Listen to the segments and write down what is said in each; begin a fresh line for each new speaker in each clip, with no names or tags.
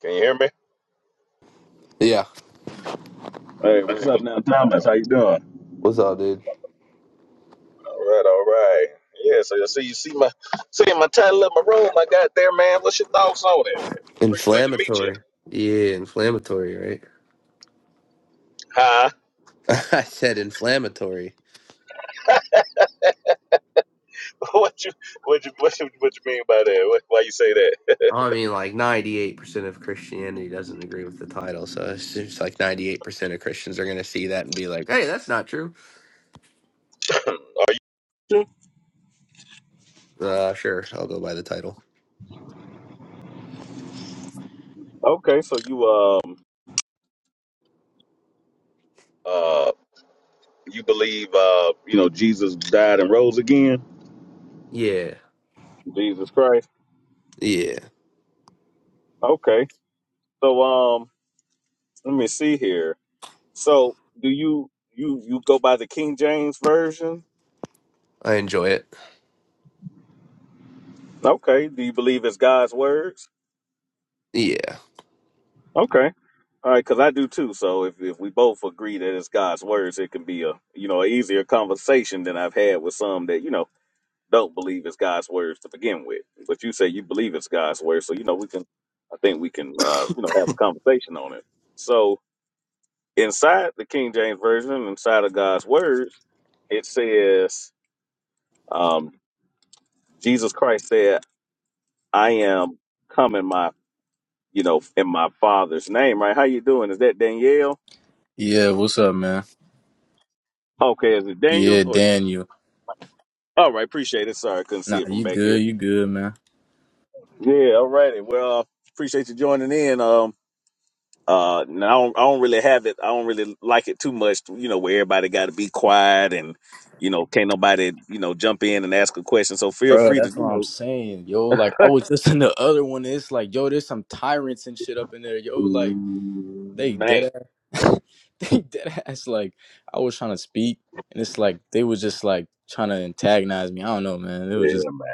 Can you hear me?
Yeah.
Hey, what's up now, Thomas? How you doing? All
What's up, dude?
right, all right. Yeah, so you see you see my see my title of my room I got there, man. What's your thoughts on it? Pretty good to meet you.
Inflammatory. Yeah, inflammatory, right?
Huh?
I said inflammatory.
What you what you what you, what you mean by that? What, why you say
I mean, like 98% of Christianity doesn't agree with the title. So it's just like 98% of Christians are going to see that and be like, hey, that's not true.
that?
Uh, sure. I'll go by the title.
Okay, so you um Uh you believe uh, you know, Jesus died and rose again?
Yeah.
Jesus Christ.
Yeah.
Okay. So um let me see here. So do you you you go by the King James version?
I enjoy it.
Okay. Do you believe it's God's words?
Yeah.
Okay. All right, because I do too. So if, if we both agree that it's God's words, it can be a you know an easier conversation than I've had with some that you know don't believe it's God's words to begin with. But you say you believe it's God's words, so you know we can. I think we can uh, you know have a conversation on it. So inside the King James version, inside of God's words, it says um, Jesus Christ said, "I am coming. myself." you know, in my father's name, right? How you doing? Is that Danielle?
Yeah, what's up, man?
Okay, is it Daniel?
Yeah,
Or
Daniel.
all right, appreciate it. Sorry, I couldn't see
Nah,
it from
you
back
good,
here.
you good, man.
Yeah, all righty. Well, uh, appreciate you joining in. Um, uh, no, I don't, I don't really have it. I don't really like it too much. You know, where everybody got to be quiet and you know can't nobody you know jump in and ask a question. So feel
Bro,
free to
that's
you
what I'm
know,
saying, yo. Like, I was just in the other one. It's like, yo, there's some tyrants and shit up in there, yo. Like, they
Mm, man,
dead ass. they dead ass. Like, I was trying to speak, and it's like they was just like trying to antagonize me. I don't know, man. It
yeah,
was just
man.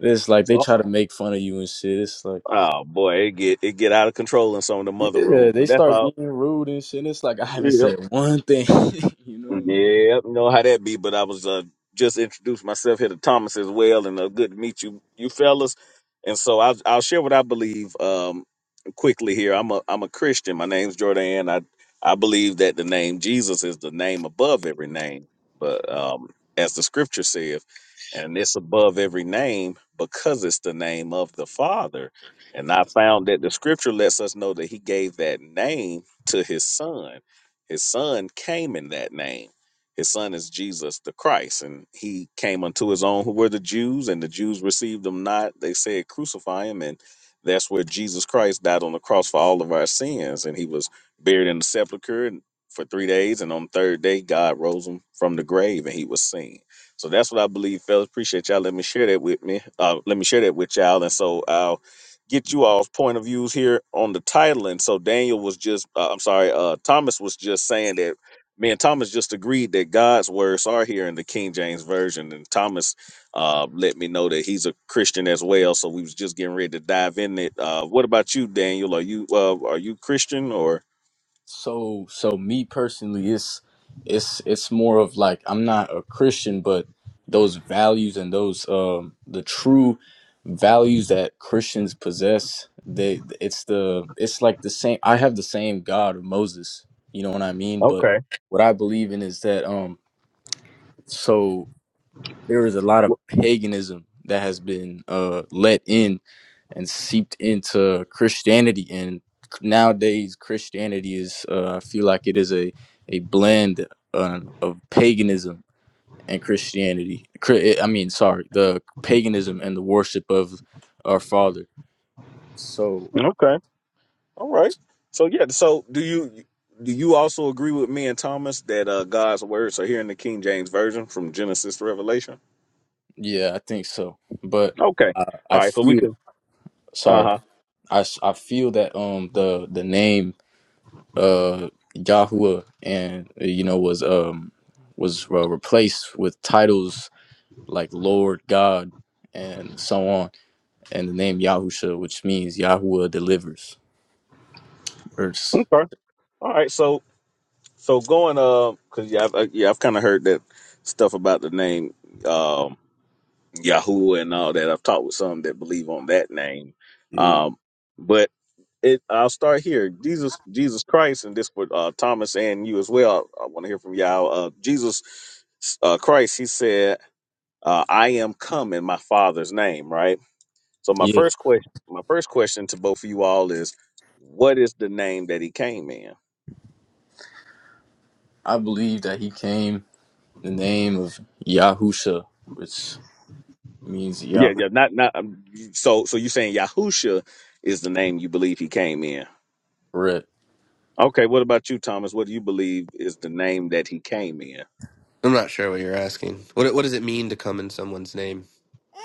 it's like they
Oh
try to make fun of you and shit. It's like,
oh, boy, it get it get out of control in some of the mother
yeah,
rooms,
they
but that's
start
all.
being rude and shit. It's like I haven't
Yeah.
said one thing, you know. like.
Yep, know how that be. But I was uh, just introduced myself here to Thomas as well, and uh, good to meet you, you fellas. And so I'll, I'll share what I believe um, quickly here. I'm a I'm a Christian. My name's Jordan. I I believe that the name Jesus is the name above every name, but um, as the Scripture says, and it's above every name because it's the name of the Father. And I found that the Scripture lets us know that He gave that name to His Son. His son came in that name. His son is Jesus the Christ, and he came unto his own who were the Jews, and the Jews received him not. They said, Crucify him. And that's where Jesus Christ died on the cross for all of our sins. And he was buried in the sepulchre for three days. And on the third day, God rose him from the grave and he was seen. So that's what I believe, fellas. Appreciate y'all. Let me share that with me. Uh, let me share that with y'all. And so I'll get you all's point of views here on the title. And so Daniel was just, uh, I'm sorry, uh, Thomas was just saying that me and Thomas just agreed that God's words are here in the King James Version. And Thomas uh, let me know that he's a Christian as well. So we was just getting ready to dive in it. Uh, what about you, Daniel? Are you uh, are you Christian or?
So so me personally it's it's it's more of like I'm not a Christian but those values and those um the true values that Christians possess they it's the it's like the same I have the same God of Moses you know what I mean but
Okay.
what I believe in is that um so there is a lot of paganism that has been uh, let in and seeped into Christianity. And nowadays, Christianity is, uh, I feel like it is a, a blend uh, of paganism and Christianity. Cri- I mean, sorry, the paganism and the worship of our Father. So,
Okay. All right. So yeah. So do you do you also agree with me and Thomas that uh, God's words are here in the King James Version from Genesis to Revelation?
yeah, I think so. But
Okay.
I, I
All right, so we
feel,
could Uh
sorry,
huh.
I, s- I feel that um the, the name. uh Yahuwah and uh, you know was um was uh, replaced with titles like Lord God and so on and the name Yahusha which means Yahuwah delivers verse
Okay. All right. So so going uh because yeah I've, uh, yeah I've kind of heard that stuff about the name um Yahoo and all that. I've talked with some that believe on that name.
yeah
Um, but it I'll start here. Jesus Jesus Christ and this for uh, Thomas and you as well. I want to hear from y'all. Uh, Jesus uh, Christ. He said, uh, "I am come in my Father's name." Right. So my
yeah
first question, my first question to both of you all is, what is the name that he came in?
I believe that he came in the name of Yahusha which means
Yeah,
Yahoo
yeah, not not. Um, so, so you saying Yahusha is the name you believe he came in?
correct
Okay, what about you, Thomas? What do you believe is the name that he came in?
I'm not sure what you're asking. What, what does it mean to come in someone's name?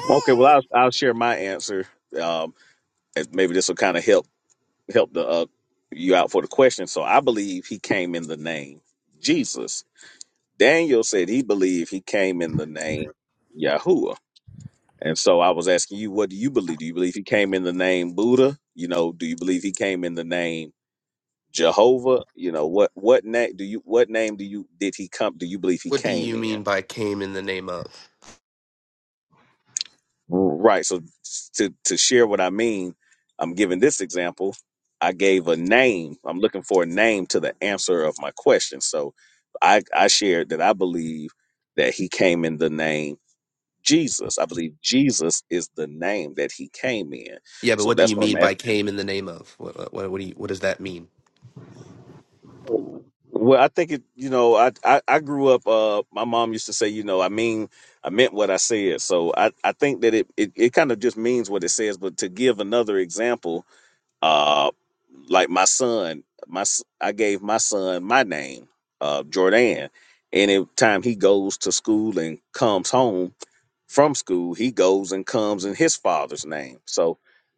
Okay, well, I'll I'll share my answer. Um, and maybe this will kind of help help the uh, you out for the question. So, I believe he came in the name Jesus. Daniel said he believed he came in the name Yahuwah. And so I was asking you, what do you believe? Do you believe he came in the name Buddha? You know, do you believe he came in the name Jehovah, you know what what name do you what name do you did he come do you believe he
What do
came
you
in?
mean by came in the name of?
Right. So to to share what I mean, I'm giving this example. I gave a name. I'm looking for a name to the answer of my question. So I I shared that I believe that he came in the name Jesus. I believe Jesus is the name that he came in.
Yeah, but
So
what do
that's
you
what
mean
I'm
by came in the name of? What what what do you, what does that mean?
Well, I think it. You know, I, I I grew up. Uh, my mom used to say, you know, I mean, I meant what I said. So I I think that it it, it kind of just means what it says. But to give another example, uh, like my son, my s- I gave my son my name, uh, Jordan. And every time he goes to school and comes home from school, he goes and comes in his father's name. So,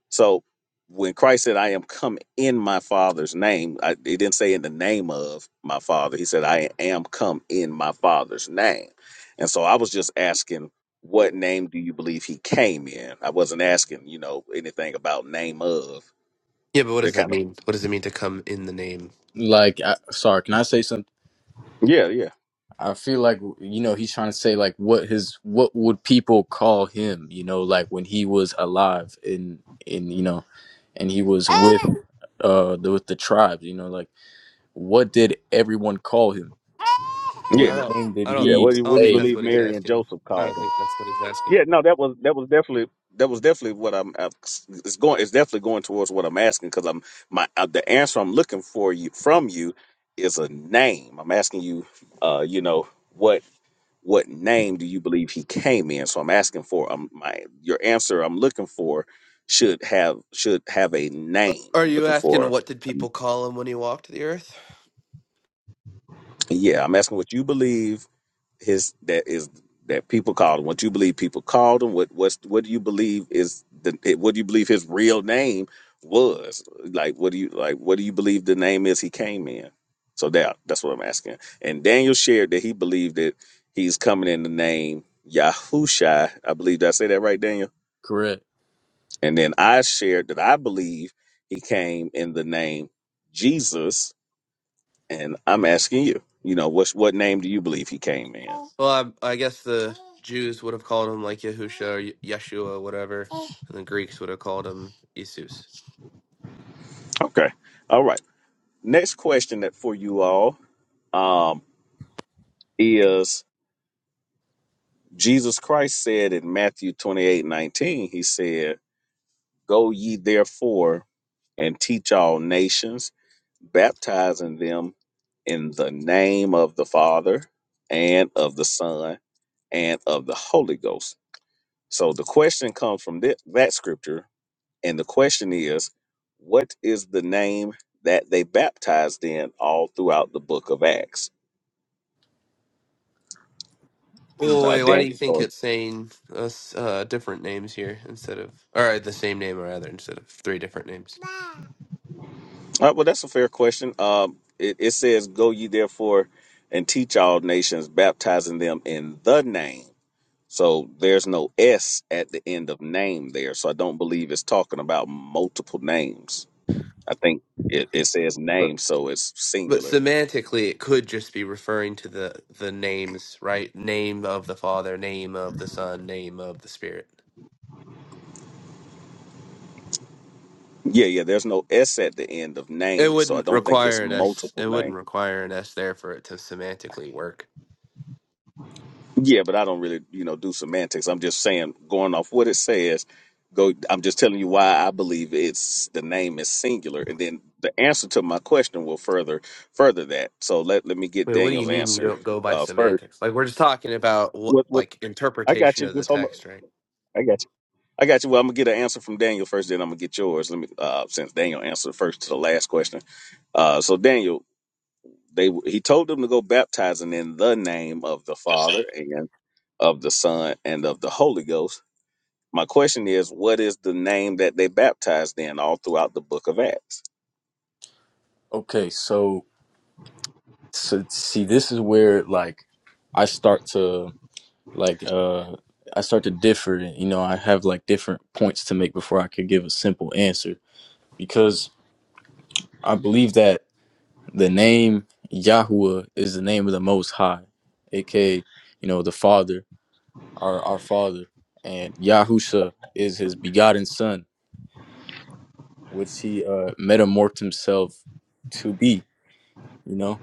so when Christ said, "I am come in my father's name," I, he didn't say in the name of my father. He said, "I am come in my father's name." And so, I was just asking, what name do you believe he came in? I wasn't asking, you know, anything about name of.
Yeah, but what
It
does that
kind of,
mean? What does it mean to come in the name?
like I, sorry can I say something
yeah, yeah,
I feel like you know he's trying to say like what his what would people call him, you know, like when he was alive and and you know, and he was with uh the, with the tribes, you know, like what did everyone call him?
I
yeah,
What
don't
name did
I don't
yeah. What
he
do you,
I
what
don't
do you
think
say?
that's
was
believe
what he's
his?
Mary and
asking.
Joseph
I
called
don't
him?
think that's what he's asking.
Yeah, no, that was that was definitely that was definitely what I'm. i it's going. It's definitely going towards what I'm asking because I'm my uh, the answer I'm looking for you from you is a name. I'm asking you, uh, you know what what name do you believe he came in? So I'm asking for um my your answer I'm looking for should have should have a name.
Are
I'm
you
looking
asking
for.
what did
a
people
n-
call him when he walked the earth?
Yeah, I'm asking what you believe his that is that people called him. What you believe people called him? What what's what do you believe is the it- what do you believe his real name was? Like what do you like what do you believe the name is he came in? So that that's what I'm asking. And Daniel shared that he believed that he's coming in the name Yahushai. I believe did I say that right, Daniel?
Correct.
And then I shared that I believe he came in the name Jesus. And I'm asking you, you know, what's what name do you believe he came in?
Well, I, I guess the Jews would have called him like Yahusha or Ye- Yeshua, whatever, and the Greeks would have called him Jesus.
Okay. All right. Next question that for you all um, is Jesus Christ said in Matthew 28 19, he said, Go ye therefore and teach all nations, baptizing them in the name of the Father and of the Son and of the Holy Ghost. So the question comes from thi- that scripture, and the question is, what is the name that they baptized in all throughout the book of Acts?
Mm.
Well,
Uh,
wait, why do you
Dan.
think it's saying us uh, different names here instead of, or the same name rather, instead of three different names?
Uh, well, that's a fair question. Um, it, it says, "Go ye therefore and teach all nations, baptizing them in the name." So there's no S at the end of name there. So I don't believe it's talking about multiple names. I think it, it says
But.
name, so it's
But
singular.
semantically, it could just be referring to the the names, right? Name of the Father, name of the Son, name of the Spirit.
Yeah, yeah. There's no S at the end of
It
name, so I
wouldn't
don't think it's
require an S.
multiple
It
names.
wouldn't require an S there for it to semantically work.
Yeah, but I don't really, you know, do semantics. I'm just saying, going off what it says. Go. I'm just telling you why I believe it's the name is singular, and then the answer to my question will further further that. So let let me get
Wait, what do you
Daniel's
mean you
answer
don't go by
uh, first.
semantics? Like we're just talking about what,
What what
like
I got
interpretation
you.
of the
Just hold up.
text, right?
I got you. I got you. Well, I'm gonna get an answer from Daniel first, then I'm gonna get yours. Let me uh, since Daniel answered first to the last question. Uh, so Daniel, they he told them to go baptizing in the name of the Father and of the Son and of the Holy Ghost My question is, what is the name that they baptized in all throughout the book of Acts?
Okay, so so see, this is where like I start to like uh I start to differ. You know, I have like different points to make before I could give a simple answer because I believe that. the name Yahuwah is the name of the Most High, aka you know the Father, our our Father, and Yahusha is His begotten Son, which He uh, metamorphed Himself to be. You know,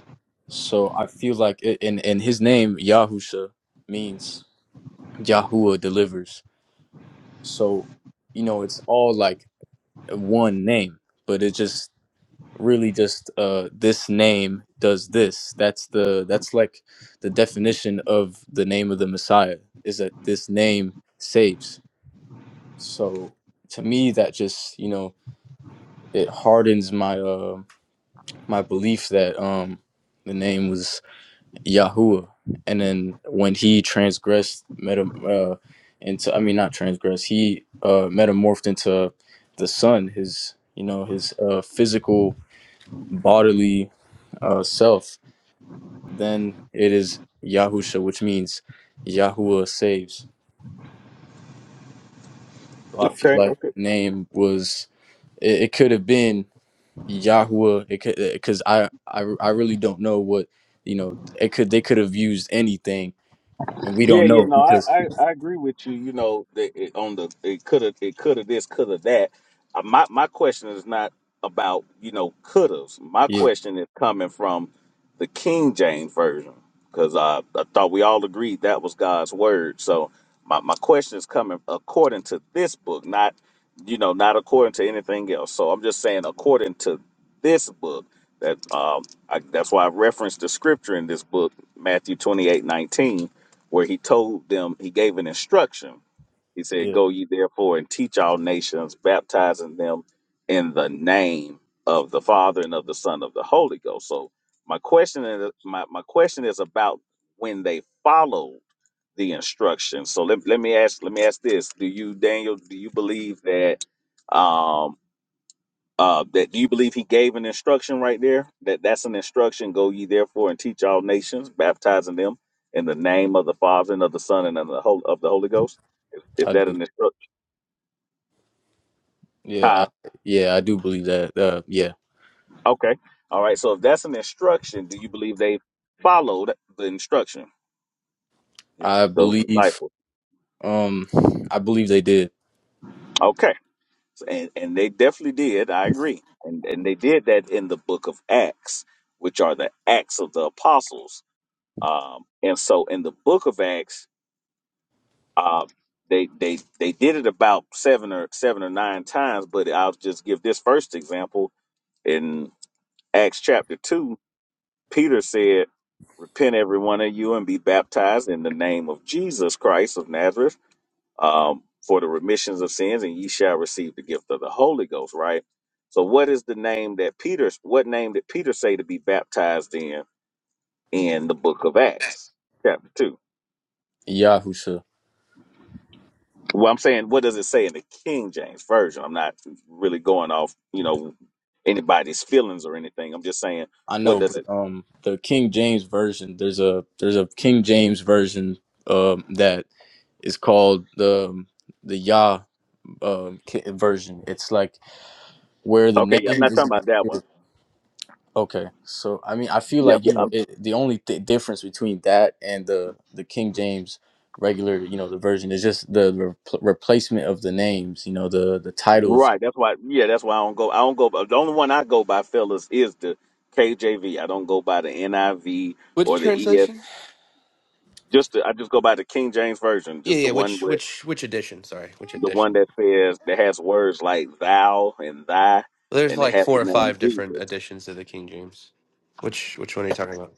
so I feel like it, and and His name Yahusha means Yahuwah delivers. So you know it's all like one name, but it just really just uh this name does this that's the that's like the definition of the name of the messiah is that this name saves so to me that just you know it hardens my uh my belief that um the name was yahuwah and then when he transgressed meta uh into i mean not transgressed he uh metamorphed into the son his you know his uh physical bodily uh self then it is Yahusha, which means Yahuwah saves. So I feel
Okay,
like the name was it, it could have been Yahuwah, it could because I, I I really don't know what you know. It could they could have used anything, and we
Yeah,
don't
yeah,
know
no, I,
because
I, I agree with you. You know, that it, on the it coulda, it coulda this, coulda that. Uh, my my question is not about you know couldas. My
yeah
question is coming from the King James version because I I thought we all agreed that was God's word. So my my question is coming according to this book, not you know not according to anything else. So I'm just saying according to this book. That um, I, that's why I referenced the scripture in this book, Matthew 28 19 where he told them, he gave an instruction. He said,
yeah
Go ye therefore and teach all nations, baptizing them in the name of the Father and of the Son of the Holy Ghost. So my question is my, my question is about when they followed the instruction. So let, let me ask let me ask this. Do you, Daniel, do you believe that um uh, that do you believe he gave an instruction right there? That that's an instruction. Go ye therefore and teach all nations, baptizing them in the name of the Father and of the Son and of the Holy, of the Holy Ghost. Is, is
I
that
do
an instruction? Huh?
yeah I, yeah I do believe that uh yeah
Okay. All right. So if that's an instruction, do you believe they followed the instruction? Is
I
Those
believe
disciples.
um I believe they did
Okay. So, And and they definitely did. I agree. And and they did that in the book of Acts, which are the Acts of the Apostles. Um, and so in the book of Acts Um, they they they did it about seven or seven or nine times, but I'll just give this first example in Acts chapter two. Peter said, "Repent, every one of you, and be baptized in the name of Jesus Christ of Nazareth um, for the remissions of sins, and ye shall receive the gift of the Holy Ghost." Right. So, what is the name that Peter? What name did Peter say to be baptized in in the book of Acts, chapter two?
Yahusha
Well, I'm saying, what does it say in the King James version? I'm not really going off, you know, anybody's feelings or anything. I'm just saying,
I
what
know,
does it?
but um, the King James version. There's a there's a King James version um that is called the um, the Yah um ki- version. It's like where the
Okay,
name
yeah, I'm not talking
isn't.
about that one.
Okay, so I mean, I feel
Yeah, I'm,
like you know
I'm-
it, the only th- difference between that and the the King James regular, you know, the version is just the re- replacement of the names. You know, the the titles.
right. That's why. Yeah, that's why I don't go. I don't go. The only one I go by, fellas, is the KJV. I don't go by the NIV
Which
or the ES.
translation?
Just the, I just go by the King James version,
Yeah,
just the
yeah.
one
Which
where
which which edition? Sorry, which
the one
edition?
that says that has words like thou and thy,
There's
and it
like
has the
four or
name
five
Jesus.
different editions of the King James. Which which one are you talking about?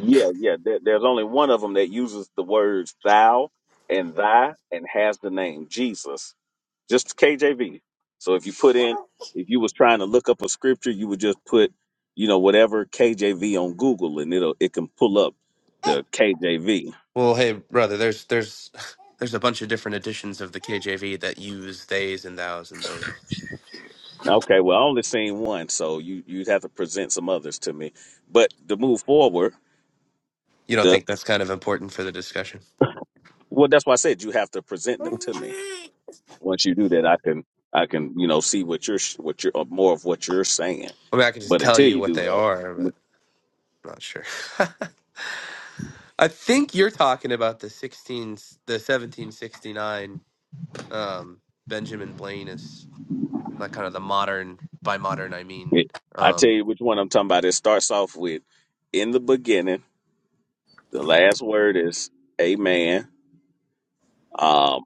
Yeah, yeah. There, there's only one of them that uses the words thou and thy and has the name Jesus. Just KJV. So if you put in, if you was trying to look up a scripture, you would just put, you know, whatever KJV on Google, and it'll it can pull up the KJV.
Well, hey, brother, there's there's there's a bunch of different editions of the KJV that use theys and thous and those.
Okay, well, I only seen one, so you you'd have to present some others to me. But to move forward,
You don't
the
think that's kind of important for the discussion?
well, that's why I said you have to present them to me. once you do that, I can I can you know see what you're sh- what you're uh, more of what you're saying.
I mean, I could just
But
tell
until
you
you
what
do
they
that,
are,
I'm a-
but I'm not sure. I think you're talking about the 16 the 1769 um Benjamin Blaine is like kind of the modern by modern I mean
I tell
um
you which one I'm talking about. It starts off with in the beginning. The last word is Amen. Um,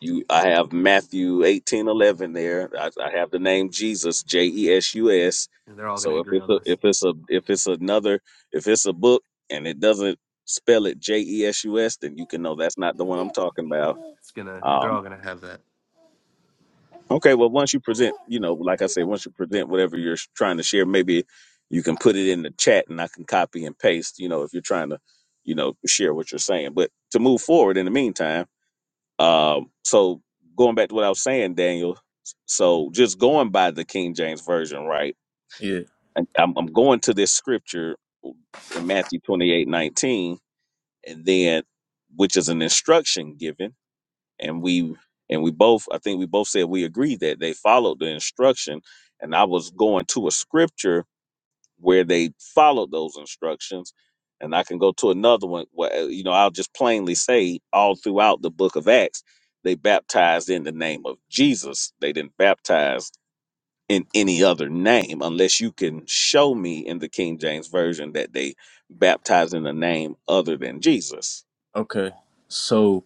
you I have Matthew eighteen eleven there. I, I have the name Jesus J E S U S.
they're all going to
So if
agree
it's
on
a
this.
if it's a if it's another if it's a book and it doesn't spell it J E S U S, then you can know that's not the one I'm talking about.
It's going to
Um,
they're all going to have that.
Okay, well, once you present, you know, like I say, once you present whatever you're sh- trying to share, maybe you can put it in the chat and I can copy and paste, you know, if you're trying to, you know, share what you're saying. But to move forward in the meantime, um, so going back to what I was saying, Daniel, s- so just going by the King James Version, right?
Yeah.
and I'm, I'm going to this scripture in Matthew 28 19, and then, which is an instruction given and we and we both i think we both said we agreed that they followed the instruction and i was going to a scripture where they followed those instructions and i can go to another one where uh, you know i'll just plainly say all throughout the book of acts they baptized in the name of jesus they didn't baptize in any other name unless you can show me in the king james version that they baptized in a name other than jesus
Okay. So.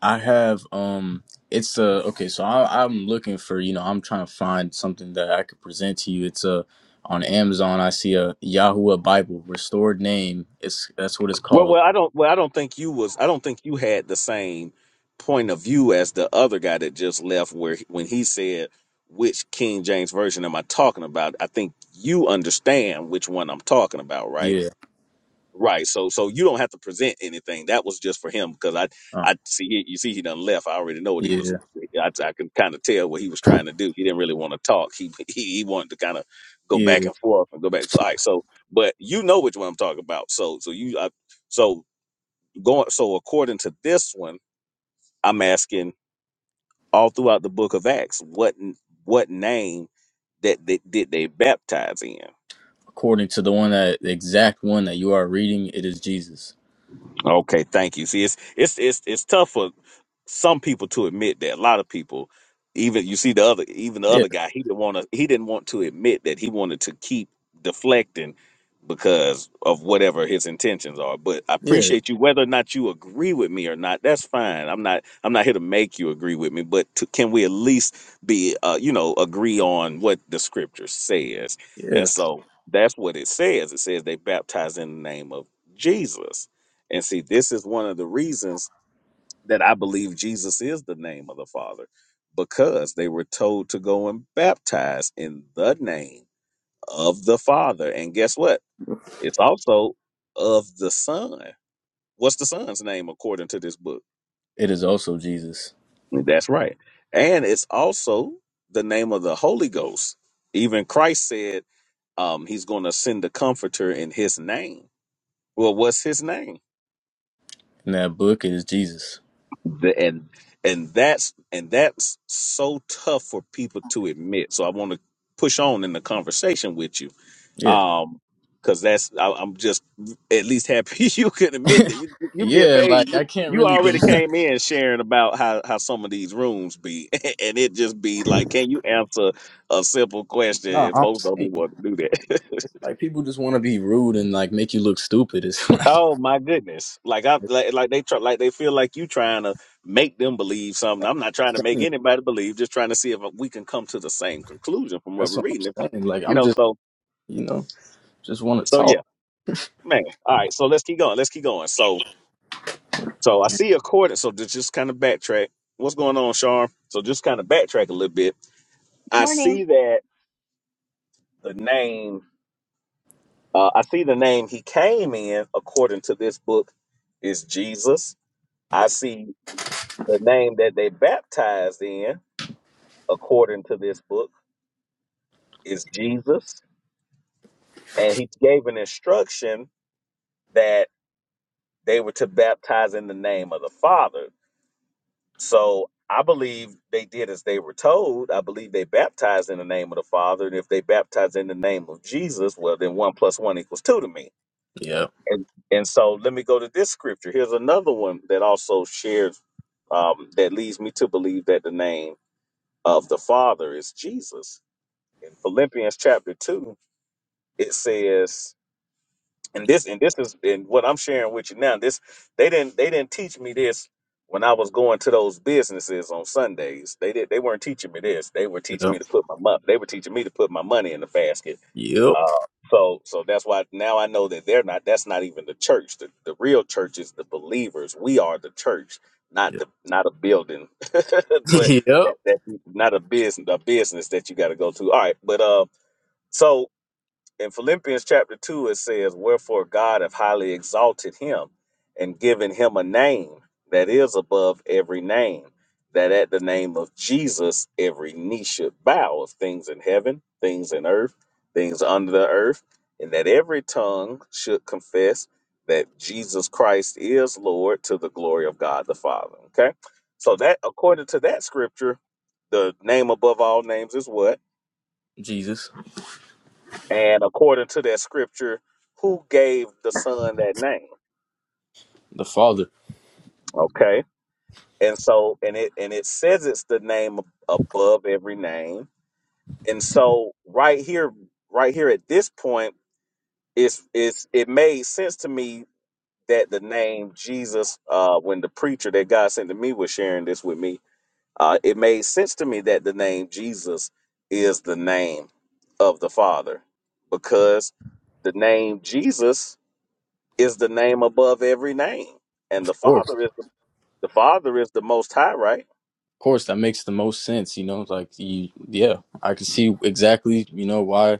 I have um it's a okay, so I I'm looking for, you know, I'm trying to find something that I could present to you. It's a on Amazon I see a Yahuwah Bible, restored name. It's that's what it's
Well,
called.
well, I don't. Well, I don't think you was. I don't think you had the same point of view as the other guy that just left. Where he- when he said, "Which King James version am I talking about?" I think you understand which one I'm talking about, right?
Yeah.
Right. So, so you don't have to present anything. That was just for him because I,
Oh,
I see. He, you see, he done left. I already know what he was.
yeah.
I, I can kind of tell what he was trying to do. He didn't really want to talk. He, he, he wanted to kind of go back
Yeah.
and forth and go back. and forth. all right. So, but you know which one I'm talking about. So, so you, I, so going so according to this one i'm asking all throughout the book of acts what what name that they, did they baptize in
According to the one that the exact one that you are reading, it is Jesus.
Okay, thank you. See, it's it's it's it's tough for some people to admit that. A lot of people, even you see the other, even the
Yeah,
other guy, he didn't want to. He didn't want to admit that he wanted to keep deflecting because of whatever his intentions are. But I
yeah,
appreciate you, whether or not you agree with me or not. That's fine. I'm not. I'm not here to make you agree with me. But to, can we at least be, uh, you know, agree on what the scripture says?
yeah.
And so that's what it says. It says they baptize in the name of Jesus and see, this is one of the reasons that I believe Jesus is the name of the Father, because they were told to go and baptize in the name of the Father. And guess what? It's also of the Son. What's the Son's name according to this book?
It is also Jesus.
That's right. And it's also the name of the Holy Ghost. Even Christ said um, he's going to send the Comforter in his name. Well, what's his name?
In that book it is Jesus.
The- and and that's and that's so tough for people to admit. So I want to push on in the conversation with you,
Yeah.
um, because that's I, I'm just at least happy you can admit that you you'd be
yeah,
amazed.
like I can't
You
really deny.
already came in sharing about how how some of these rooms be, and it just be like, can you answer a simple question?
No,
And
I'm
folks don't be
saying.
wanting to do that.
It's like people just want to be rude and like make you look stupid. It's like
Oh my goodness! Like I like, like they try like they feel like you trying to make them believe something. I'm not trying to make anybody believe. Just trying to see if we can come to the same conclusion from what
that's
we're
what I'm
reading. If,
saying. Like
you
I'm
know,
just
so
you know just want to
so
talk.
yeah, man. All right, so let's keep going. Let's keep going. So so I see according. So to just kind of backtrack. What's going on, Sharm? So just kind of backtrack a little bit. I
Morning,
see that the name. Uh, I see the name he came in according to this book is Jesus. I see the name that they baptized in. according to this book, is Jesus. And he gave an instruction that they were to baptize in the name of the Father. So I believe they did as they were told. I believe they baptized in the name of the Father. And if they baptized in the name of Jesus, well, then one plus one equals two to me.
Yep,
And, and so let me go to this scripture. Here's another one that also shares, um, that leads me to believe that the name of the Father is Jesus. In Philippians chapter 2, it says, and this and this is and what I'm sharing with you now. This they didn't they didn't teach me this when I was going to those businesses on Sundays. They did they weren't teaching me this. They were teaching me
yep,
to put my money. They were teaching me to put my money in the basket.
yep,
Uh, so so that's why now I know that they're not. That's not even the church. The the real church is the believers. We are the church, not
yep.
the not a building, but
Yep.
that that not a business a business that you got to go to. All right, but uh, so in Philippians chapter 2, it says, Wherefore God hath highly exalted him and given him a name that is above every name, that at the name of Jesus every knee should bow of things in heaven, things in earth, things under the earth, and that every tongue should confess that Jesus Christ is Lord to the glory of God the Father. Okay? So that according to that scripture, the name above all names is what?
Jesus,
And according to that scripture, who gave the son that name?
the Father. Of
Okay. And so and it and it says it's the name ab- above every name. And so right here, right here at this point, it's it's it made sense to me that the name Jesus, uh, when the preacher that God sent to me was sharing this with me, uh, it made sense to me that the name Jesus is the name of the Father. Because the name Jesus is the name above every name, and the
course,
Father is the, the Father is the Most High, right?
of course, that makes the most sense. You know, like you, yeah, I can see exactly. You know why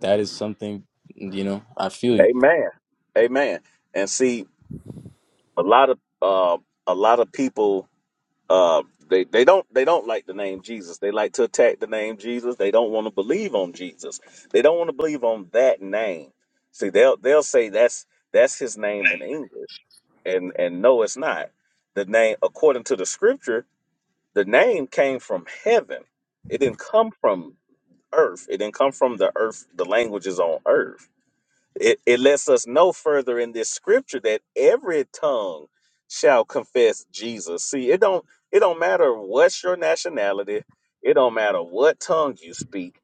that is something. You know, I feel you.
Amen. Amen. And see, a lot of uh, a lot of people uh, they they don't they don't like the name Jesus. They like to attack the name Jesus. They don't want to believe on Jesus. They don't want to believe on that name. See, they'll they'll say that's that's his name in English, and and no, it's not. The name, according to the Scripture, the name came from heaven. It didn't come from earth. It didn't come from the earth, the languages on earth. It, it lets us know further in this scripture that every tongue shall confess Jesus. See, it don't it don't matter what's your nationality, it don't matter what tongue you speak.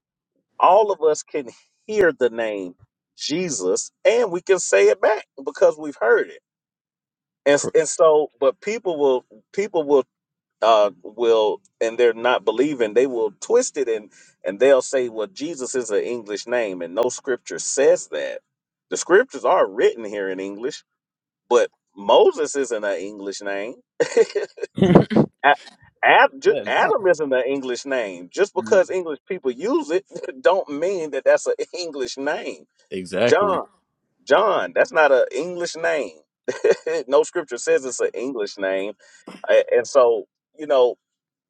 All of us can hear the name Jesus and we can say it back because we've heard it. And,
Correct.
and so but people will people will uh, will and they're not believing they will twist it and and they'll say well jesus is an english name and no scripture says that the scriptures are written here in english but moses isn't an english name A- Ad- ju-
Yeah,
adam isn't an english name just
nah.
because english people use it don't mean that that's an english name
exactly.
john john that's not an english name no scripture says it's an english name A- and so you know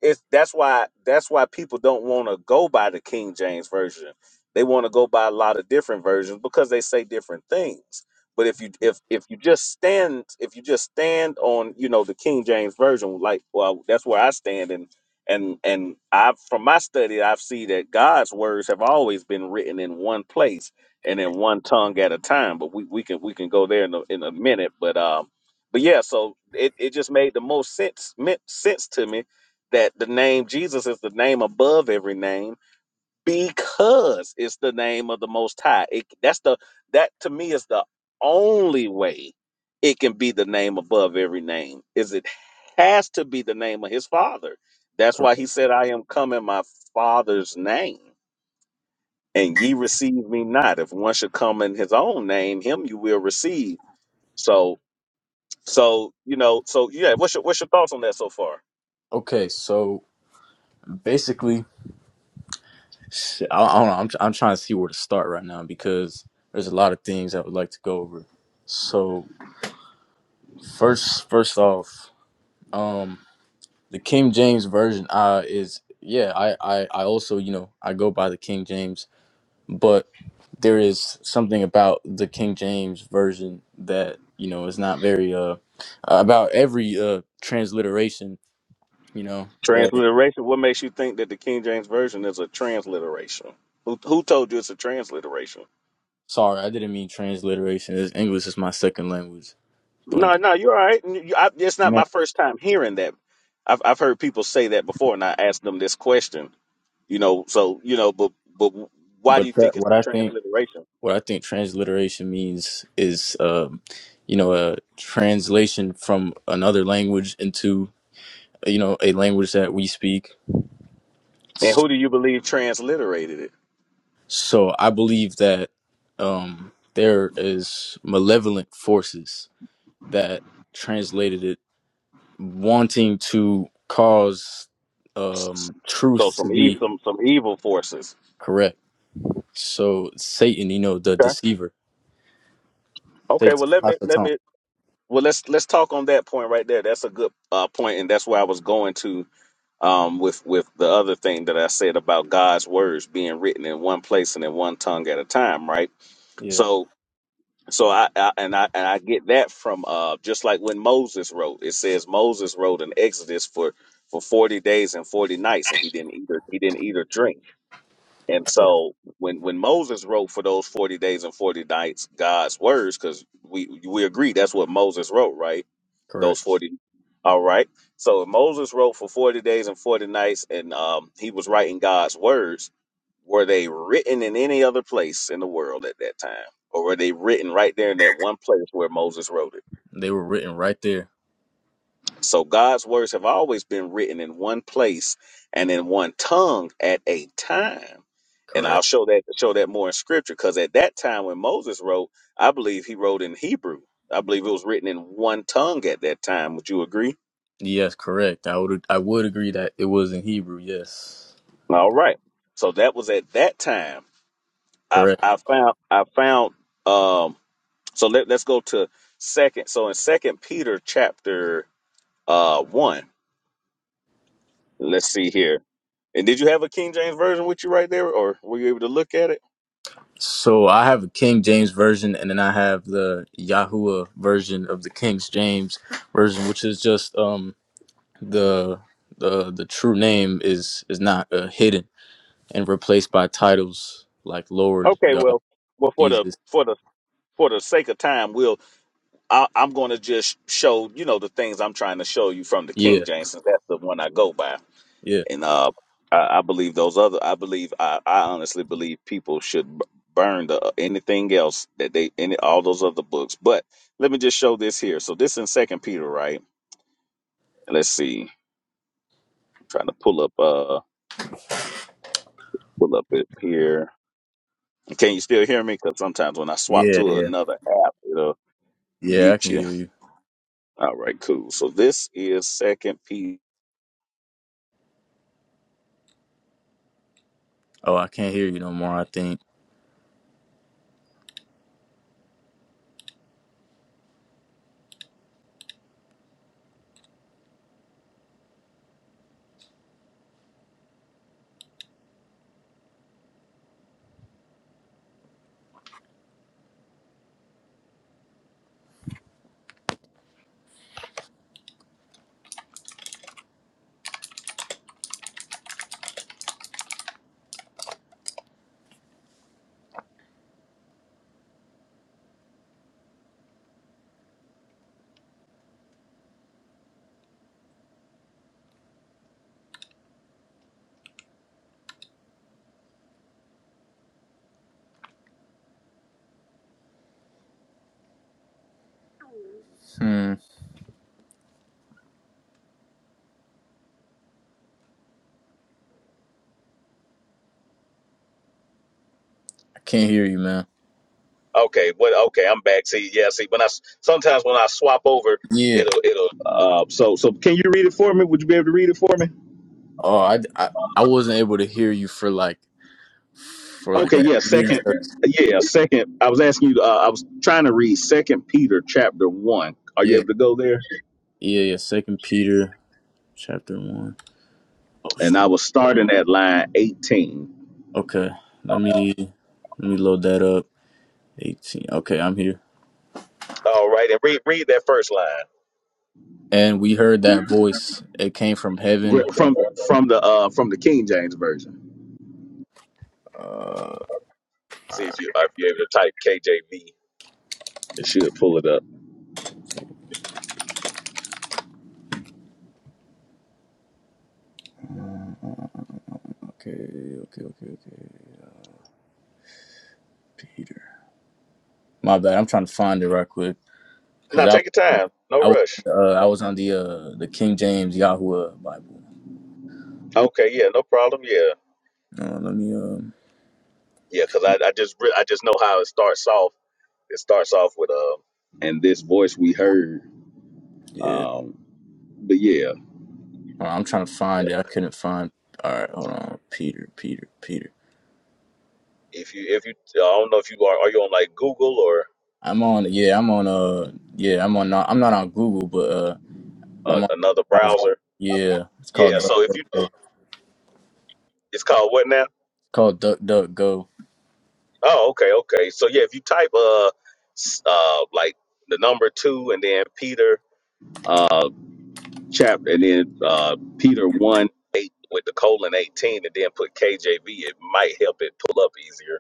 it's that's why that's why people don't want to go by the King James version. They want to go by a lot of different versions because they say different things. But if you if if you just stand if you just stand on you know the King James version, like well that's where I stand and and and I from my study I've seen that God's words have always been written in one place and in one tongue at a time. But we, we can we can go there in a, in a minute. But um but yeah, so it, it just made the most sense meant sense to me that the name Jesus is the name above every name because it's the name of the Most High. It, that's the that to me is the only way it can be the name above every name. Is it has to be the name of His Father. That's why
Correct.
He said, "I am come in my Father's name, and ye receive me not." If one should come in His own name, him you will receive. So, so you know, so yeah. What's your what's your thoughts on that so far?
Okay, so basically Shit, I, I don't know. I'm I'm trying to see where to start right now because there's a lot of things I would like to go over. So first, first off, um, the King James version, uh, is yeah. I I I also you know I go by the King James, but there is something about the King James version that you know is not very uh about every uh transliteration. You know, uh,
Transliteration. What makes you think that the King James version is a transliteration? Who who told you it's a transliteration?
sorry, I didn't mean transliteration. It's- English is my second language,
No,
but
no, you're all right. You- you- I, it's not my
man,
first time hearing that. I've I've heard people say that before, and I asked them this question. You know, so you know, but but why do
but
you
that,
think it's
what
a
I think
transliteration?
what I think transliteration means is, um, you know, a translation from another language into, you know, a language that we speak.
And who do you believe transliterated it?
So I believe that um, there is malevolent forces that translated it, wanting to cause um,
So
truth to
some e-
be
some some evil forces.
correct. So Satan, you know, the
Okay.
deceiver,
Okay. Well,
Satan,
let me let
Hasatan.
me. Well, let's let's talk on that point right there. That's a good uh, point, and that's where I was going to um, with with the other thing that I said about God's words being written in one place and in one tongue at a time, right?
Yeah,
So so I, I and I and I get that from uh just like when Moses wrote, it says Moses wrote in Exodus for for forty days and forty nights, and he didn't either he didn't eat or drink. And
yeah,
so when when Moses wrote for those forty days and forty nights, God's words, because we we agree that's what Moses wrote, right? those
correct.
40 all right so moses wrote for 40 days and 40 nights and um, he was writing god's words were they written in any other place in the world at that time or were they written right there in that one place where moses wrote it
They were written right there.
so god's words have always been written in one place and in one tongue at a time and
Correct.
i'll show that show that more in scripture because at that time when moses wrote i believe he wrote in hebrew i believe it was written in one tongue at that time would you agree
Yes, correct. I would I would agree that it was in Hebrew. Yes,
All right. So that was at that time. I
correct.
I found I found um so let, let's go to second. So in second Peter chapter uh one, let's see here. And did you have a King James version with you right there or were you able to look at it?
So I have a King James version, and then I have the Yahuwah version of the King James version, which is just um the the the true name is is not uh, hidden and replaced by titles like Lord,
Okay,
God,
well well for the
Jesus.
for the for the sake of time, we'll I, I'm going to just show you know the things I'm trying to show you from the King
Yeah,
James, since that's the one I go by.
yeah,
and uh, I, I believe those other. I believe I, I honestly believe people should b- burn the uh, anything else that they any all those other books. But let me just show this here. So this in Second Peter, right? Let's see. I'm trying to pull up. Uh, pull up it here. Can you still hear me? Because sometimes when I swap
yeah,
to
yeah,
another app, it'll
yeah. I
mute
can
you.
hear you.
All right, cool. So this is Second Peter.
Oh, I can't hear you no more. I think. Hmm. I can't hear you, man.
Okay, What? okay, I'm back. See, yeah, see, when I s- sometimes when I swap over,
Yeah.
it'll it'll. Uh, so so can you read it for me? Would you be able to read it for me?
Oh, I I, I wasn't able to hear you for like for like
Okay,
at
yeah, second,
least 30.
yeah, second. I was asking you. Uh, I was trying to read Second Peter chapter one. Are you
yeah
able to go there?
yeah yeah second peter chapter 1 oh
And
shit
I was starting at line eighteen.
okay let me let me load that up 18 okay i'm here
All right, and read read that first line
and we heard that voice it came from
Re-
heaven
from from the uh from the King James version.
uh
See if you if you're able to type KJV. It should pull it up.
okay okay okay okay peter my bad i'm trying to find it right quick
Now
because i
take your time. No
i was
rush.
uh, i was on the uh the king james yahuwah bible
Okay, yeah, no problem. Yeah.
uh, let me um
Yeah, because I, I just re- I just know how it starts off. It starts off with um and this voice we heard.
yeah
Um, but yeah,
Hold on, i'm trying to find
yeah.
it i couldn't find all right hold on peter peter peter
If you if you I don't know if you are are you on like Google or
I'm on yeah, I'm on uh yeah, I'm on not I'm not on Google, but uh
uh,
I'm on
another
I was
browser?
yeah, it's
Yeah.
called Duck
So if
Duck
you
Go. It's
it's called what now?
called Duck Duck Go
Oh, okay, okay. So yeah, if you type uh s- uh like the number two and then Peter uh chapter and then uh Peter one eight with the colon eighteen and then put KJV, it might help it pull up easier.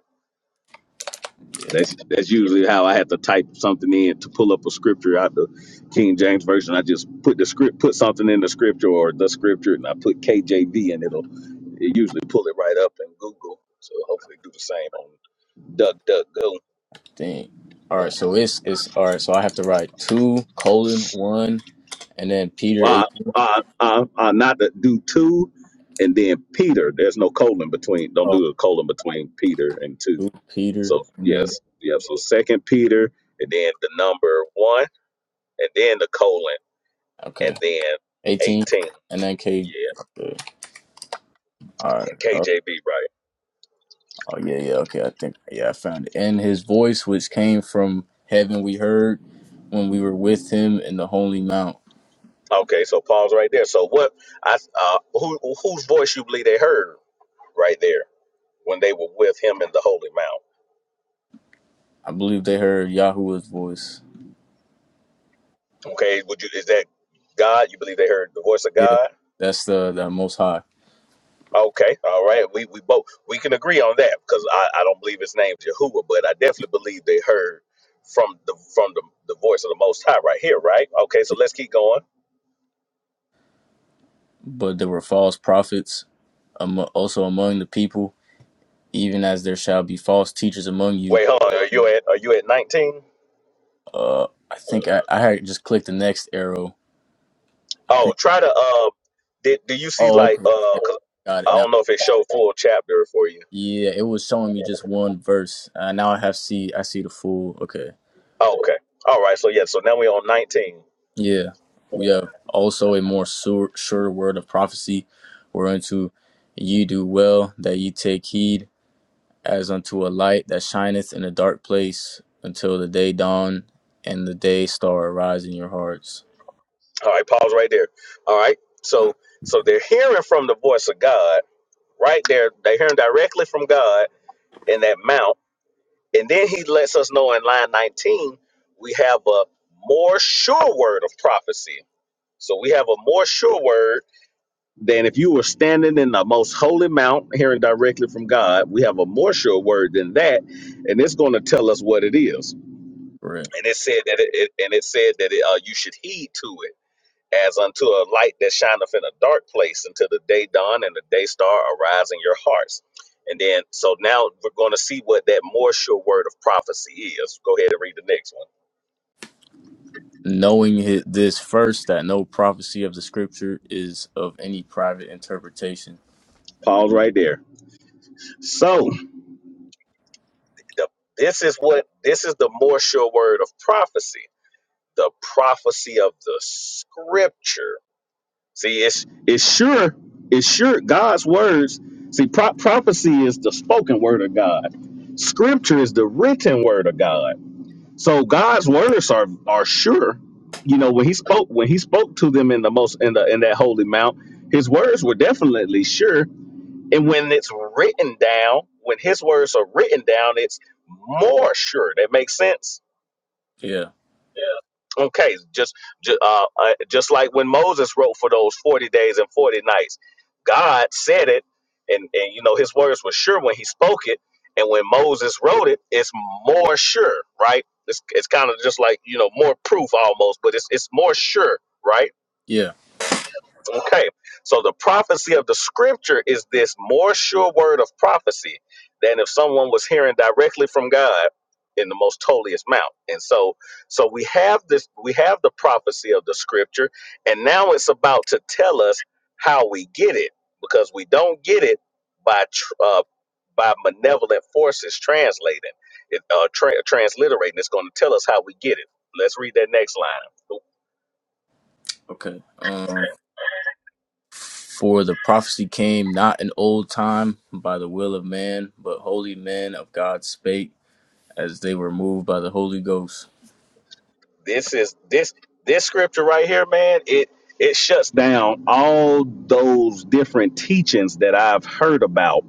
That's that's usually how I have to type something in to pull up a scripture out the King James version. I just put the script, put something in the scripture or the scripture, and I put KJV, and it'll it usually pull it right up in Google. So hopefully do the same on Duck Duck go.
thing. Alright, so it's it's alright, so I have to write two colon one and then Peter eight
Uh, uh, uh, uh, not to do two, and then Peter. There's no colon between. Don't
oh
do a colon between Peter and two.
two Peter
So
and then
yes, yeah. So Second Peter, and then the number one, and then the colon, and
okay.
then
Eighteen
eighteen.
and then K
Yeah,
okay. Alright.
and
Oh,
KJB, right?
oh yeah, yeah, okay, I think yeah, I found it. And his voice which came from heaven we heard when we were with him in the holy mount.
Okay, so pause right there. So what? I uh, who whose voice you believe they heard right there when they were with him in the holy mount?
I believe they heard Yahuwah's voice.
Okay, would you is that God? You believe they heard the voice of
Yeah,
God?
that's the, the Most High.
Okay, all right. We we both we can agree on that because I, I don't believe his name is Jehovah, but I definitely believe they heard from the from the, the voice of the Most High right here, right? Okay, so let's keep going.
But there were false prophets amo- also among the people, even as there shall be false teachers among you.
Wait, hold on. Are you at are you at nineteen?
Uh, I think I, I had just clicked the next arrow. I
Oh,
think.
try to uh, did do you see
Oh,
like
okay.
uh?
okay.
'cause
Got it
I
now.
don't know if it showed full chapter for you.
Yeah, it was showing me just one verse. Uh, now I have see. I see the full. Okay.
Oh, okay. All right. So yeah. So now we're on nineteen.
Yeah. We have also a more sure, sure word of prophecy, whereunto ye do well that ye take heed as unto a light that shineth in a dark place until the day dawn and the day star arise in your hearts.
All right. Pause right there. All right. So so they're hearing from the voice of God right there. They're hearing directly from God in that mount, and then He lets us know in line nineteen we have a more sure word of prophecy. So we have a more sure word Then, if you were standing in the most holy mount, hearing directly from God, we have a more sure word than that, and it's going to tell us what it is.
Right.
And it said that it, it and it said that it, uh, you should heed to it as unto a light that shineth in a dark place until the day dawn and the day star arise in your hearts. And then, so now we're going to see what that more sure word of prophecy is. Go ahead and read the next one.
Knowing hi- this first, that no prophecy of the scripture is of any private interpretation.
Pause right there. So the, this is what this is the more sure word of prophecy the prophecy of the scripture. See, it's it's sure it's sure God's words. See, pro- prophecy is the spoken word of God. Scripture is the written word of God. So God's words are are sure. You know, when he spoke when he spoke to them in the most in the in that holy mount, his words were definitely sure. And when it's written down, when his words are written down, it's more sure. That makes sense
Yeah.
yeah. Okay, just ju- uh, uh, just like when Moses wrote for those forty days and forty nights, God said it, and and you know His words were sure when He spoke it, and when Moses wrote it, it's more sure, right? It's it's kind of just like you know more proof almost, but it's it's more sure, right?
Yeah.
Okay, so the prophecy of the scripture is this more sure word of prophecy than if someone was hearing directly from God in the most holiest mount. And so, so we have this, we have the prophecy of the scripture, and now it's about to tell us how we get it because we don't get it by tr- uh, by malevolent forces translating it, uh, tra- transliterating. It's going to tell us how we get it. Let's read that next line.
Okay. Um, for the prophecy came not in old time by the will of man, but holy men of God spake as they were moved by the Holy Ghost.
This is this this scripture right here, man. It it shuts down all those different teachings that I've heard about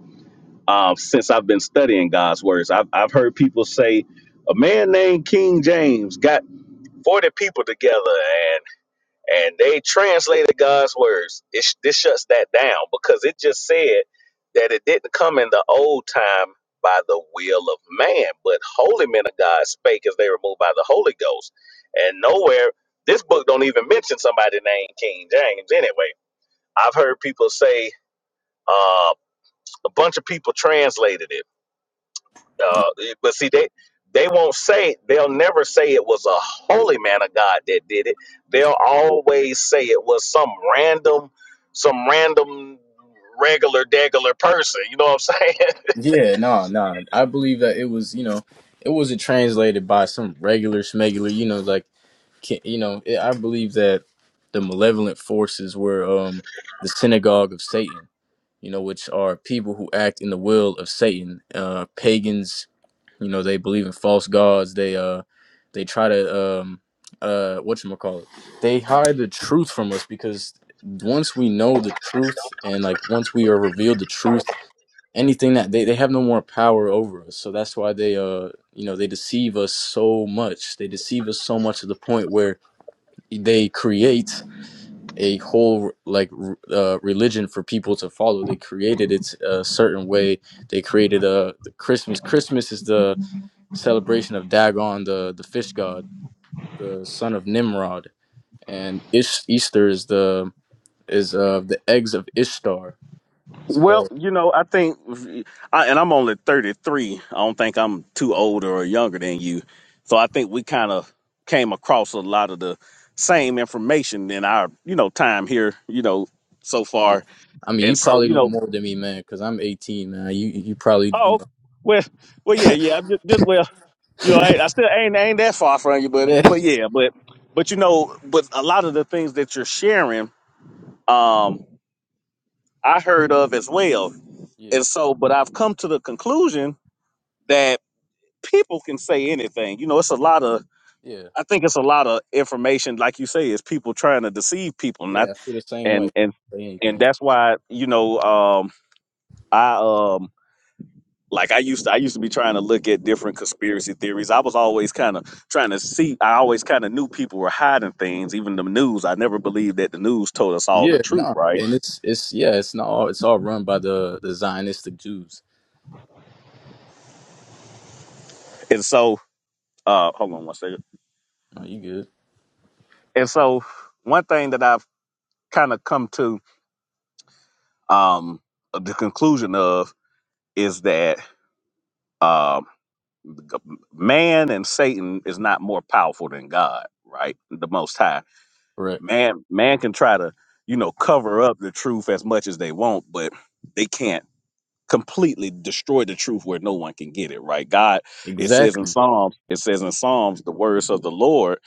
um, since I've been studying God's words. I've I've heard people say a man named King James got forty people together and they translated God's words. It, sh- this shuts that down because it just said that it didn't come in the old time by the will of man, but holy men of God spake as they were moved by the Holy Ghost. And nowhere, this book don't even mention somebody named King James anyway. I've heard people say uh, a bunch of people translated it uh, it- but see, they they won't say they'll never say it was a holy man of God that did it. They'll always say it was some random, some random regular degular person. You know what I'm saying?
Yeah, no, no. I believe that it was, you know, it wasn't translated by some regular smegular, you know, like, ki- you know, it, I believe that the malevolent forces were um the synagogue of Satan, you know, which are people who act in the will of Satan. Uh, pagans, you know, they believe in false gods. They uh, they try to um uh what you call it? They hide the truth from us because once we know the truth and like once we are revealed the truth anything that they, they have no more power over us so that's why they uh you know they deceive us so much they deceive us so much to the point where they create a whole like r- uh, religion for people to follow they created it a certain way they created a the christmas christmas is the celebration of dagon the the fish god the son of nimrod and Ish- easter is the is uh the eggs of ishtar So.
Well, you know, I think, I, and I'm only 33. I don't think I'm too older or younger than you. So I think we kind of came across a lot of the same information in our, you know, time here, you know, so far.
I mean, you
And so
probably
you
know
know.
more than me, man, because I'm 18, man. You you probably you
Oh, well, well, yeah, yeah. I'm just, just well, you know,
know.
I, I still ain't ain't that far from you, but
yeah,
but yeah, but but you know, but a lot of the things that you're sharing, um, I heard of as well,
yeah,
and so, but I've come to the conclusion that people can say anything. You know, it's a lot of.
yeah,
I think it's a lot of information, like you say, is people trying to deceive people, not
yeah. I feel the same way.
and and
Say
and
anything.
that's why you know um, I um like I used to, I used to be trying to look at different conspiracy theories. I was always kind of trying to see. I always kind of knew people were hiding things, even the news. I never believed that the news told us all the
Yeah,
truth,
no,
right?
and it's it's yeah, it's not all it's all run by the the Zionistic Jews.
And so, uh, hold on one second.
No, you good?
And so, one thing that I've kind of come to um, the conclusion of is that um, man and Satan is not more powerful than God, right? The Most High
Correct.
man man can try to you know cover up the truth as much as they want but they can't completely destroy the truth where no one can get it right god it says in
Exactly.
psalms it says in psalms the words of the lord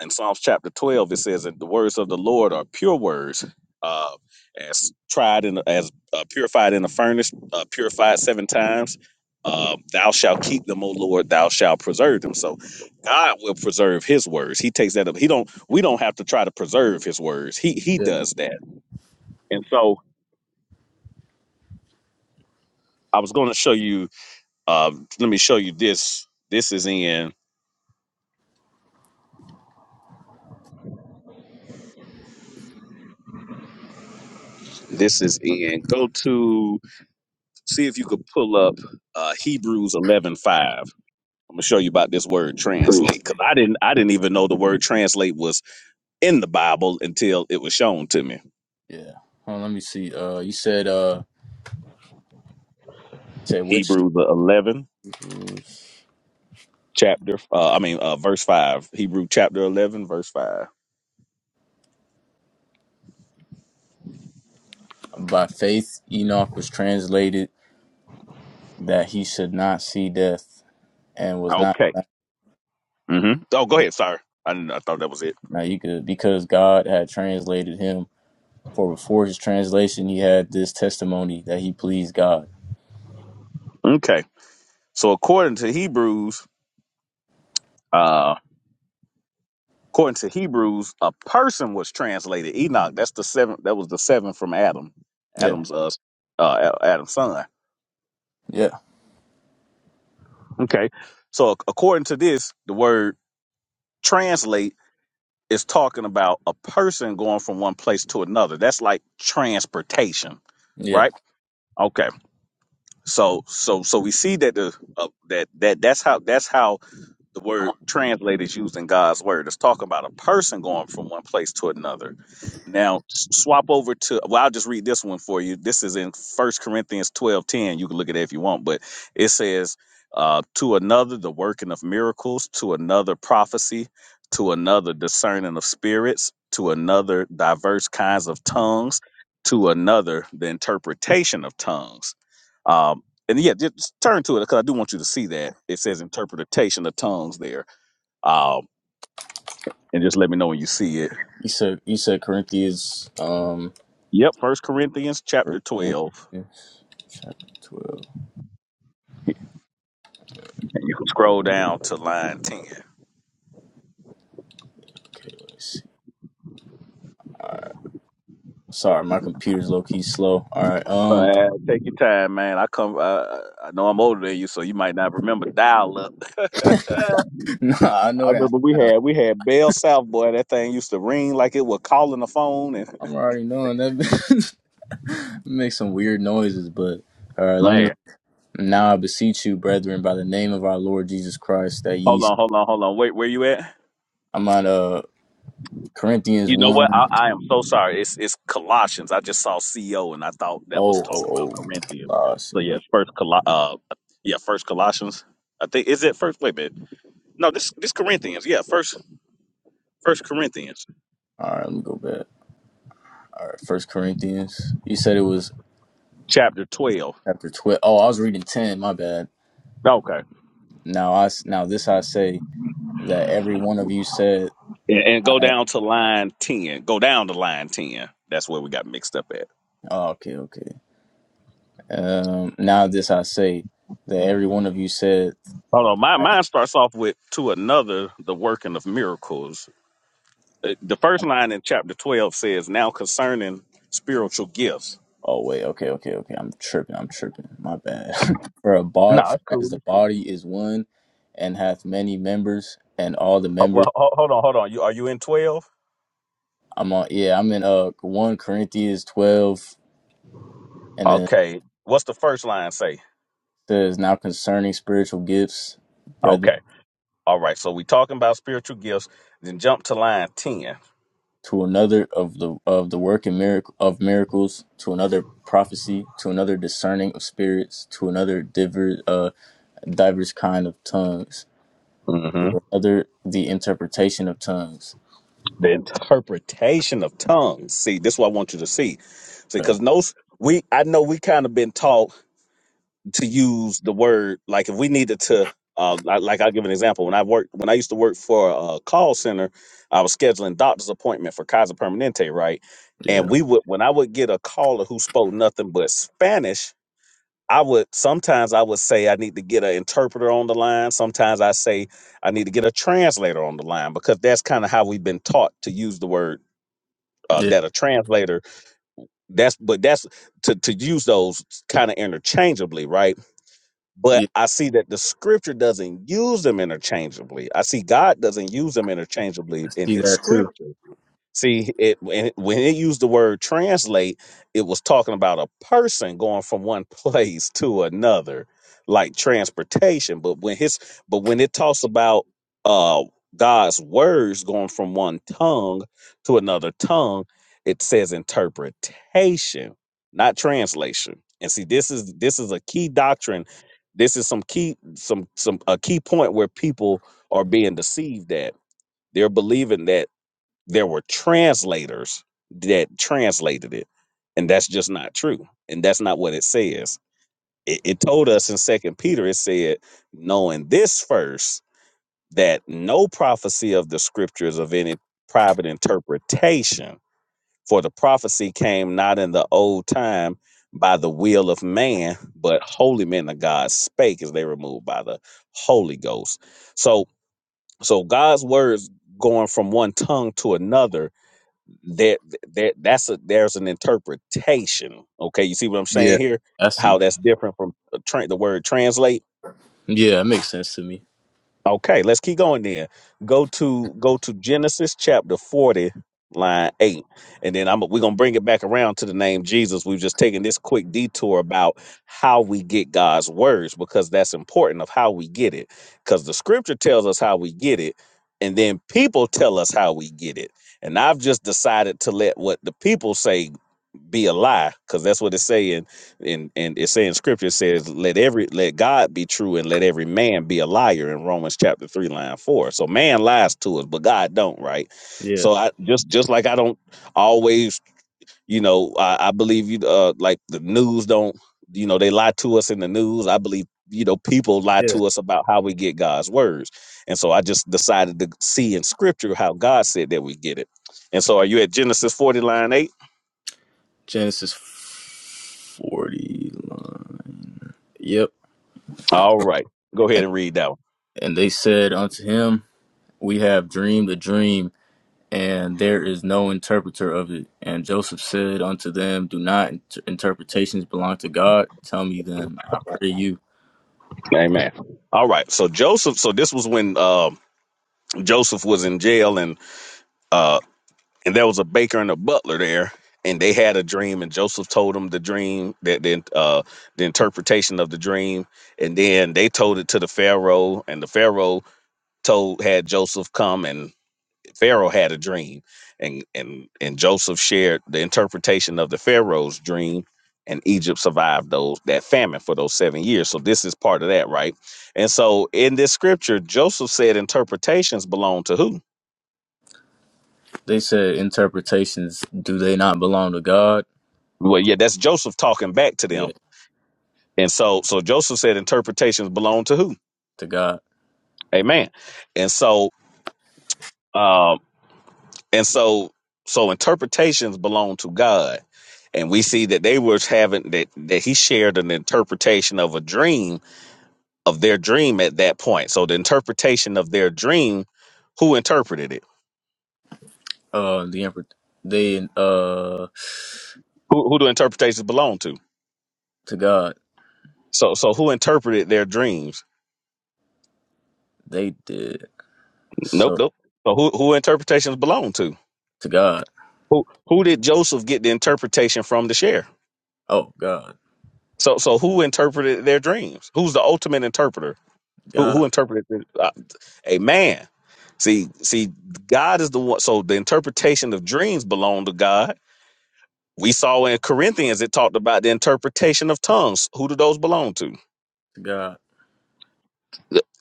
in Psalms chapter 12, it says that the words of the Lord are pure words, uh, as tried in as uh, purified in the furnace, uh, purified seven times. Uh, thou shalt keep them, O Lord. Thou shalt preserve them. So, God will preserve His words. He takes that up. He don't. We don't have to try to preserve His words. He He
Yeah.
does that. And so, I was going to show you. Uh, let me show you this. This is in. This is in. Go to see if you could pull up uh, Hebrews eleven five I'm gonna show you about this word translate because I didn't I didn't even know the word translate was in the Bible until it was shown to me.
Yeah. Hold on, let me see. Uh, you said uh, said which
Hebrews the 11 chapter, uh, I mean uh, verse five. Hebrew chapter 11 verse five.
by faith Enoch was translated that he should not see death and was not.
Okay. hmm Oh, go ahead. Sorry, I didn't, I thought that was it.
Now you could because God had translated him. For before his translation, he had this testimony that he pleased God.
Okay. So according to Hebrews, uh, according to Hebrews, a person was translated. Enoch. That's the seventh. That was the seventh from Adam.
Yeah,
Adam's uh, uh Adam's son.
yeah,
Okay. So ac- according to this, the word translate is talking about a person going from one place to another. That's like transportation,
yeah.
right? Okay. So so so we see that the uh, that that that's how that's how the word translated is used in God's word. It's talking about a person going from one place to another. Now s- swap over to well, I'll just read this one for you. This is in First Corinthians 12 10. You can look at it if you want, but it says, uh, to another the working of miracles, to another prophecy, to another discerning of spirits, to another diverse kinds of tongues, to another the interpretation of tongues. Um, and yeah, just turn to it because I do want you to see that. It says interpretation of tongues there. Um, and just let me know when you see it.
He said, he said Corinthians, um,
Yep, First Corinthians chapter
First
12.
Corinthians chapter twelve.
And you can scroll down to line 10.
Okay, let's see. All right. Sorry, my computer's low key slow. All right. Um,
Uh, take your time, man. I come. Uh, I know I'm older than you, so you might not remember dial up. I
nah, I know that.
remember we had we had Bell South boy. That thing used to ring like it was calling the phone. And
I'm already knowing that makes some weird noises, but all right. Let me
man,
now. I beseech you, brethren, by the name of our Lord Jesus Christ, that
hold
ye.
on, hold on, hold on. Wait, where you at?
I'm not. Uh. Corinthians
You know what?
1.
I, I am so sorry. It's it's Colossians. I just saw CO and I thought that was
Oh, oh,
talking about
oh.
Corinthians.
Lost.
So yeah, first Col uh yeah, first Colossians. I think is it first wait a minute. No, this this Corinthians. Yeah, first first Corinthians
All right, let me go back. All right, First Corinthians. You said it was
chapter twelve.
chapter 12. Oh, I was reading 10. My bad.
Okay.
Now, I, s- now this I say that every one of you said,
And, and go
I,
down to line ten. Go down to line ten. That's where we got mixed up at.
oh, okay, okay. Um, now this I say that every one of you said,
Hold on. My mine starts off with to another the working of miracles. Uh, The first line in chapter twelve says, Now concerning spiritual gifts.
oh, wait, okay, okay, okay. I'm tripping. I'm tripping. My bad. for a
No,
body,
it's cool.
as the
It's cool.
body is one and hath many members, and all the
Oh,
members
well, ho- hold on, hold on. You are you in twelve?
I'm on yeah, I'm in uh one Corinthians twelve and then it
Okay. What's the first line say?
says now concerning spiritual gifts, brethren
Okay. All right. So we talking about spiritual gifts. Then jump to line 10
to another of the of the work and miracle of miracles, to another prophecy, to another discerning of spirits, to another divers uh diverse kind of tongues,
hmm
to another the interpretation of tongues.
The interpretation of tongues. See, this is what I want you to see. See,
Okay.
because no, we I know we kind of been taught. to use the word like if we needed to uh, li- like I'll give an example. When I worked, when I used to work for a call center, I was scheduling doctor's appointment for Kaiser Permanente, right?
Yeah.
And we would, when I would get a caller who spoke nothing but Spanish, I would sometimes I would say I need to get an interpreter on the line. Sometimes I say I need to get a translator on the line because that's kind of how we've been taught to use the word uh,
Yeah.
that a translator. That's but that's to to use those kind of interchangeably, right? but
Yeah.
I see that the scripture doesn't use them interchangeably. I see God doesn't use them
I
interchangeably in
see
his
that too.
scripture. See, it when, it when it used the word translate, it was talking about a person going from one place to another, like transportation. But when his but when it talks about uh God's words going from one tongue to another tongue, it says interpretation, not translation. And see, this is this is a key doctrine. This is some key some some a key point where people are being deceived at. They're believing that there were translators that translated it and that's just not true and that's not what it says it, it told us in second peter it said knowing this first that no prophecy of the scriptures of any private interpretation for the prophecy came not in the old time by the will of man but holy men of god spake as they were moved by the holy ghost so so god's words going from one tongue to another there, there, that's a there's an interpretation. Okay, you see what I'm
Yeah.
saying here?
I
How
see.
that's different from a tra- the word translate.
Yeah, it makes sense to me.
Okay, let's keep going then. Go to go to Genesis chapter 40, line eight, and then I'm we're gonna bring it back around to the name Jesus. We've just taken this quick detour about how we get God's words because that's important of how we get it. Because the Scripture tells us how we get it, and then people tell us how we get it. And I've just decided to let what the people say be a lie because that's what it's saying and and it's saying scripture says let every let god be true and let every man be a liar in romans chapter 3 line 4 so man lies to us but god don't right
Yeah.
so i just just like i don't always you know i, I believe you uh like the news don't you know they lie to us in the news i believe you know people lie
Yeah.
to us about how we get god's words and so i just decided to see in scripture how god said that we get it and so are you at genesis 40 line 8
Genesis forty Yep.
All right. Go ahead
And
and read that one.
and they said unto him, We have dreamed a dream, and there is no interpreter of it. And Joseph said unto them, Do not inter- interpretations belong to God? Tell me then, I pray you.
Amen. All right. So Joseph, so this was when uh, Joseph was in jail and uh and there was a baker and a butler there and they had a dream and Joseph told them the dream that the uh the interpretation of the dream and then they told it to the pharaoh and the pharaoh told had Joseph come and Pharaoh had a dream, and and and Joseph shared the interpretation of the Pharaoh's dream, and Egypt survived those that famine for those seven years. So this is part of that, right? And so in this scripture, Joseph said interpretations belong to who?
They said, Interpretations, do they not belong to God?
Well, yeah, that's Joseph talking back to
Yeah,
them. And so so Joseph said interpretations belong to who?
to God.
Amen. And so uh, And so, so interpretations belong to God. And we see that they were having that, that he shared an interpretation of a dream of their dream at that point. So the interpretation of their dream, who interpreted it?
Uh, the emperor, they uh,
Who, who do interpretations belong to?
to God.
So, so who interpreted their dreams?
They did
Nope,
so
nope. So who, who interpretations belong to?
to God.
Who, who did Joseph get the interpretation from to share?
Oh God,
So, so who interpreted their dreams? Who's the ultimate interpreter? Who
God,
who interpreted it? Uh, a man. See, see, God is the one. So the interpretation of dreams belong to God. We saw in Corinthians it talked about the interpretation of tongues. Who do those belong to?
to God.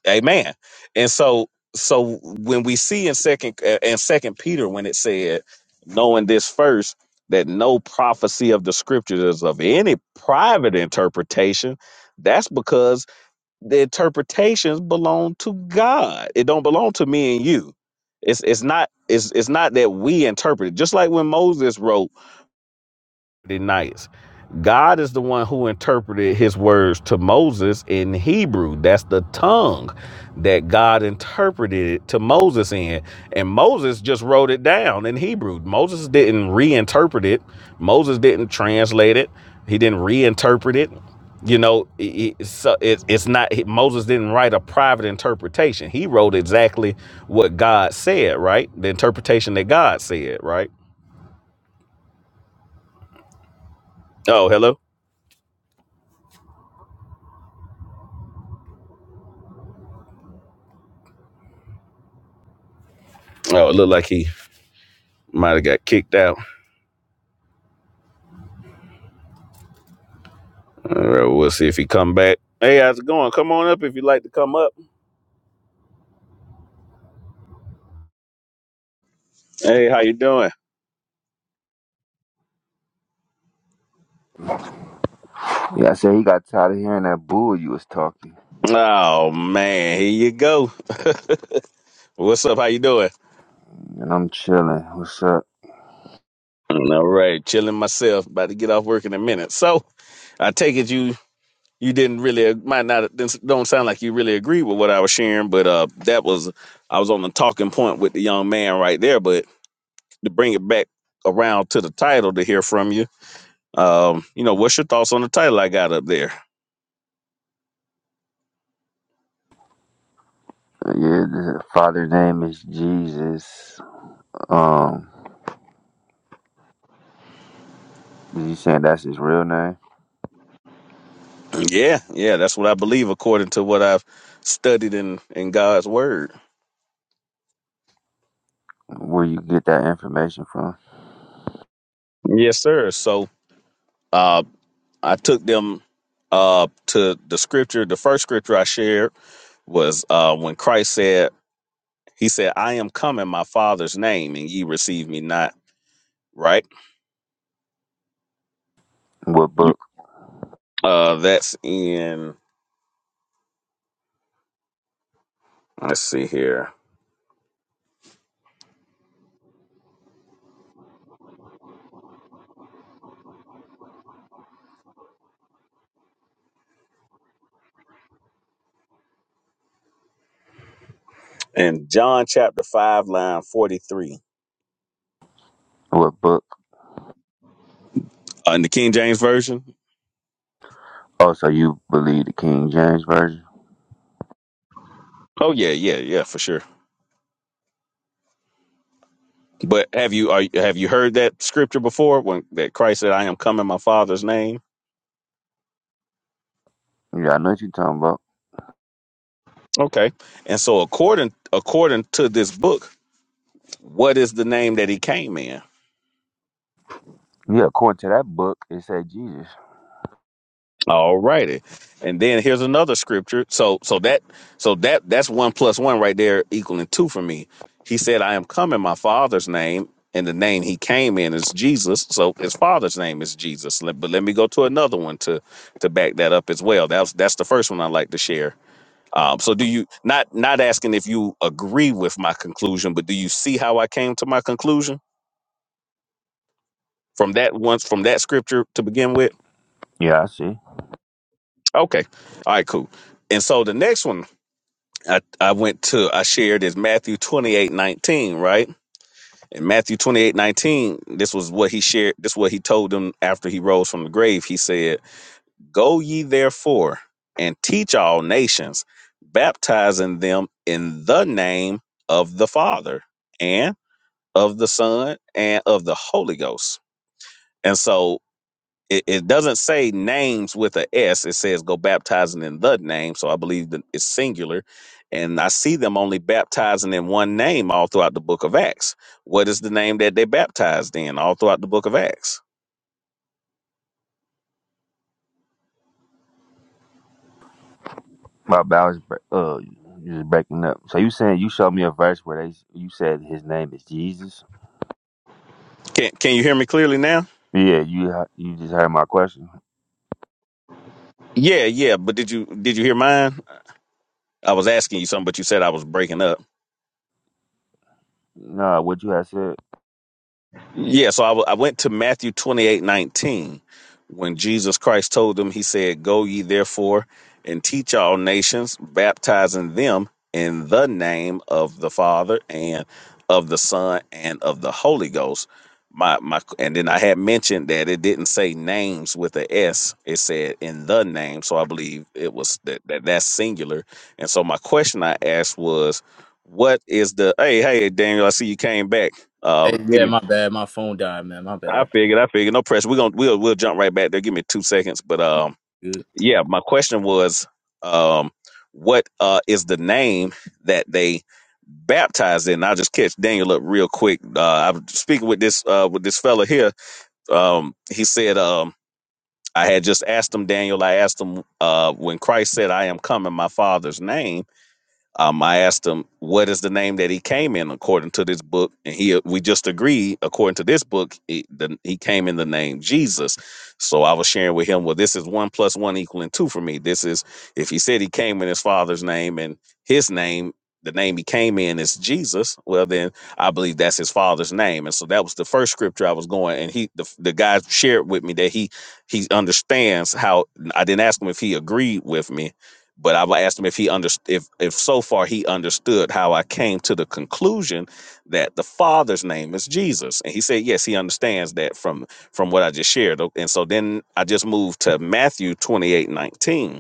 A man. And so, so when we see in second uh, in Second Peter when it said, knowing this first that no prophecy of the scriptures is of any private interpretation, that's because the interpretations belong to God. It don't belong to me and you. It's it's not it's it's not that we interpret it. Just like when Moses wrote the nights. God is the one who interpreted his words to Moses in Hebrew. That's the tongue that God interpreted it to Moses in. And Moses just wrote it down in Hebrew. Moses didn't reinterpret it, Moses didn't translate it, he didn't reinterpret it. You know, it- it- so it's it's not Moses didn't write a private interpretation. He wrote exactly what God said, right? The interpretation that God said, right? Oh, hello. Oh, it looked like he Might have got kicked out. All right, we'll see if he come back. Hey, how's it going? Come on up if you'd like to come up. Hey, how you doing?
Yeah, I said he got tired of hearing that bull you was talking.
Oh man, here you go. What's up? How you doing?
And I'm chilling. What's up?
All right, chilling myself. About to get off work in a minute. So, I take it you you didn't really might not don't sound like you really agree with what I was sharing, but uh, that was I was on the talking point with the young man right there. But to bring it back around to the title to hear from you, um, you know, what's your thoughts on the title I got up there?
Yeah, the father's name is Jesus. Um, is he saying that's his real name?
Yeah, yeah, that's what I believe according to what I've studied in in God's word.
Where you get that information from?
Yes, sir. So, uh I took them uh to the scripture. The first scripture I shared was uh when Christ said, he said, "I am come in my Father's name and ye receive me not." Right?
What
You
book?
uh that's in let's see here. In John chapter 5 line 43.
What book?
Uh, in the King James version?
Oh, so you believe the King James version?
Oh yeah, yeah, yeah, for sure. But have you are, have you heard that scripture before when that Christ said, "I am come in my Father's name"?
Yeah, I know what you're talking about.
Okay, and so according according to this book, what is the name that he came in?
Yeah, according to that book, it said Jesus.
All righty, and then here's another scripture. So so that so that that's one plus one right there equaling two for me. He said, "I am come in my Father's name." And the name he came in is Jesus, so his father's name is Jesus. Let- But let me go to another one to to back that up as well. That's that's the first one I like to share Um, so do you not not asking if you agree with my conclusion, but do you see how I came to my conclusion from that once from that scripture to begin with?
Yeah, I see.
Okay. All right, cool. And so the next one I, I went to I shared is Matthew twenty eight nineteen, right? In Matthew twenty eight nineteen, this was what he shared this is what he told them after he rose from the grave. He said, Go ye therefore and teach all nations, baptizing them in the name of the Father and." of the Son and of the Holy Ghost. And so it, it doesn't say names with a S. It says go baptizing in the name. So I believe that it's singular. And I see them only baptizing in one name all throughout the book of Acts. What is the name that they baptized in all throughout the book of Acts?
My bad, I was bre- uh, you was breaking up. So you saying you showed me a verse where they you said his name is Jesus?
Can can you hear me clearly now?
Yeah, you ha- you just heard my question.
Yeah, yeah. But did you did you hear mine? I was asking you something, but you said I was breaking up.
Nah, what you had said.
Yeah, so I w- I went to Matthew twenty eight nineteen, when Jesus Christ told them, He said, Go ye therefore and teach all nations, baptizing them in the name of the Father and of the Son and of the Holy Ghost. My, my, and then I had mentioned that it didn't say names with a S; it said in the name. So I believe it was that, that that's singular. And so my question I asked was, what is the, hey, hey, Daniel, I see you came back.
Hey,
Um, give
yeah,
me
my bad. My phone died, man. My
I
bad.
figured, I figured. No pressure. We're gonna we'll we'll jump right back there. Give me two seconds. But um
Good.
yeah, my question was um what uh is the name that they baptized in? I'll just catch Daniel up real quick. Uh I was speaking with this uh with this fella here. Um he said um I had just asked him, Daniel, I asked him uh when Christ said, I am come in my father's name um, I asked him what is the name that he came in according to this book, and he we just agreed according to this book he, the, he came in the name Jesus. So I was sharing with him, well, this is one plus one equaling two for me. This is if he said he came in his father's name and his name, the name he came in is Jesus. Well, then I believe that's his father's name, and so that was the first scripture I was going. And he the the guy shared with me that he he understands how I didn't ask him if he agreed with me but I've asked him if he underst- if if so far he understood how I came to the conclusion that the Father's name is Jesus, and he said yes, he understands that from from what I just shared. And so then I just moved to Matthew twenty eight nineteen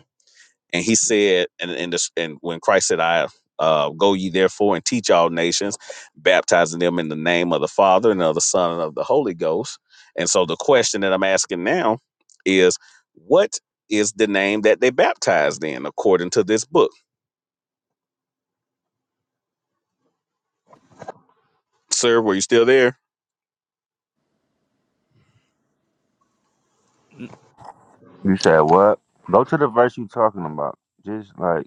and he said and and, this, and when christ said i uh, go ye therefore and teach all nations baptizing them in the name of the father and of the son and of the holy ghost and so the question that i'm asking now is what is the name that they baptized in according to this book sir were you still there
You said what? Go to the verse you talking about. Just like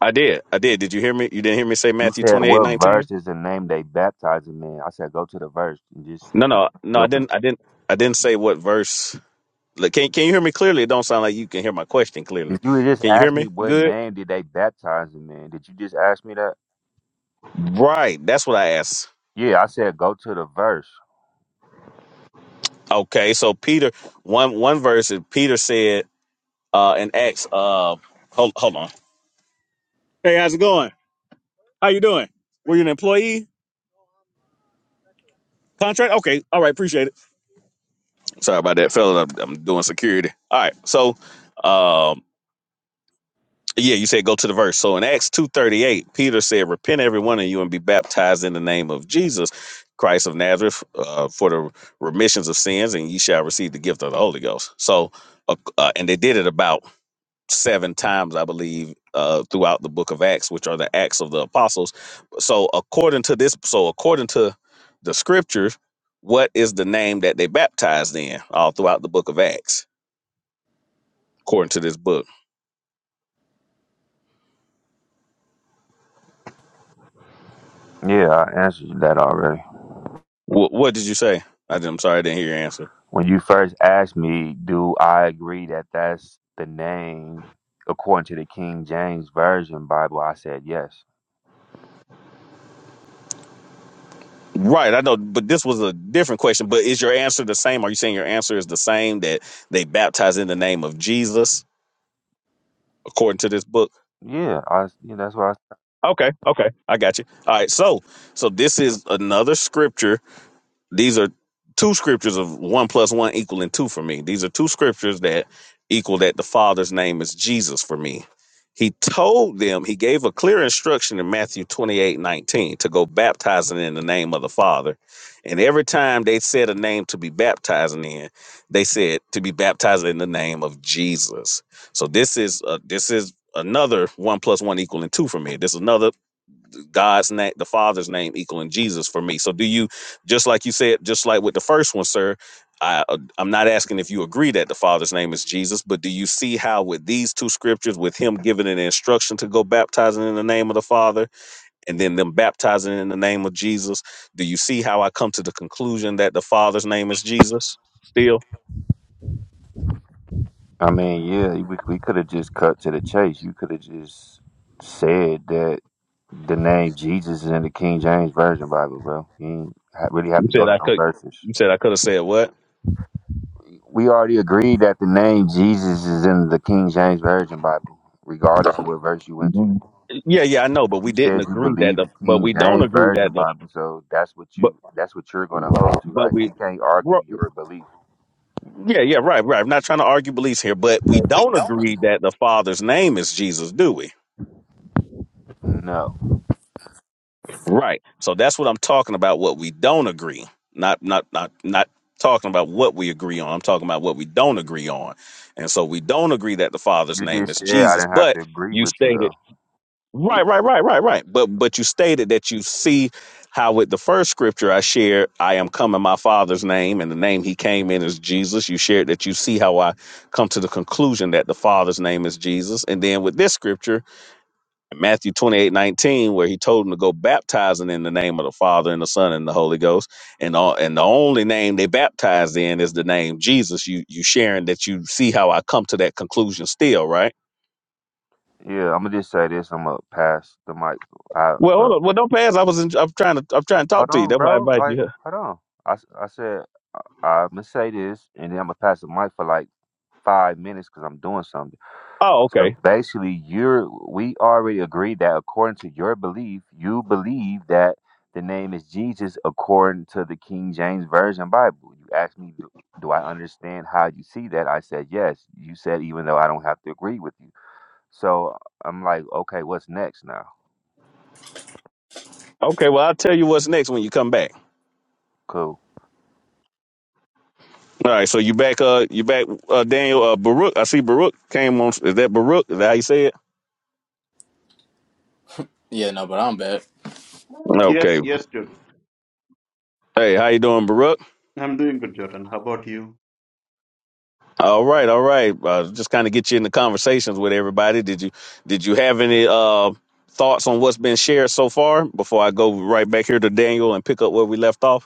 i did i did did you hear me you didn't hear me say
you
matthew
said,
28
what
19?
verse is the name they baptized him in? I said, go to the verse and just
no no no i
your. pos-
didn't i didn't i didn't say what verse Look, can, can you hear me clearly it don't sound like you can hear my question clearly
Did you just
can you hear
ask me
me
what
good
name did they baptize him in? Did you just ask me that?
Right. That's what I asked.
Yeah, I said go to the verse.
Okay. So Peter, one one verse is Peter said uh, in Acts. Uh, hold hold on. Hey, how's it going? How you doing? Were you an employee? Contract? Okay. All right. Appreciate it. Sorry about that, fella. I'm, I'm doing security. All right. So, um, yeah, you said go to the verse. So in Acts two thirty eight, Peter said, "Repent, every one of you, and be baptized in the name of Jesus." Christ of Nazareth uh, for the remissions of sins, and ye shall receive the gift of the Holy Ghost. So, uh, uh, and they did it about seven times, I believe, uh, throughout the book of Acts, which are the Acts of the Apostles. So according to this, so according to the scriptures, what is the name that they baptized in all throughout the book of Acts, according to this book?
Yeah, I answered you that already.
What, what did you say? I did, I'm sorry, I didn't hear your answer.
When you first asked me, do I agree that that's the name according to the King James Version Bible? I said yes.
Right, I know, but this was a different question. But is your answer the same? Are you saying your answer is the same that they baptize in the name of Jesus according to this book?
Yeah, I yeah, that's what I
Okay, okay, I got you. All right, so so this is another scripture These are two scriptures of one plus one equaling two for me. These are two scriptures that equal that the Father's name is Jesus for me. He told them, he gave a clear instruction in Matthew 28 19 to go baptizing in the name of the Father. And every time they said a name to be baptizing in, they said to be baptized in the name of Jesus. So this is uh, this is another one plus one equaling two for me. This is another God's name, the Father's name equaling Jesus for me. So do you just like you said, just like with the first one, sir, I uh, I'm not asking if you agree that the Father's name is Jesus, but do you see how with these two scriptures, with him giving an instruction to go baptizing in the name of the Father and then them baptizing in the name of Jesus, do you see how I come to the conclusion that the Father's name is Jesus? Still,
I mean, yeah, we we could have just cut to the chase. You could have just said that the name Jesus is in the King James Version Bible, bro. You ain't ha- really have
you
to go
said
to
I
no
could.
verses.
You said I could have said what?
We already agreed that the name Jesus is in the King James Version Bible, regardless of what verse you went to.
Mhm. Yeah, yeah, I know, but we
You
didn't
said you
agree that
believe
the.
the
But
King
we don't
James
agree
Version
that the.
Bible, so that's what you that's what you're gonna
Right.
hold to.
But
Like
we,
we can't argue
ro-
your belief.
yeah, yeah, right, right. I'm not trying to argue beliefs here, but we don't agree that the Father's name is Jesus, do we?
No.
Right. So that's what I'm talking about. What we don't agree, not not not not talking about what we agree on. I'm talking about what we don't agree on, and so we don't agree that the Father's
You did
name is
say I
Jesus.
didn't have
But
to agree
you
with you
stated.
though.
Right, right, right, right, right. But but you stated that you see how with the first scripture I shared, I am come in my father's name, and the name he came in is Jesus. You shared that you see how I come to the conclusion that the Father's name is Jesus. And then with this scripture, Matthew twenty eight nineteen, where he told him to go baptizing in the name of the Father and the Son and the Holy Ghost. And all and the only name they baptized in is the name Jesus. You you sharing that you see how I come to that conclusion still, right?
Yeah, I'm gonna just say this. I'm gonna pass the mic. I
Well, hold
uh,
on. Well, don't pass. I was. In, I'm trying to. I'm trying to talk
hold
to you.
on,
That's why I
bro.
invite you.
Like,
here.
hold on. I, s- I said I'm gonna say this, and then I'm gonna pass the mic for like five minutes because I'm doing something.
Oh,
So
okay.
basically, you're we already agreed that according to your belief, you believe that the name is Jesus according to the King James Version Bible. You asked me, do, do I understand how you see that? I said yes. You said even though I don't have to agree with you. So I'm like, okay, what's next now?
Okay. Well, I'll tell you what's next when you come back.
Cool.
All right. So you back. Uh, you back. Uh, Daniel. Uh, Baruch. I see Baruch came on. Is that Baruch? Is that how you say it?
Yeah, no, but I'm back.
Yes,
Okay.
yes, Jordan.
Hey, how you doing, Baruch?
I'm doing good, Jordan. How about you?
All right. All right. Uh, just kind of get you in the conversations with everybody. Did you Did you have any uh thoughts on what's been shared so far before I go right back here to Daniel and pick up where we left off?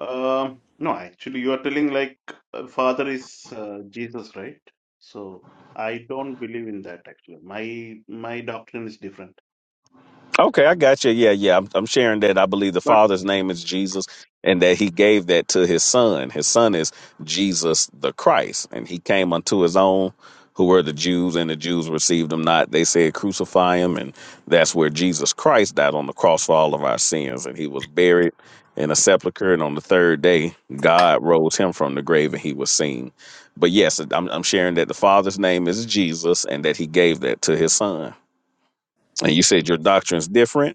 Um, no, actually, you are telling like uh, Father is uh, Jesus, right? So I don't believe in that actually. My my doctrine is different.
Okay, I got you. Yeah, yeah. I'm, I'm sharing that I believe the
But
Father's name is Jesus and that he gave that to his son. His son is Jesus the Christ. And he came unto his own, who were the Jews, and the Jews received him not. They said, Crucify him. And that's where Jesus Christ died on the cross for all of our sins. And he was buried in a sepulchre. And on the third day, God rose him from the grave and he was seen. But yes, I'm, I'm sharing that the Father's name is Jesus and that he gave that to his son. And you said your doctrine's different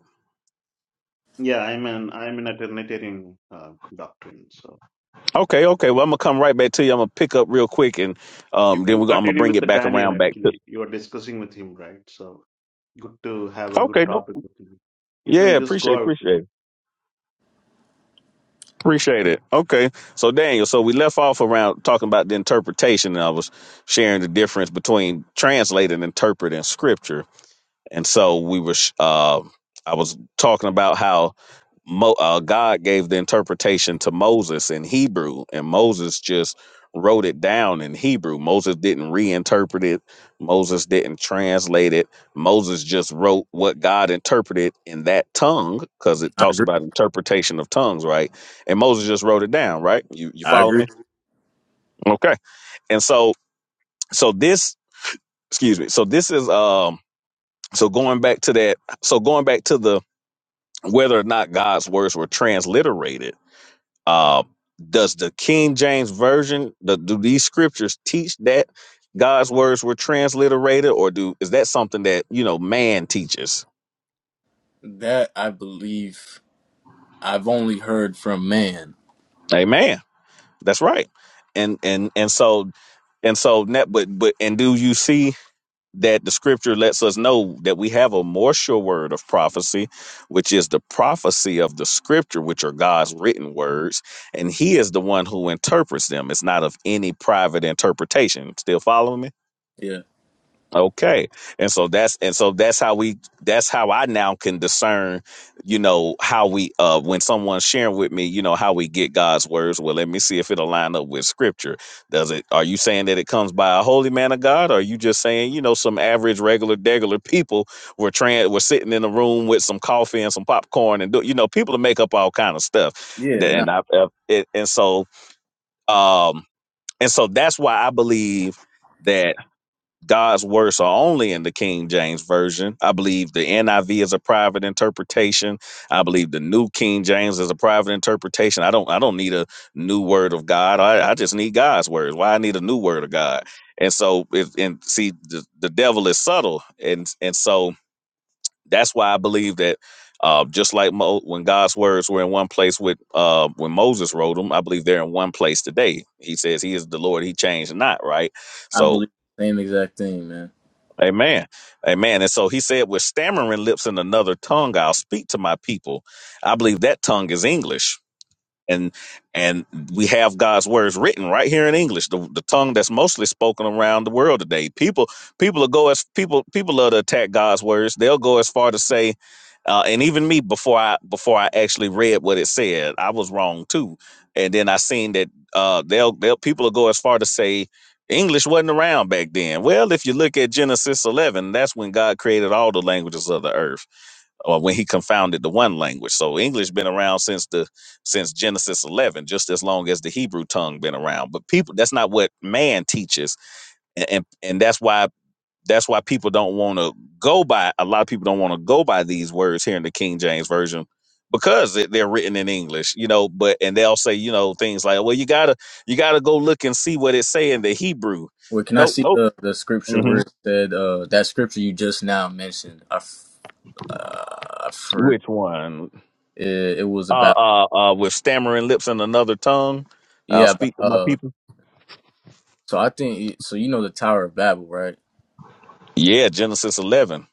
yeah, I'm an I'm in a Trinitarian uh, doctrine. So
Okay, okay. Well, I'm gonna come right back to you. I'm gonna pick up real quick, and
you
um, then
can
we're gonna, I'm gonna
continue
bring
with
it
the
back
Daniel
around back to.
actually. You are discussing with him, right? So good to have a good
Okay, no.
topic with you. You
Yeah,
can just
appreciate,
go out with
appreciate,
it.
it. appreciate it. Okay, so Daniel, so we left off around talking about the interpretation, and I was sharing the difference between translate and interpret in Scripture. and so we were sh- uh, i was talking about how Mo, uh, god gave the interpretation to moses in hebrew and moses just wrote it down in hebrew moses didn't reinterpret it moses didn't translate it moses just wrote what god interpreted in that tongue because it
I
talks
agree.
about interpretation of tongues right and moses just wrote it down right you you
I
follow
agree.
me okay and so so this excuse me so this is um so going back to that so going back to the whether or not God's words were transliterated. Uh, does the King James version, the, do these scriptures teach that God's words were transliterated, or do is that something that you know man teaches?
That I believe I've only heard from man.
Amen. That's right. And and and so and so net, but but and do you see? that the scripture lets us know that we have a more sure word of prophecy, which is the prophecy of the scripture, which are God's written words, and He is the one who interprets them. It's not of any private interpretation. Still following me?
Yeah.
Okay. And so that's and so that's how we that's how I now can discern, you know, how we uh when someone's sharing with me, you know, how we get God's words. Well, let me see if it'll line up with scripture. Does it are you saying that it comes by a holy man of God? Or are you just saying, you know, some average regular degular people were trying were sitting in a room with some coffee and some popcorn and do you know, people to make up all kind of stuff.
Yeah, no.
And I, I it, and so um and so that's why I believe that God's words are only in the King James Version. I believe the NIV is a private interpretation. I believe the New King James is a private interpretation. I don't I don't need a new word of God. I, I just need God's words. Why I need a new word of God. And so if and see the, the devil is subtle. And and so that's why I believe that uh, just like Mo, when God's words were in one place with uh, when Moses wrote them, I believe they're in one place today. He says he is the Lord, he changed not, right?
I
So.
believe the same exact thing, man.
Amen. Amen. And so he said, with stammering lips and another tongue, I'll speak to my people. I believe that tongue is English and and we have God's words written right here in English, the, the tongue that's mostly spoken around the world today. People people will go as people people love to attack God's words. They'll go as far to say, uh, and even me before I before I actually read what it said, I was wrong too. And then I seen that uh, they'll they'll people will go as far to say. English wasn't around back then. Well, if you look at Genesis 11, that's when God created all the languages of the earth or when he confounded the one language. So English been around since the since Genesis 11, just as long as the Hebrew tongue been around. But people, that's not what man teaches, and and, and that's why that's why people don't want to go by. A lot of people don't want to go by these words here in the King James version because they- they're written in English, you know. But and they'll say you know things like, well, you gotta you gotta go look and see what it say in the Hebrew.
Well, can I
Nope,
see
nope.
the, the scripture where
hmm
it said uh that scripture you just now mentioned? I f- uh, I for
Which one?
it, it was
uh,
about
uh, uh, with stammering lips and another tongue. I'll
yeah, about,
speak to my
uh
people.
so I think so you know the Tower of Babel, right?
Yeah, Genesis 11.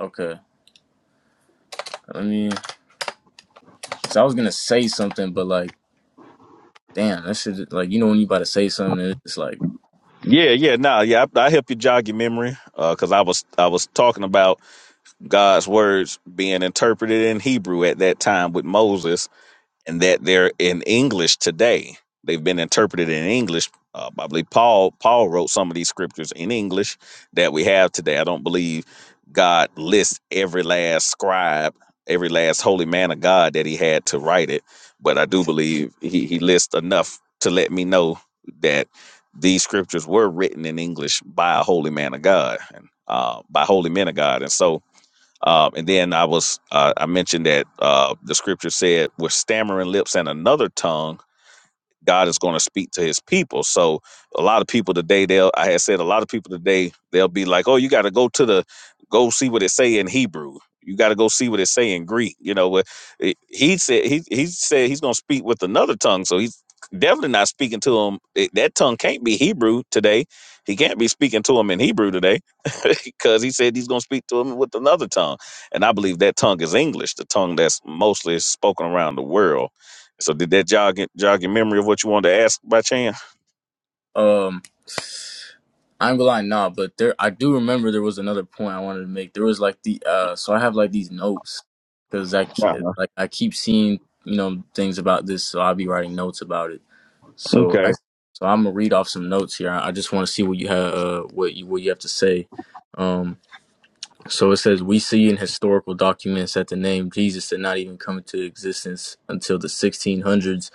Okay. I mean, so I was going to say something but like damn, that should like you know when you about to say something and it's just like
Yeah, yeah, nah, yeah. I, I help you jog your memory because I was I was talking about God's words being interpreted in Hebrew at that time with Moses, and that they're in English today. They've been interpreted in English. Uh, I believe Paul Paul wrote some of these scriptures in English that we have today. I don't believe God lists every last scribe, every last holy man of God that he had to write it, but I do believe he, he lists enough to let me know that these scriptures were written in English by a holy man of God and uh, by holy men of God, and so um, and then I was uh, I mentioned that uh, the scripture said with stammering lips and another tongue God is going to speak to his people. So a lot of people today, they'll I had said a lot of people today, they'll be like, Oh, you gotta go to the go see what it say in Hebrew. You gotta go see what it say in Greek. You know, what it- he said he he said he's gonna speak with another tongue. So he's definitely not speaking to him. It- That tongue can't be Hebrew today. He can't be speaking to him in Hebrew today because he said he's gonna speak to him with another tongue. And I believe that tongue is English, the tongue that's mostly spoken around the world so did that jog jog your memory of what you wanted to ask by chance?
Um, I'm gonna lie, nah, but there I do remember there was another point I wanted to make. There was like the uh, so I have like these notes because I ke-
No.
like I keep seeing you know things about this, so I'll be writing notes about it. So
Okay.
I so I'm gonna read off some notes here. I, I just want to see what you have uh, what you what you have to say. Um, so it says we see in historical documents that the name Jesus did not even come into existence until the 1600s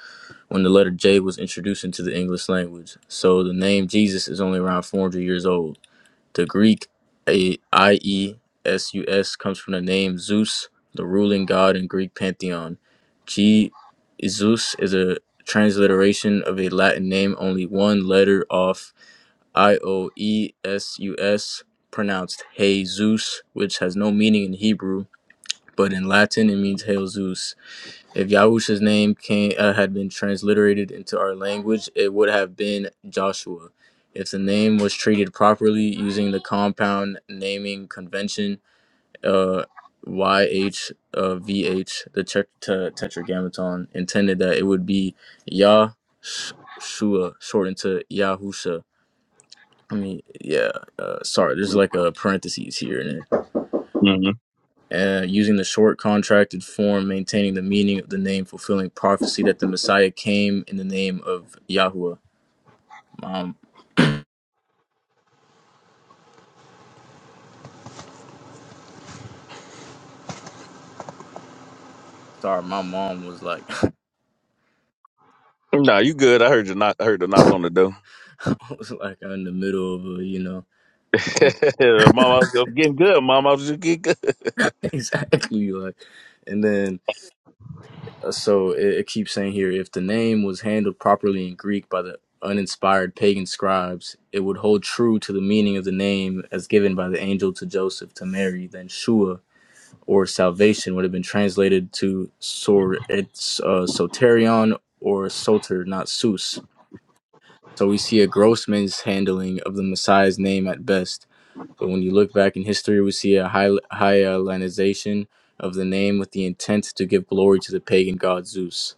when the letter J was introduced into the English language. So the name Jesus is only around 400 years old. The Greek A- I-E-S-U-S comes from the name Zeus, the ruling god in Greek pantheon. G Zeus is a transliteration of a Latin name only one letter off I-O-E-S-U-S, pronounced Hey Zeus, which has no meaning in Hebrew, but in Latin it means Hail Zeus. If Yahusha's name came, uh, had been transliterated into our language, it would have been Joshua. If the name was treated properly using the compound naming convention, uh, YH, uh, VH, the tet- te- tetragrammaton, intended that it would be Yahshua, shortened to Yahusha. I mean, yeah, uh, sorry, there's like a parentheses here and
hmm
uh, using the short contracted form, maintaining the meaning of the name, fulfilling prophecy that the Messiah came in the name of Yahweh. Mom, sorry, my mom was like,
No, you good. I heard you knock. I heard the knock on the door.
was like in the middle of a, you know,
Mom, I was getting good. Mom, I was just getting good.
exactly like, and then uh, so it, it keeps saying here, if the name was handled properly in Greek by the uninspired pagan scribes, it would hold true to the meaning of the name as given by the angel to Joseph to Mary, then Shua or salvation would have been translated to sor it's uh, soterion or soter, not sus. So we see a gross mishandling of the Messiah's name at best. But when you look back in history, we see a high Hellenization of the name with the intent to give glory to the pagan god Zeus.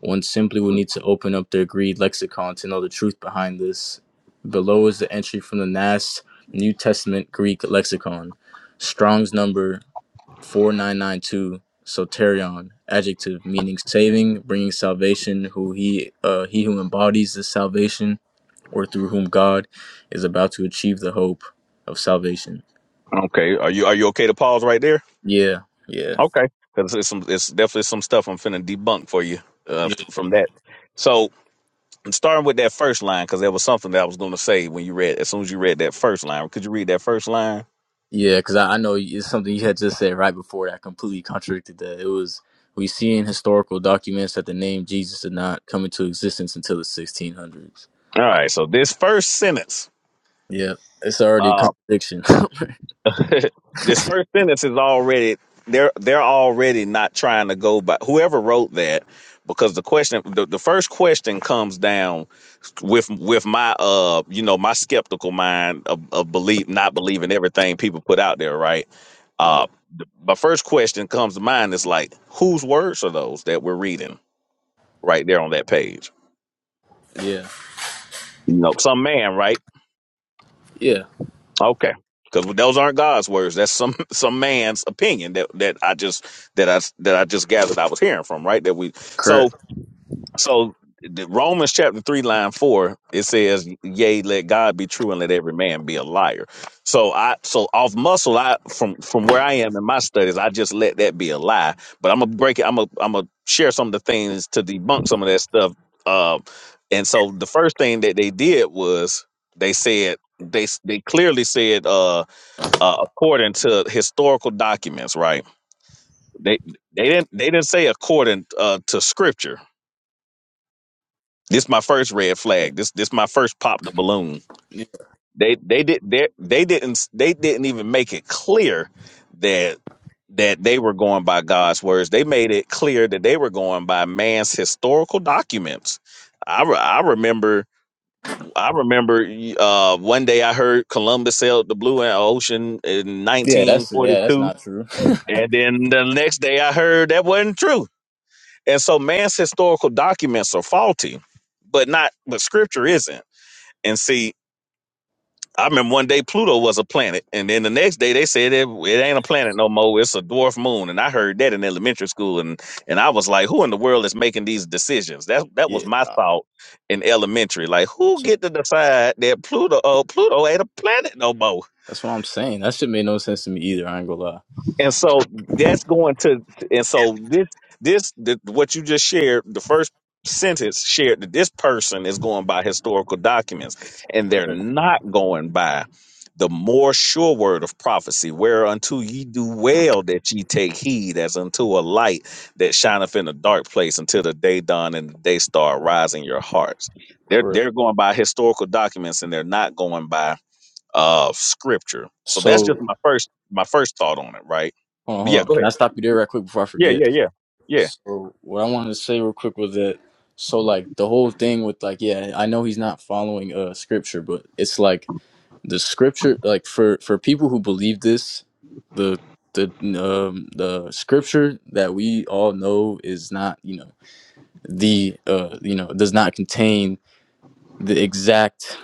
One simply would need to open up their Greek lexicon to know the truth behind this. Below is the entry from the NAS New Testament Greek lexicon. Strong's number 4992 soterion adjective meaning saving bringing salvation who he uh he who embodies this salvation or through whom god is about to achieve the hope of salvation
Okay. Are you Are you okay to pause right there?
yeah yeah
Okay. Because it's some. It's definitely some stuff I'm finna debunk for you uh, f- from that. So starting with that first line, because there was something that I was gonna say when you read. As soon as you read that first line, could you read that first line?
yeah because I, I know it's something you had just said right before that completely contradicted that it was we see in historical documents that the name jesus did not come into existence until the 1600s
All right. So this first sentence.
yeah it's already a contradiction
this first sentence is already they're they're already not trying to go by whoever wrote that because the question the, the first question comes down with with my uh you know my skeptical mind of, of belief not believing everything people put out there right
yeah
uh the, my first question comes to mind is like whose words are those that we're reading right there on that page
yeah
you know some man right
yeah
Okay. Because those aren't God's words. That's some some man's opinion that that I just that I that I just gathered I was hearing from right. That we so
Correct.
so the Romans chapter three, line four, it says, "Yea, let God be true, and let every man be a liar." So I, so off muscle, I from from where I am in my studies, I just let that be a lie. But I'm gonna break it. I'm gonna I'm gonna share some of the things to debunk some of that stuff. Uh, and so the first thing that they did was they said they s- they clearly said uh, uh according to historical documents, right? They they didn't they didn't say according uh, to scripture this my first red flag. This this my first pop the balloon. They they did they they didn't they didn't even make it clear that that they were going by God's words. They made it clear that they were going by man's historical documents. I, re- I remember I remember uh, one day I heard Columbus sailed the blue ocean in
Yeah, that's yeah, that's
1942,
not true.
and then the next day I heard that wasn't true. And so man's historical documents are faulty, but not but scripture isn't. And see, I remember one day Pluto was a planet, and then the next day they said it, it ain't a planet no more. It's a dwarf moon, and I heard that in elementary school, and and I was like, who in the world is making these decisions? That that
yeah,
was my
nah.
thought in elementary. Like, who
So
get to decide that Pluto, oh, Pluto ain't a planet no more?
that's what I'm saying. That shit made no sense to me either. I ain't gonna lie.
and so that's going to and so this this the, what you just shared the first sentence shared that this person is going by historical documents and they're
Correct.
not going by the more sure word of prophecy whereunto ye do well that ye take heed as unto a light that shineth in a dark place until the day dawn and the day star rise in your hearts they're
Correct.
they're going by historical documents and they're not going by of scripture. So
So
that's just
hold
my first my first thought on it, right?
on, hold
yeah,
on.
go
Can
ahead.
I stop you there right quick before I
Yeah, yeah,
forget?
yeah. Yeah.
So what I wanted to say real quick was that so like the whole thing with like yeah, I know he's not following uh scripture, but it's like the scripture like for for people who believe this, the the um the scripture that we all know is not you know the uh you know does not contain the exact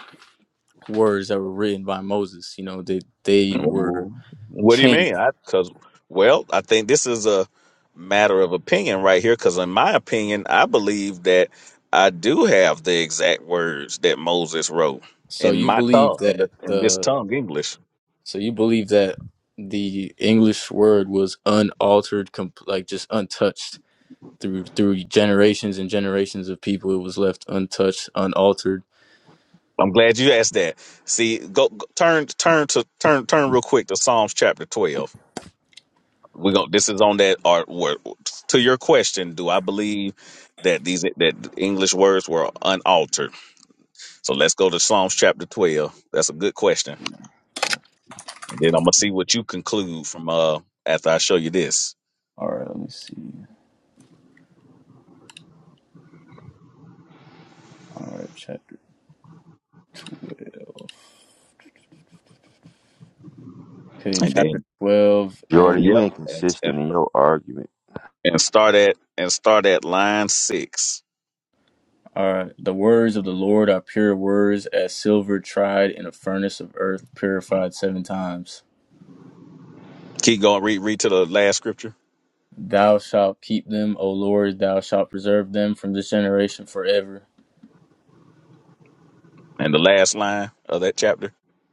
words that were written by Moses. You know, they they were
Mhm. What do you
changed.
mean? I cuz well, I think this is a matter of opinion right here cuz in my opinion, I believe that I do have the exact words that Moses wrote
So
in
you
my
believe
tongue in,
that
the, in this
the
tongue English.
so you believe that the English word was unaltered, comp- like just untouched through through generations and generations of people. It was left untouched, unaltered.
I'm glad you asked that. See, go, go turn turn to turn turn real quick to Psalms chapter 12 we go. This is on that. Or where, to your question, do I believe that these that English words were unaltered? So let's go to Psalms chapter twelve. That's a good question. then I'm gonna see what you conclude from uh after I show you this,
All right, let me see. All right, chapter twelve. Okay,
and
chapter
then
twelve and.
Jordan, you
yep,
ain't
and, and,
consistent in your argument.
and start at and start at line six.
All right. The words of the Lord are pure words, as silver tried in a furnace of earth, purified seven times.
Keep going. Read read to the last scripture
Thou shalt keep them, O Lord, thou shalt preserve them from this generation forever.
and the last line of that chapter.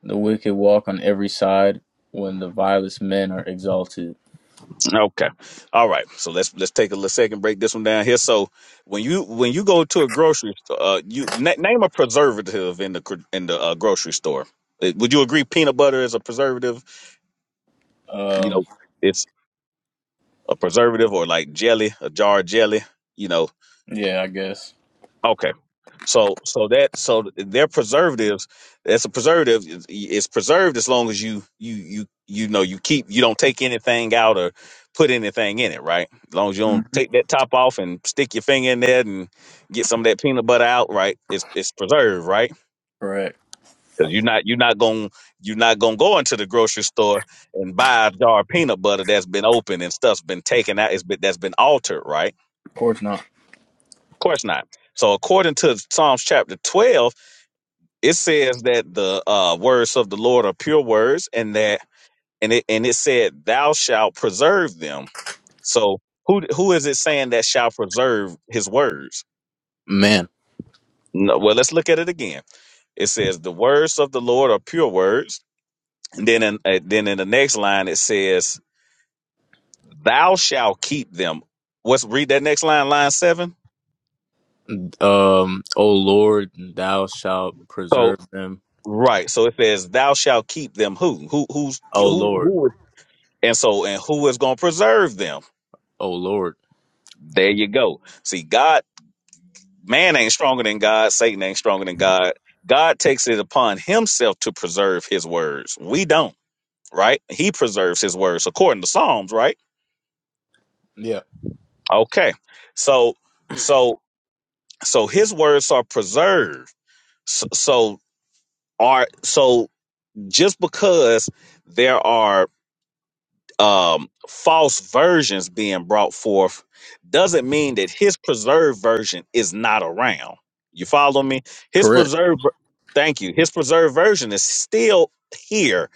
The wicked walk on every side when the vilest men are exalted.
Okay. All right. So let's let's take a little second break this one down here. So when you when you go to a grocery store, uh, you na- name a preservative in the gr- in the uh, grocery store. Uh, Would you agree peanut butter is a preservative? You
Um,
know, it's a preservative or like jelly, a jar of jelly. You know.
yeah, I guess.
Okay. So so that so they're preservatives. That's a preservative. It's it's preserved as long as you you you you know you keep you don't take anything out or put anything in it, right? As long as you don't
Mhm.
take that top off and stick your finger in there and get some of that peanut butter out, right? It's it's preserved, right?
Correct.
Because you're not you're not gonna you're not gonna go into the grocery store and buy a jar of peanut butter that's been opened and stuff's been taken out. It's been that's been altered, right?
Of course not.
Of course not. So according to Psalms chapter twelve it says that the uh, words of the Lord are pure words, and that and it and it said, "Thou shalt preserve them." So who who is it saying that shall preserve His words?
Man,
No, well, let's look at it again. It says, "The words of the Lord are pure words," and then in, uh, then in the next line it says, "Thou shalt keep them." What's read that next line, line seven.
um, O Lord, thou shalt
So
preserve them.
right, so it says, "Thou shalt keep them." Who who who's
O
who
Lord,
who? is- And so and who is going to preserve them?
O Lord.
There you go. See, God, man ain't stronger than God. Satan ain't stronger than God. God takes it upon himself to preserve his words. We don't, right? He preserves his words according to Psalms, right?
Yeah.
Okay. So, so, so his words are preserved. So, so are, so just because there are um, false versions being brought forth doesn't mean that his preserved version is not around. You follow me? His
Correct.
preserved, ver- thank you. His preserved version is still here,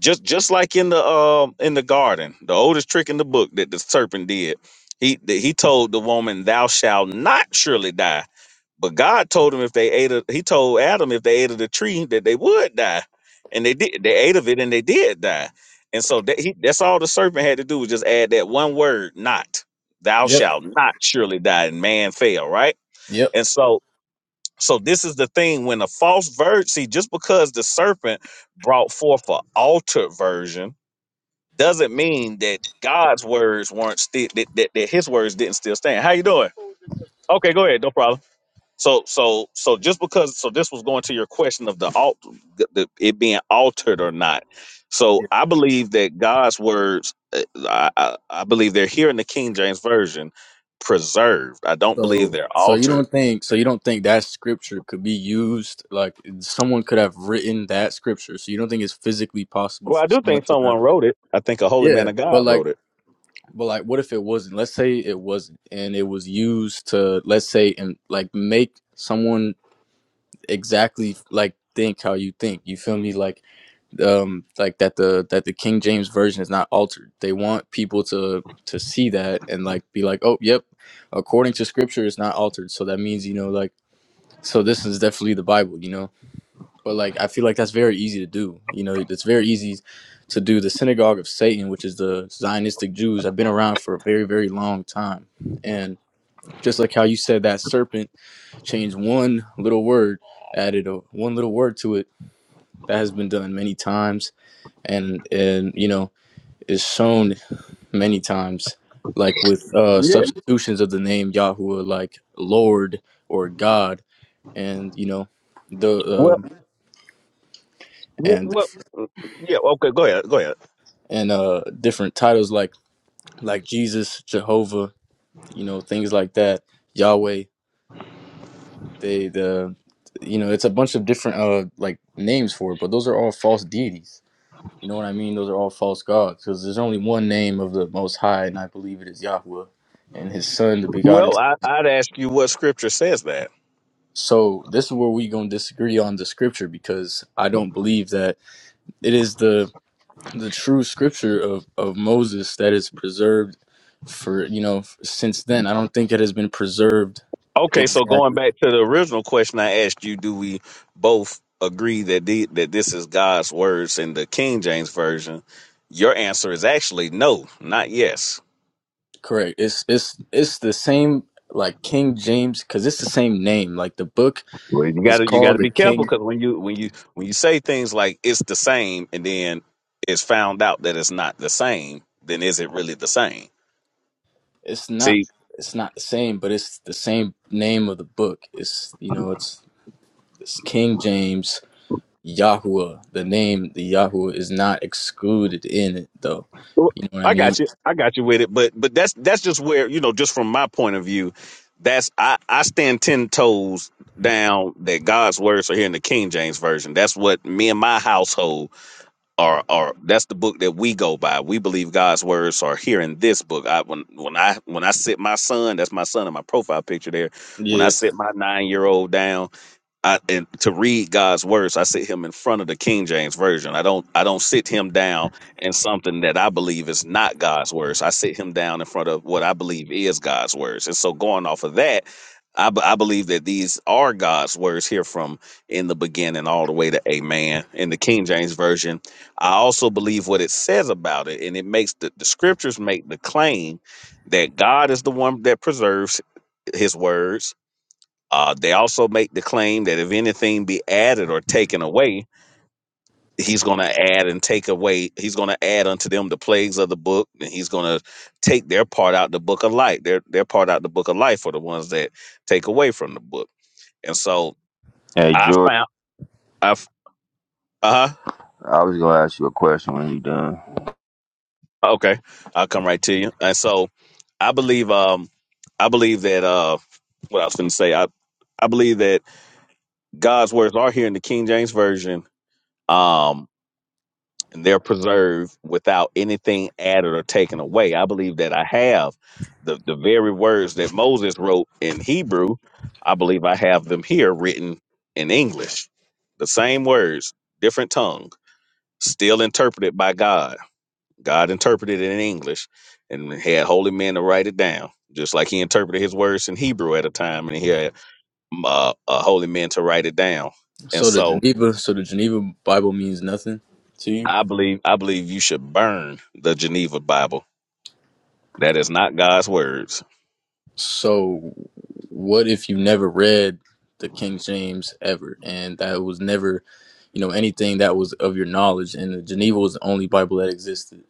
just just like in the um in the garden, the oldest trick in the book that the serpent did. He that he told the woman, "Thou shalt not surely die." But God told him if they ate of, he told Adam if they ate of the tree that they would die. And they did they ate of it and they did die. And so that he, that's all the serpent had to do was just add that one word, not. Thou
Yep.
shalt not surely die. And man fell, right?
Yep.
And so so this is the thing when a false virgin, see, just because the serpent brought forth an altered version doesn't mean that God's words weren't still that, that, that his words didn't still stand. How you doing? Okay, go ahead, no problem. So so so just because so this was going to your question of the alt the, the- it being altered or not. So I believe that God's words uh, I, I, I believe they're here in the King James version preserved. I don't believe
So,
they're
so you
altered.
don't think so you don't think that scripture could be used like someone could have written that scripture. So you don't think it's physically possible
Well, I
for
do
someone
think
to have
someone wrote it. I think a holy man
Yeah,
of
but
God
like
wrote it.
but like what if it wasn't? Let's say it wasn't and it was used to let's say and like make someone exactly like think how you think. You feel me like um like that the that the King James version is not altered. They want people to to see that and like be like, "Oh, yep, according to scripture it's not altered." So that means, you know, like so this is definitely the Bible, you know. But like I feel like that's very easy to do. You know, it's very easy to do the synagogue of Satan, which is the Zionistic Jews. I've been around for a very, very long time. And just like how you said that serpent changed one little word, added a, one little word to it, that has been done many times and and you know, is shown many times like with uh
Yeah.
substitutions of the name Yahuwah like Lord or God and you know the
Well,
um
well,
and
well yeah, okay, go ahead. Go ahead.
and uh different titles like like Jesus, Jehovah, you know, things like that, Yahweh. They the you know, it's a bunch of different uh like names for it, but those are all false deities. You know what I mean? Those are all false gods because there's only one name of the Most High, and I believe it is Yahweh, and His Son, the Begotten.
Well, I, I'd ask you what scripture says that.
So this is where we gonna disagree on the scripture because I don't believe that it is the the true scripture of, of Moses that is preserved for you know since then. I don't think it has been preserved
Okay, so going
exactly
back to the original question I asked you, do we both agree that the, that this is God's words in the King James version? Your answer is actually no, not yes.
correct. It's it's it's the same like King James because it's the same name. Like the book
Well, you got
is
to you got
called
to
the
be careful
King.
because when you when you when you say things like it's the same and then it's found out that it's not the same, then is it really the same?
It's
See,
not it's not the same, but it's the same name of the book. It's you know it's it's King James Yahuwah. The name the Yahuwah is not excluded in it though.
Well,
You know what I
I
mean?
got you. I got you with it. But but that's that's just where you know, just from my point of view, that's I I stand ten toes down that God's words are here in the King James version. That's what me and my household are are. That's the book that we go by. We believe God's words are here in this book. I when when I when I sit my son, that's my son in my profile picture there. When I sit my nine year old down. I and to read God's words, I sit him in front of the King James version. I don't I don't sit him down in something that I believe is not God's words. I sit him down in front of what I believe is God's words. And so going off of that, I, b- I believe that these are God's words here from in the beginning all the way to amen in the King James version. I also believe what it says about it and it makes the, the scriptures make the claim that God is the one that preserves his words uh, they also make the claim that if anything be added or taken away, he's going to add and take away. He's going to add unto them the plagues of the book, and he's going to take their part out the book of life. Their their part out the book of life are the ones that take away from the book. And so
Hey,
I
Jordan,
found I uh huh
I was gonna ask you a question when you done.
okay I'll come right to you. And so I believe um I believe that uh what I was going to say I I believe that God's words are here in the King James version. Um and they're preserved without anything added or taken away. I believe that I have the, the very words that Moses wrote in Hebrew, I believe I have them here written in English. The same words, different tongue, still interpreted by God. God interpreted it in English and had holy men to write it down, just like he interpreted his words in Hebrew at a time and he had um, uh, uh, holy men to write it down. And
So the
so
Geneva, so the Geneva Bible means nothing to you.
I believe I believe you should burn the Geneva Bible That is not God's words.
So what if you never read the King James ever, and that was never, you know, anything that was of your knowledge, and the Geneva was the only Bible that existed.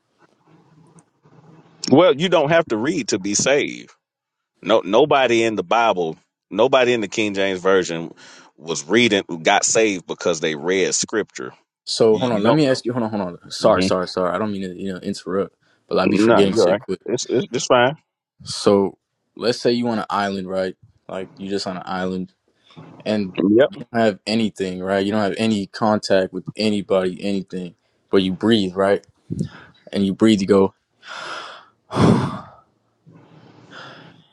Well, you don't have to read to be saved. No, nobody in the Bible, nobody in the King James version was reading got saved because they read scripture.
So hold
You, you
on, let
don't.
me ask you. Hold on, hold on. Sorry,
hmm
sorry, sorry. I don't mean to, you know, interrupt, but i be
No,
forgetting
you're
shit
right.
quick.
It's, it's it's fine.
So let's say you on an island, right? Like you just on an island and
Yep.
you don't have anything, right? You don't have any contact with anybody, anything, but you breathe, right? and you breathe, you go,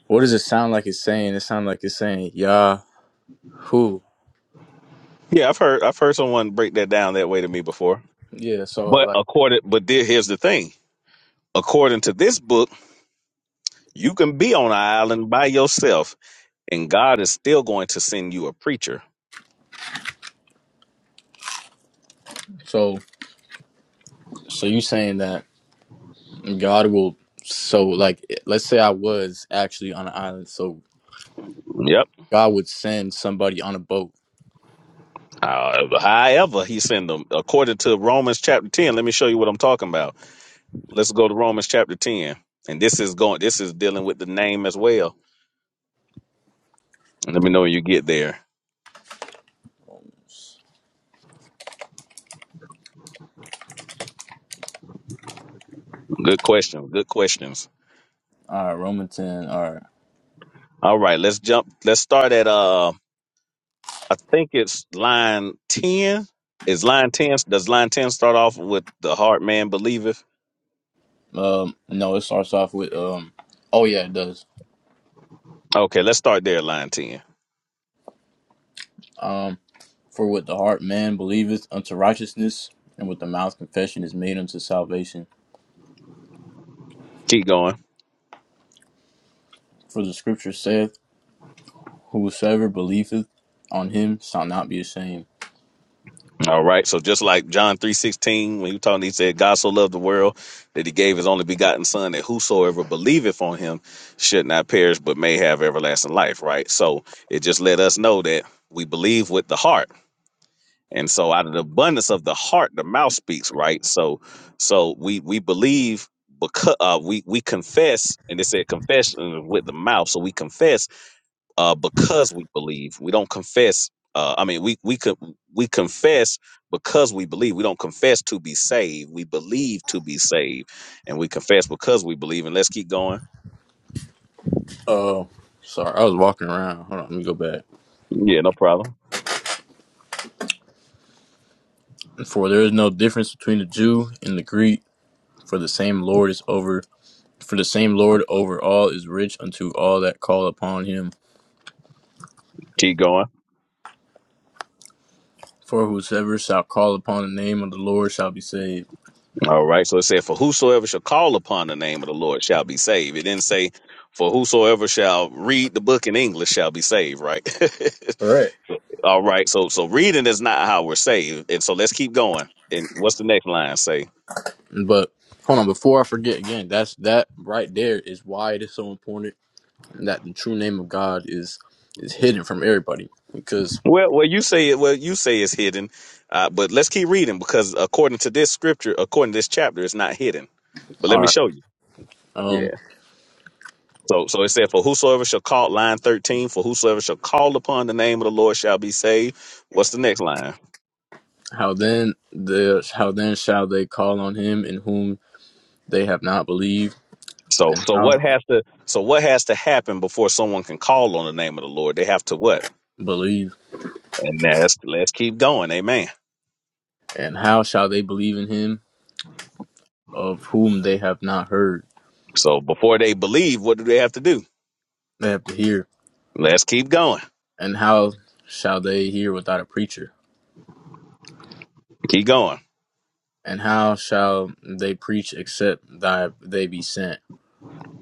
what does it sound like it's saying? It sounds like it's saying Yahoo.
Yeah, I've heard I've heard someone break that down that way to me before.
Yeah, so
But
like
according, but there, here's the thing. According to this book, you can be on an island by yourself, and God is still going to send you a preacher.
so so you saying that God will so like eh, let's say I was actually on an island, so
Yep.
God would send somebody on a boat.
However, however he sent them according to Romans chapter 10. Let me show you what I'm talking about. Let's go to Romans chapter 10. And this is going this is dealing with the name as well. Let me know when you get there. Good question. Good questions.
All right, Romans ten. All right.
All right, let's jump let's start at uh I think it's line 10. Is line 10 does line 10 start off with the heart man believeth?
Um, no, it starts off with um. Oh yeah, it does.
Okay, let's start there line 10.
Um, for with the heart man believeth unto righteousness, and with the mouth confession is made unto salvation.
Keep going.
For the Scripture saith, Whosoever believeth on him shall not be ashamed.
All right. So just like John three sixteen, when you talking, he said, God so loved the world that he gave his only begotten son that whosoever believeth on him should not perish but may have everlasting life. Right. So it just let us know that we believe with the heart. And so out of the abundance of the heart, the mouth speaks, right? So so we we believe because uh, we we confess, and they said confession with the mouth. So we confess uh, because we believe. We don't confess. Uh, I mean, we we could we confess because we believe. We don't confess to be saved. We believe to be saved, and we confess because we believe. And let's keep going.
Oh, sorry, I was walking around. Hold on, let me go back.
Yeah, no problem.
For there is no difference between the Jew and the Greek, for the same Lord is over for the same Lord over all is rich unto all that call upon him.
Keep going.
For whosoever shall call upon the name of the Lord shall be saved.
All right. So it said, "For whosoever shall call upon the name of the Lord shall be saved." It didn't say, "For whosoever shall read the book in English shall be saved." Right.
Correct.
All right. So so reading is not how we're saved, and so let's keep going. And what's the next line say?
But hold on, before I forget again, that's that right there is why it is so important that the true name of God is is hidden from everybody. Because
Well, well, you say it. Well, you say it's hidden, uh, but let's keep reading because according to this scripture, according to this chapter, it's not hidden. But let
All
me
right.
show you.
um
Yeah. So, so it said, "For whosoever shall call," line thirteen. For whosoever shall call upon the name of the Lord shall be saved. What's the next line?
How then the how then shall they call on him in whom they have not believed,
So,
and
so
how
what has to? So what has to happen before someone can call on the name of the Lord? They have to what?
believe,
And that's let's keep going. Amen.
and how shall they believe in him of whom they have not heard?
So before they believe, what do they have to do?
They have to hear,
Let's keep going.
and how shall they hear without a preacher?
Keep going.
And how shall they preach except that they be sent?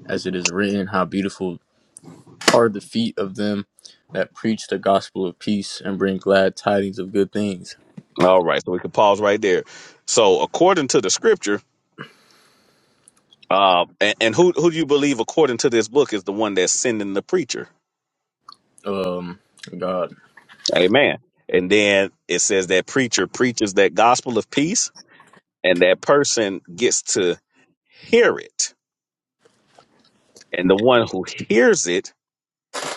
As it is written, how beautiful are the feet of them that preach the gospel of peace and bring glad tidings of good things.
All right, so we can pause right there. So, according to the scripture, uh, and, and who who do you believe according to this book is the one that's sending the preacher?
Um, God.
Amen. And then it says that preacher preaches that gospel of peace, and that person gets to hear it. And the one who hears it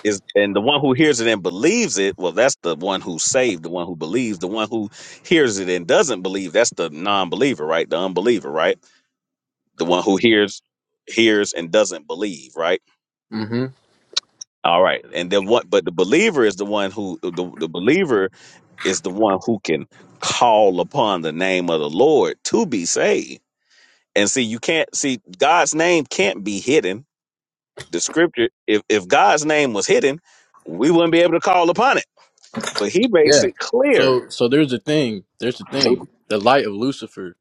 is, and the one who hears it and believes it, well, that's the one who's saved, the one who believes. The one who hears it and doesn't believe, that's the non believer, right? The unbeliever, right? The one who hears, hears, and doesn't believe, right?
hmm
All right, and then what? But the believer is the one who the, the believer is the one who can call upon the name of the Lord to be saved. And see, you can't see God's name can't be hidden. The scripture, if if God's name was hidden, we wouldn't be able to call upon it. But He makes
Yeah.
it clear.
So so there's a thing. There's the thing. The light of Lucifer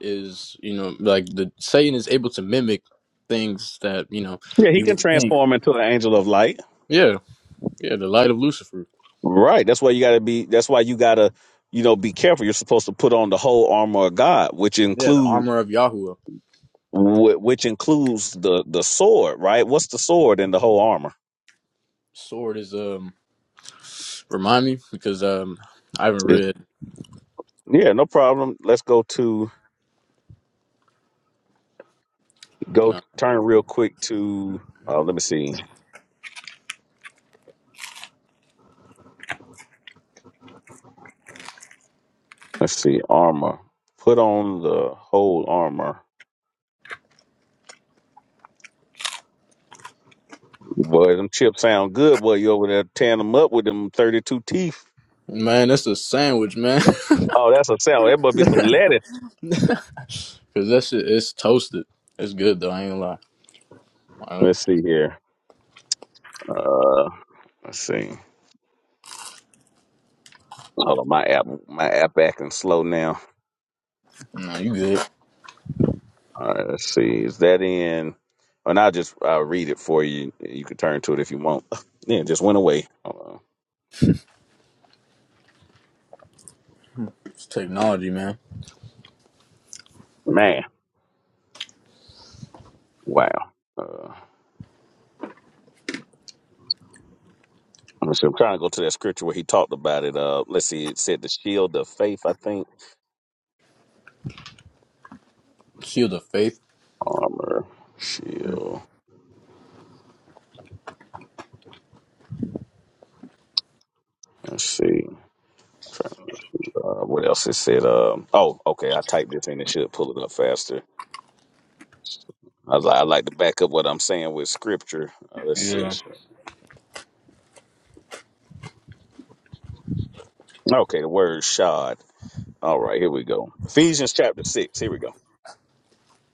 is, you know, like the Satan is able to mimic things that, you know,
Yeah, He
you
can
would think.
transform into an angel of light.
Yeah. Yeah, the light of Lucifer.
Right. That's why you got to be. That's why you got to, you know, be careful. You're supposed to put on the whole armor of God, which
Yeah, the
includes
armor of Yahuwah.
Wh- which includes the the sword, right? What's the sword in the whole armor?
Sword is um remind me because um I haven't
It's,
read
yeah, no problem. Let's go to
you
go
know.
turn real quick to uh, let me see, let's see armor. Put on the whole armor. Boy, them chips sound good. Boy, you over there tearing them up with them thirty-two teeth.
Man, that's a sandwich, man.
Oh, that's a sound. That must be some lettuce.
Cause that shit it's toasted. It's good though, I ain't gonna lie. I,
Let's see here. Uh, let's see. Hold on, my app, my app acting slow now.
no, you good.
All right, let's see. Is that in? And I'll just uh, read it for you. You can turn to it if you want. Yeah, it just went away. Uh,
It's technology, man.
man, wow. Uh, let me see. I'm trying to go to that scripture where he talked about it. Uh, let's see. It said the shield of faith, I think.
Shield of faith.
Armor, shield. Let's see. Trying- Uh, what else it said? Um, oh, okay. I typed this in. It should pull it up faster. I, li- I like to back up what I'm saying with scripture. Uh, let's see.
Yeah.
Okay, the word shod. All right, here we go. Ephesians chapter 6. Here we go.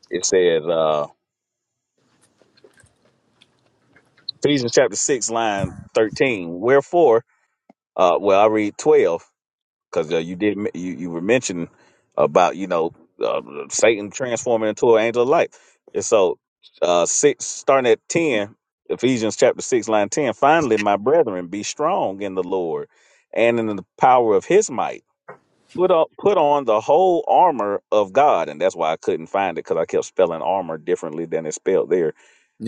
It says, uh, Ephesians chapter 6, line 13. Wherefore, uh, well, I read 12 because uh, you did, m- you, you were mentioning about, you know, uh, Satan transforming into an angel of light. And so, uh, 6, starting at 10, Ephesians chapter 6, line 10. Finally, my brethren, be strong in the Lord and in the power of his might. Put on put on the whole armor of God, and that's why I couldn't find it because I kept spelling armor differently than it's spelled there.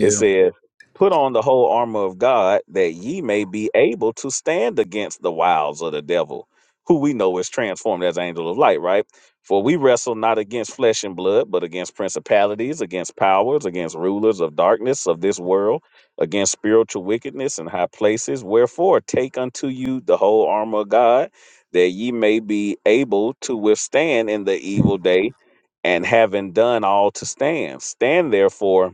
It says, Put on the whole armor of God that ye may be able to stand against the wiles of the devil, who we know is transformed as angel of light, right? For we wrestle not against flesh and blood, but against principalities, against powers, against rulers of darkness of this world, against spiritual wickedness in high places. Wherefore, take unto you the whole armor of God, that ye may be able to withstand in the evil day, and having done all to stand. Stand therefore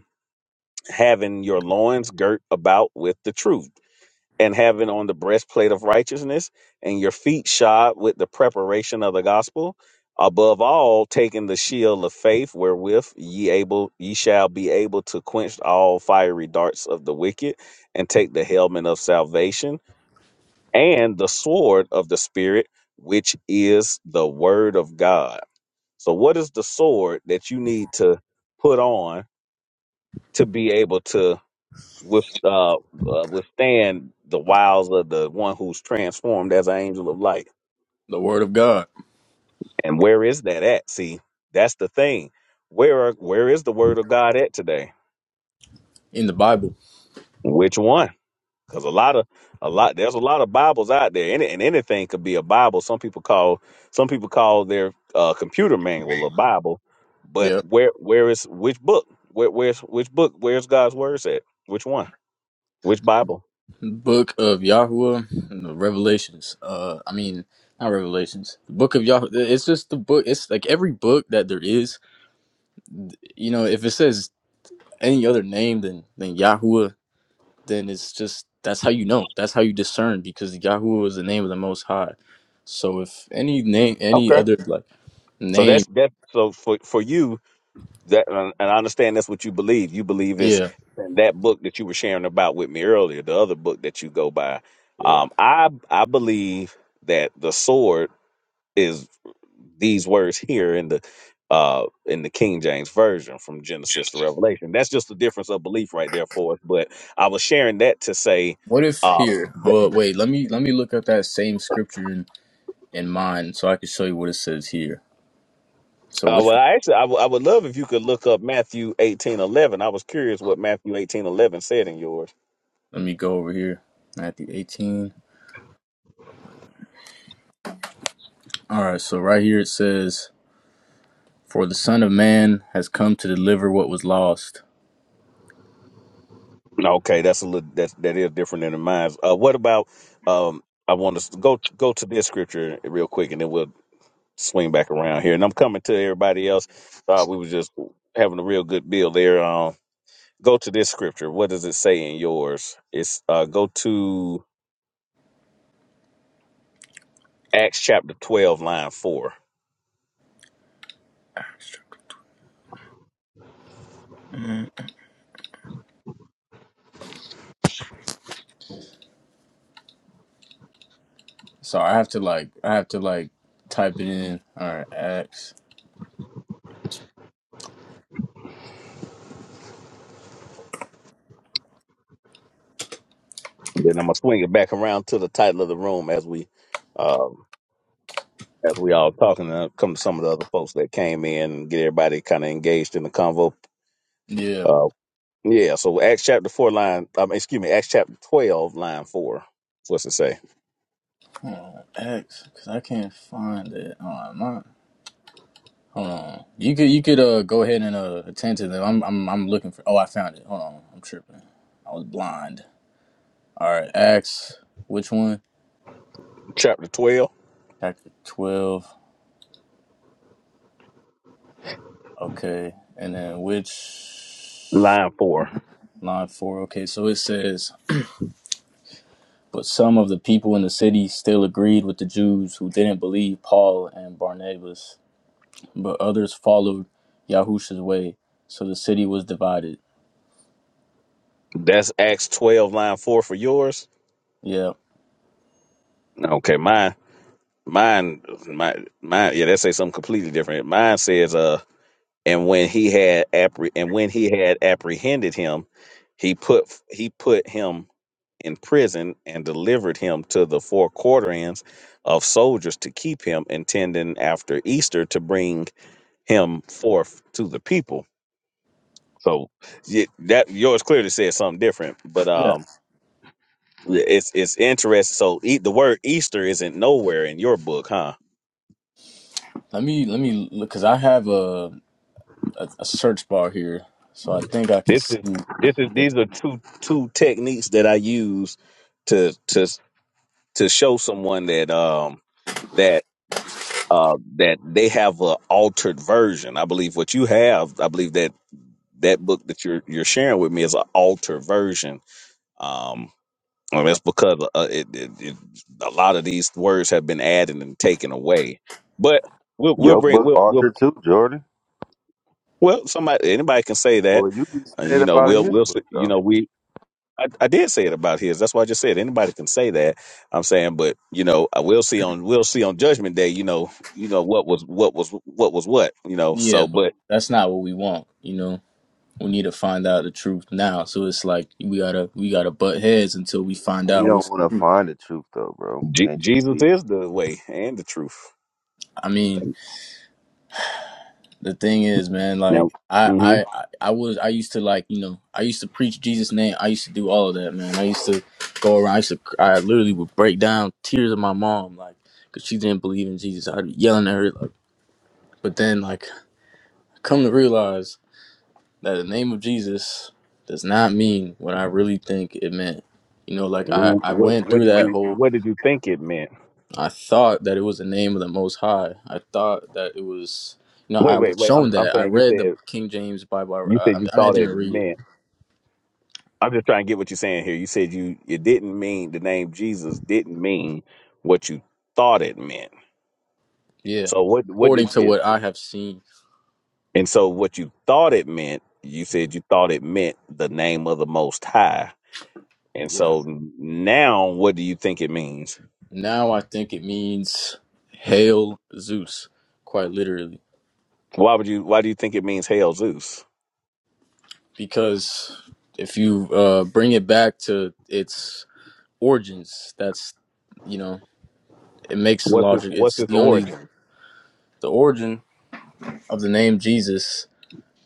having your loins girt about with the truth, and having on the breastplate of righteousness, and your feet shod with the preparation of the gospel. Above all, taking the shield of faith, wherewith ye able ye shall be able to quench all fiery darts of the wicked, and take the helmet of salvation and the sword of the spirit, which is the word of God. So, what is the sword that you need to put on to be able to? with uh, uh withstand the wiles of the one who's transformed as an angel of light.
The word of God
And where is that at? See, that's the thing. Where are, where is the word of God at today?
in the Bible.
Which one? Because a lot of a lot there's a lot of Bibles out there, and, and anything could be a Bible. Some people call some people call their uh, computer manual a Bible, but
Yeah.
where where is which book? Where, where's which book? Where's God's words at? Which one? Which Bible?
Book of Yahuwah, and the Revelations. Uh I mean not Revelations. The book of Yahweh. It's just the book. It's like every book that there is. You know, if it says any other name than than Yahuwah, then it's just that's how you know. That's how you discern because Yahuwah is the name of the Most High. So if any name, any
Okay.
other like
So
name,
that's that. So for for you, That and and I understand that's what you believe. You believe it's
yeah,
that book that you were sharing about with me earlier, the other book that you go by.
yeah.
Um, I I believe that the sword is these words here in the uh in the King James version from Genesis to Revelation. That's just the difference of belief right there for us. But I was sharing that to say,
What if
uh,
here?
that,
Well, wait. Let me let me look up that same scripture in mind, so I can show you what it says here. So
uh
which
well, I actually I w- I would love if you could look up Matthew eighteen eleven. I was curious what Matthew eighteen eleven said in yours.
let me go over here. Matthew 18. All right, so right here it says, "For the Son of Man has come to deliver what was lost."
No, Okay, that's a little that that is different than mine. Uh, what about um? I want to go go to this scripture real quick, and then we'll swing back around here. And I'm coming to everybody else. Uh, we were just having a real good bill there. Um, go to this scripture. What does it say in yours? It's uh, go to Acts chapter twelve, line four.
hmm So I have to like I have to like type it in. All right, Acts.
Then I'm gonna swing it back around to the title of the room as we um as we all talking and I'll come to some of the other folks that came in and get everybody kind of engaged in the convo.
Yeah,
uh, Yeah, so Acts chapter four line, um, excuse me, Acts chapter twelve line four. What's it say?
hold on, Acts, because I can't find it on my. Hold on. You could you could uh go ahead and uh attend to them. I'm I'm I'm looking for. Oh, I found it. Hold on, I'm tripping. I was blind. All right, Acts. Which one?
Chapter twelve
chapter 12. Okay. And then which
line four.
line 4. Okay. So it says, But some of the people in the city still agreed with the Jews who didn't believe Paul and Barnabas, but others followed Yahusha's way. So the city was divided.
That's Acts twelve line four for yours.
Yeah.
Okay, mine, mine, my, mine. Yeah, that say something completely different. Mine says, uh, and when he had appre- and when he had apprehended him, he put he put him in prison and delivered him to the four quarterings of soldiers to keep him, intending after Easter to bring him forth to the people. So y- that yours clearly says something different, but
Yeah.
um, it's it's interesting. So e- the word Easter isn't nowhere in your book, huh?
Let me, let me, look because I have a, a, a search bar here. So I think I can
This is
see.
this is these are two two techniques that I use to to to show someone that um that uh that they have a altered version. I believe what you have. I believe that that book that you're you're sharing with me is an altered version. Um, Well, that's because uh, it, it, it, a lot of these words have been added and taken away. But we'll we'll
Your
bring
book
we'll we'll,
author too, Jordan.
well somebody anybody can say that,
Well, you can say
and you
it
know
about
we'll
his
we'll s-
book
you
though.
know we I, I did say it about his. That's why I just said anybody can say that. I'm saying, but you know I will see on we'll see on Judgment Day. You know you know what was what was what was what you know.
Yeah.
So,
But
but
that's not what we want, you know? we need to find out the truth now. So it's like we gotta we gotta butt heads until we find
He
out
don't
what's.
want to find the truth though, bro.
Je-
Can't you
Jesus
see?
is the way and the truth.
I mean, the thing is, man, like
Now,
I
hmm
I I was I used to like you know I used to preach Jesus' name. I used to do all of that, man. I used to go around. I used to I literally would break down tears of my mom, like because she didn't believe in Jesus. I'd be yelling at her, like, but then like come to realize that the name of Jesus does not mean what I really think it meant. You know, like I I
what
went
what
through
did
that
you
whole
what did you think it meant?
I thought that it was the name of the Most High. I thought that it was, you know,
Wait,
I was
wait, wait.
shown
I'm I'm
that. I
saying you
read the
said.
King James Bible.
You
I,
said
I
you
mean, I
thought
didn't
it
read it.
meant. I'm just trying to get what you're saying here. You said you it didn't mean the name Jesus didn't mean what you thought it meant.
Yeah.
So what what
According
did
to
you?
what I have seen.
And so what you thought it meant? You said you thought it meant the name of the Most High. And
Yeah.
so now, what do you think it means?
Now I think it means hail Zeus, quite literally.
Why would you? Why do you think it means Hail Zeus?
Because if you uh, bring it back to its origins, that's, you know, it makes
What's his
logic.
What's
It's
his
the only,
origin?
the origin of the name Jesus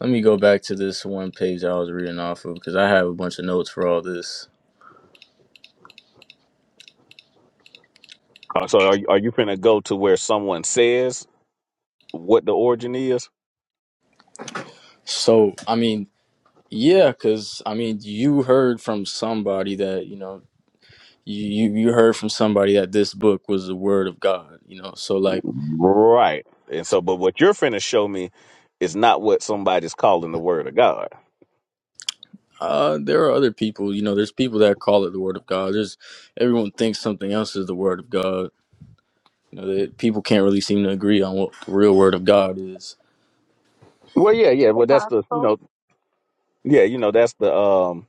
Let me go back to this one page I was reading off of because I have a bunch of notes for all this.
Uh, So are you, are you finna go to where someone says what the origin is?
So, I mean, yeah, because I mean, you heard from somebody that you know, you you you heard from somebody that this book was the word of God. You know, so like,
Right. And so, but what you're finna show me is not what somebody's calling the word of God.
uh, there are other people. You know, there's people that call it the word of God. There's everyone thinks something else is the word of God. You know, that people can't really seem to agree on what the real word of God is.
Well, yeah, yeah.
the
Well, that's the, you
gospel.
know, yeah, you know, that's the, um,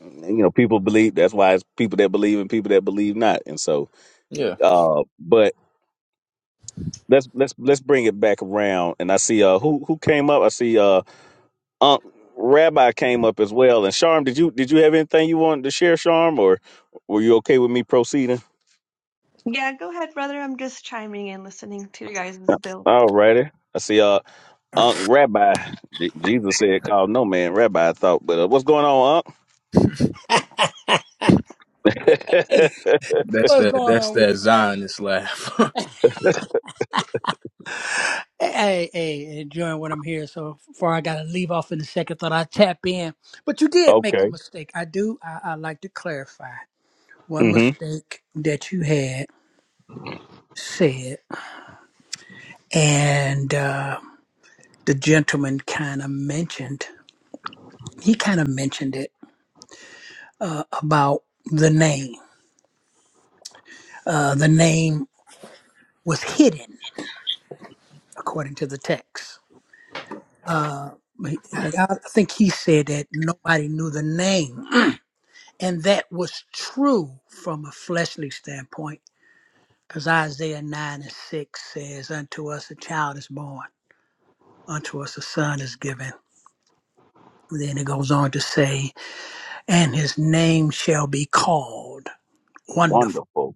you know, people believe. That's why it's people that believe and people that believe not. And so,
Yeah,
uh, but let's let's let's bring it back around. And I see uh who who came up. I see uh Unc Rabbi came up as well. And Sharm, did you did you have anything you wanted to share, Sharm, or were you okay with me proceeding?
Yeah, go ahead, brother. I'm just chiming in, listening to your guys' build.
All righty. I see. uh, Unc Rabbi. Je- Jesus said, call no man Rabbi, I thought. But uh, what's going on, Unc?
that's
What's
that.
going
That's
on with
that
you, baby?
Zionist laugh.
Hey, hey, enjoying what I'm here. So far, I got to leave off in a second. Thought I'd tap in, but you did make a
okay.
mistake. I do. I, I like to clarify one
hmm
mistake that you had said, and uh, the gentleman kind of mentioned. He kind of mentioned it uh, about the name. Uh, the name was hidden according to the text. uh, I I think he said that nobody knew the name. and that was true from a fleshly standpoint, because Isaiah 9 and 6 says, Unto us a child is born, unto us a son is given. Then it goes on to say, And his name shall be called Wonderful.
Wonderful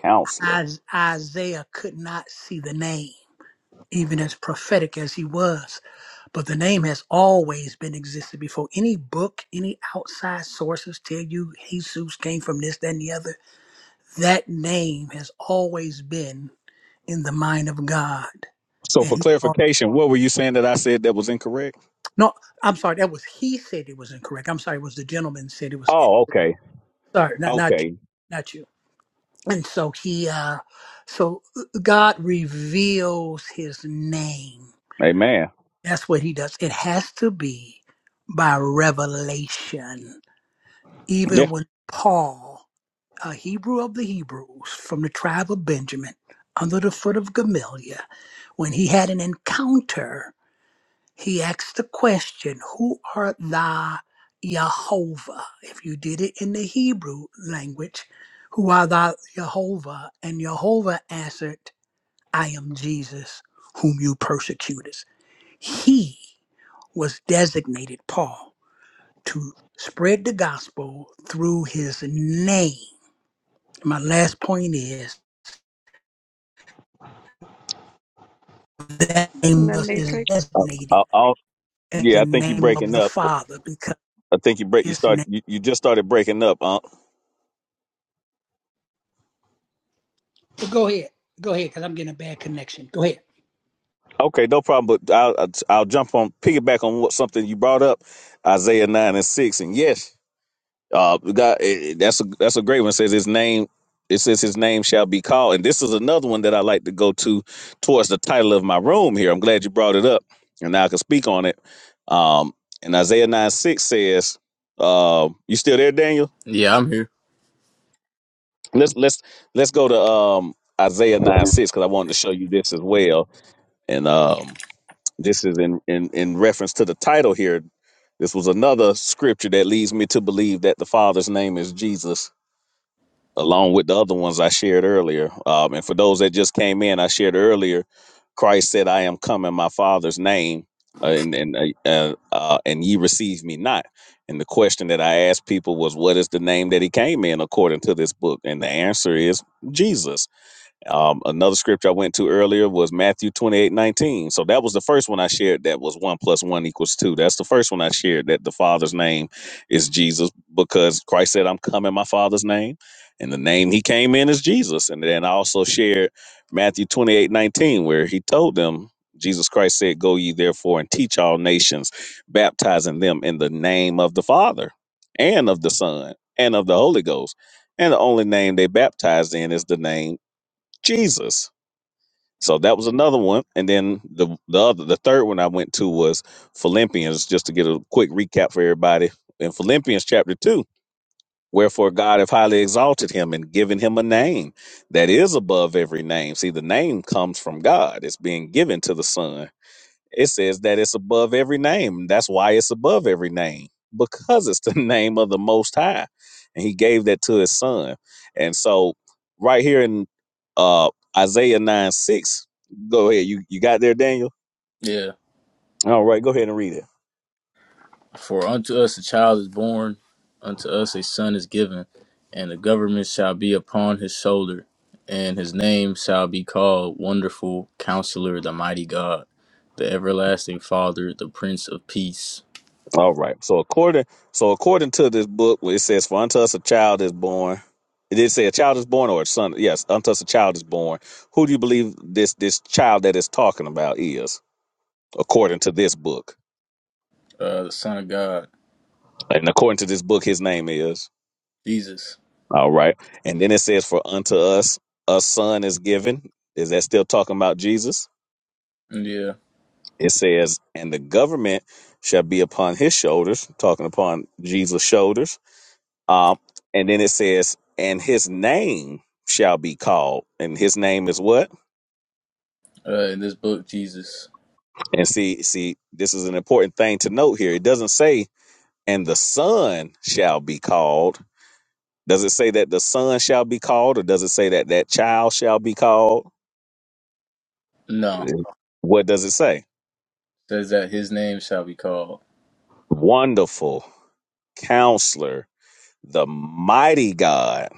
counselor.
Is- Isaiah could not see the name, even as prophetic as he was. But the name has always been existed before any book, any outside sources tell you Jesus came from this, that, and the other. That name has always been in the mind of God.
So for
And he brought,
clarification, what were you saying that I said that was incorrect?
no, I'm sorry, that was he said it was incorrect. I'm sorry, it was the gentleman said it was,
Oh, okay.
sorry, not, not you,
Okay.
not you. And so he, uh, so uh, God reveals his name.
Amen.
That's what he does. It has to be by revelation
Yeah.
even when Paul, a Hebrew of the Hebrews from the tribe of Benjamin, under the foot of Gamaliel, when he had an encounter, he asked the question, Who art thou, Jehovah? If you did it in the Hebrew language, Who art thou, Jehovah? And Jehovah answered, I am Jesus, whom you persecutest. He was designated Paul to spread the gospel through his name. My last point is that
And
name
then
is
later
Uh, i
designated
I'll,
as
yeah,
the
I think you're
name of
breaking
the
up.
Father because
I think you break. You
his
start.
name.
You, you just started breaking up, Unc.
Well, go ahead. Go ahead, because I'm getting a bad connection. Go ahead.
Okay, no problem. But I'll I'll I'll jump on piggyback on what something you brought up, Isaiah nine and six, and yes. Uh, God, eh, eh, that's a that's a great one. It says his name. It says his name shall be called, and this is another one that I like to go to towards the title of my room here. I'm glad you brought it up, and now I can speak on it. Um, and Isaiah nine six says, uh, "You still there, Daniel?
yeah, I'm here.
Let's let's let's go to um, Isaiah nine six because I wanted to show you this as well. And um, this is in in in reference to the title here. This was another scripture that leads me to believe that the Father's name is Jesus along with the other ones I shared earlier. Um, and for those that just came in, I shared earlier, Christ said, "I am come in my Father's name, uh, and and uh, uh, uh, and ye receive me not." And the question that I asked people was, "What is the name that He came in according to this book?" And the answer is Jesus. Um, another scripture I went to earlier was Matthew 28 19. So that was the first one I shared that was one plus one equals two. That's the first one I shared that the Father's name is Jesus because Christ said, I'm coming my Father's name. And the name he came in is Jesus. And then I also shared Matthew 28 19, where he told them, Jesus Christ said, Go ye therefore and teach all nations, baptizing them in the name of the Father and of the Son and of the Holy Ghost. And the only name they baptized in is the name Jesus. So that was another one. And then the the other the third one I went to was Philippians, just to get a quick recap for everybody. In Philippians chapter two, wherefore God hath highly exalted him and given him a name that is above every name. See, the name comes from God. It's being given to the Son it says that it's above every name. That's why it's above every name because it's the name of the Most High, and He gave that to His Son. And so, right here in uh, Isaiah nine six, go ahead. You you got there, Daniel.
Yeah.
All right, go ahead and read it.
For unto us a child is born, unto us a son is given, and the government shall be upon his shoulder, and his name shall be called Wonderful Counselor, the Mighty God, the Everlasting Father, the Prince of Peace,
All right. So according so according to this book, where it says, "For unto us a child is born." It did say a child is born or a son. Yes, unto us a child is born. Who do you believe this this child that is talking about is, according to this book?
uh, the Son of God,
Like, And according to this book, his name is.
Jesus.
All right. And then it says, For unto us a son is given. Is that still talking about Jesus?
Yeah,
It says, And the government shall be upon his shoulders, talking upon Jesus' shoulders. Um, and then it says, And his name shall be called. And his name is what?
uh, in this book, Jesus.
And see, see, this is an important thing to note here. It doesn't say, And the son shall be called. Does it say that the son shall be called, or does it say that that child shall be called?
No, it
What does it say?
says that his name shall be called.
Wonderful counselor, the mighty God,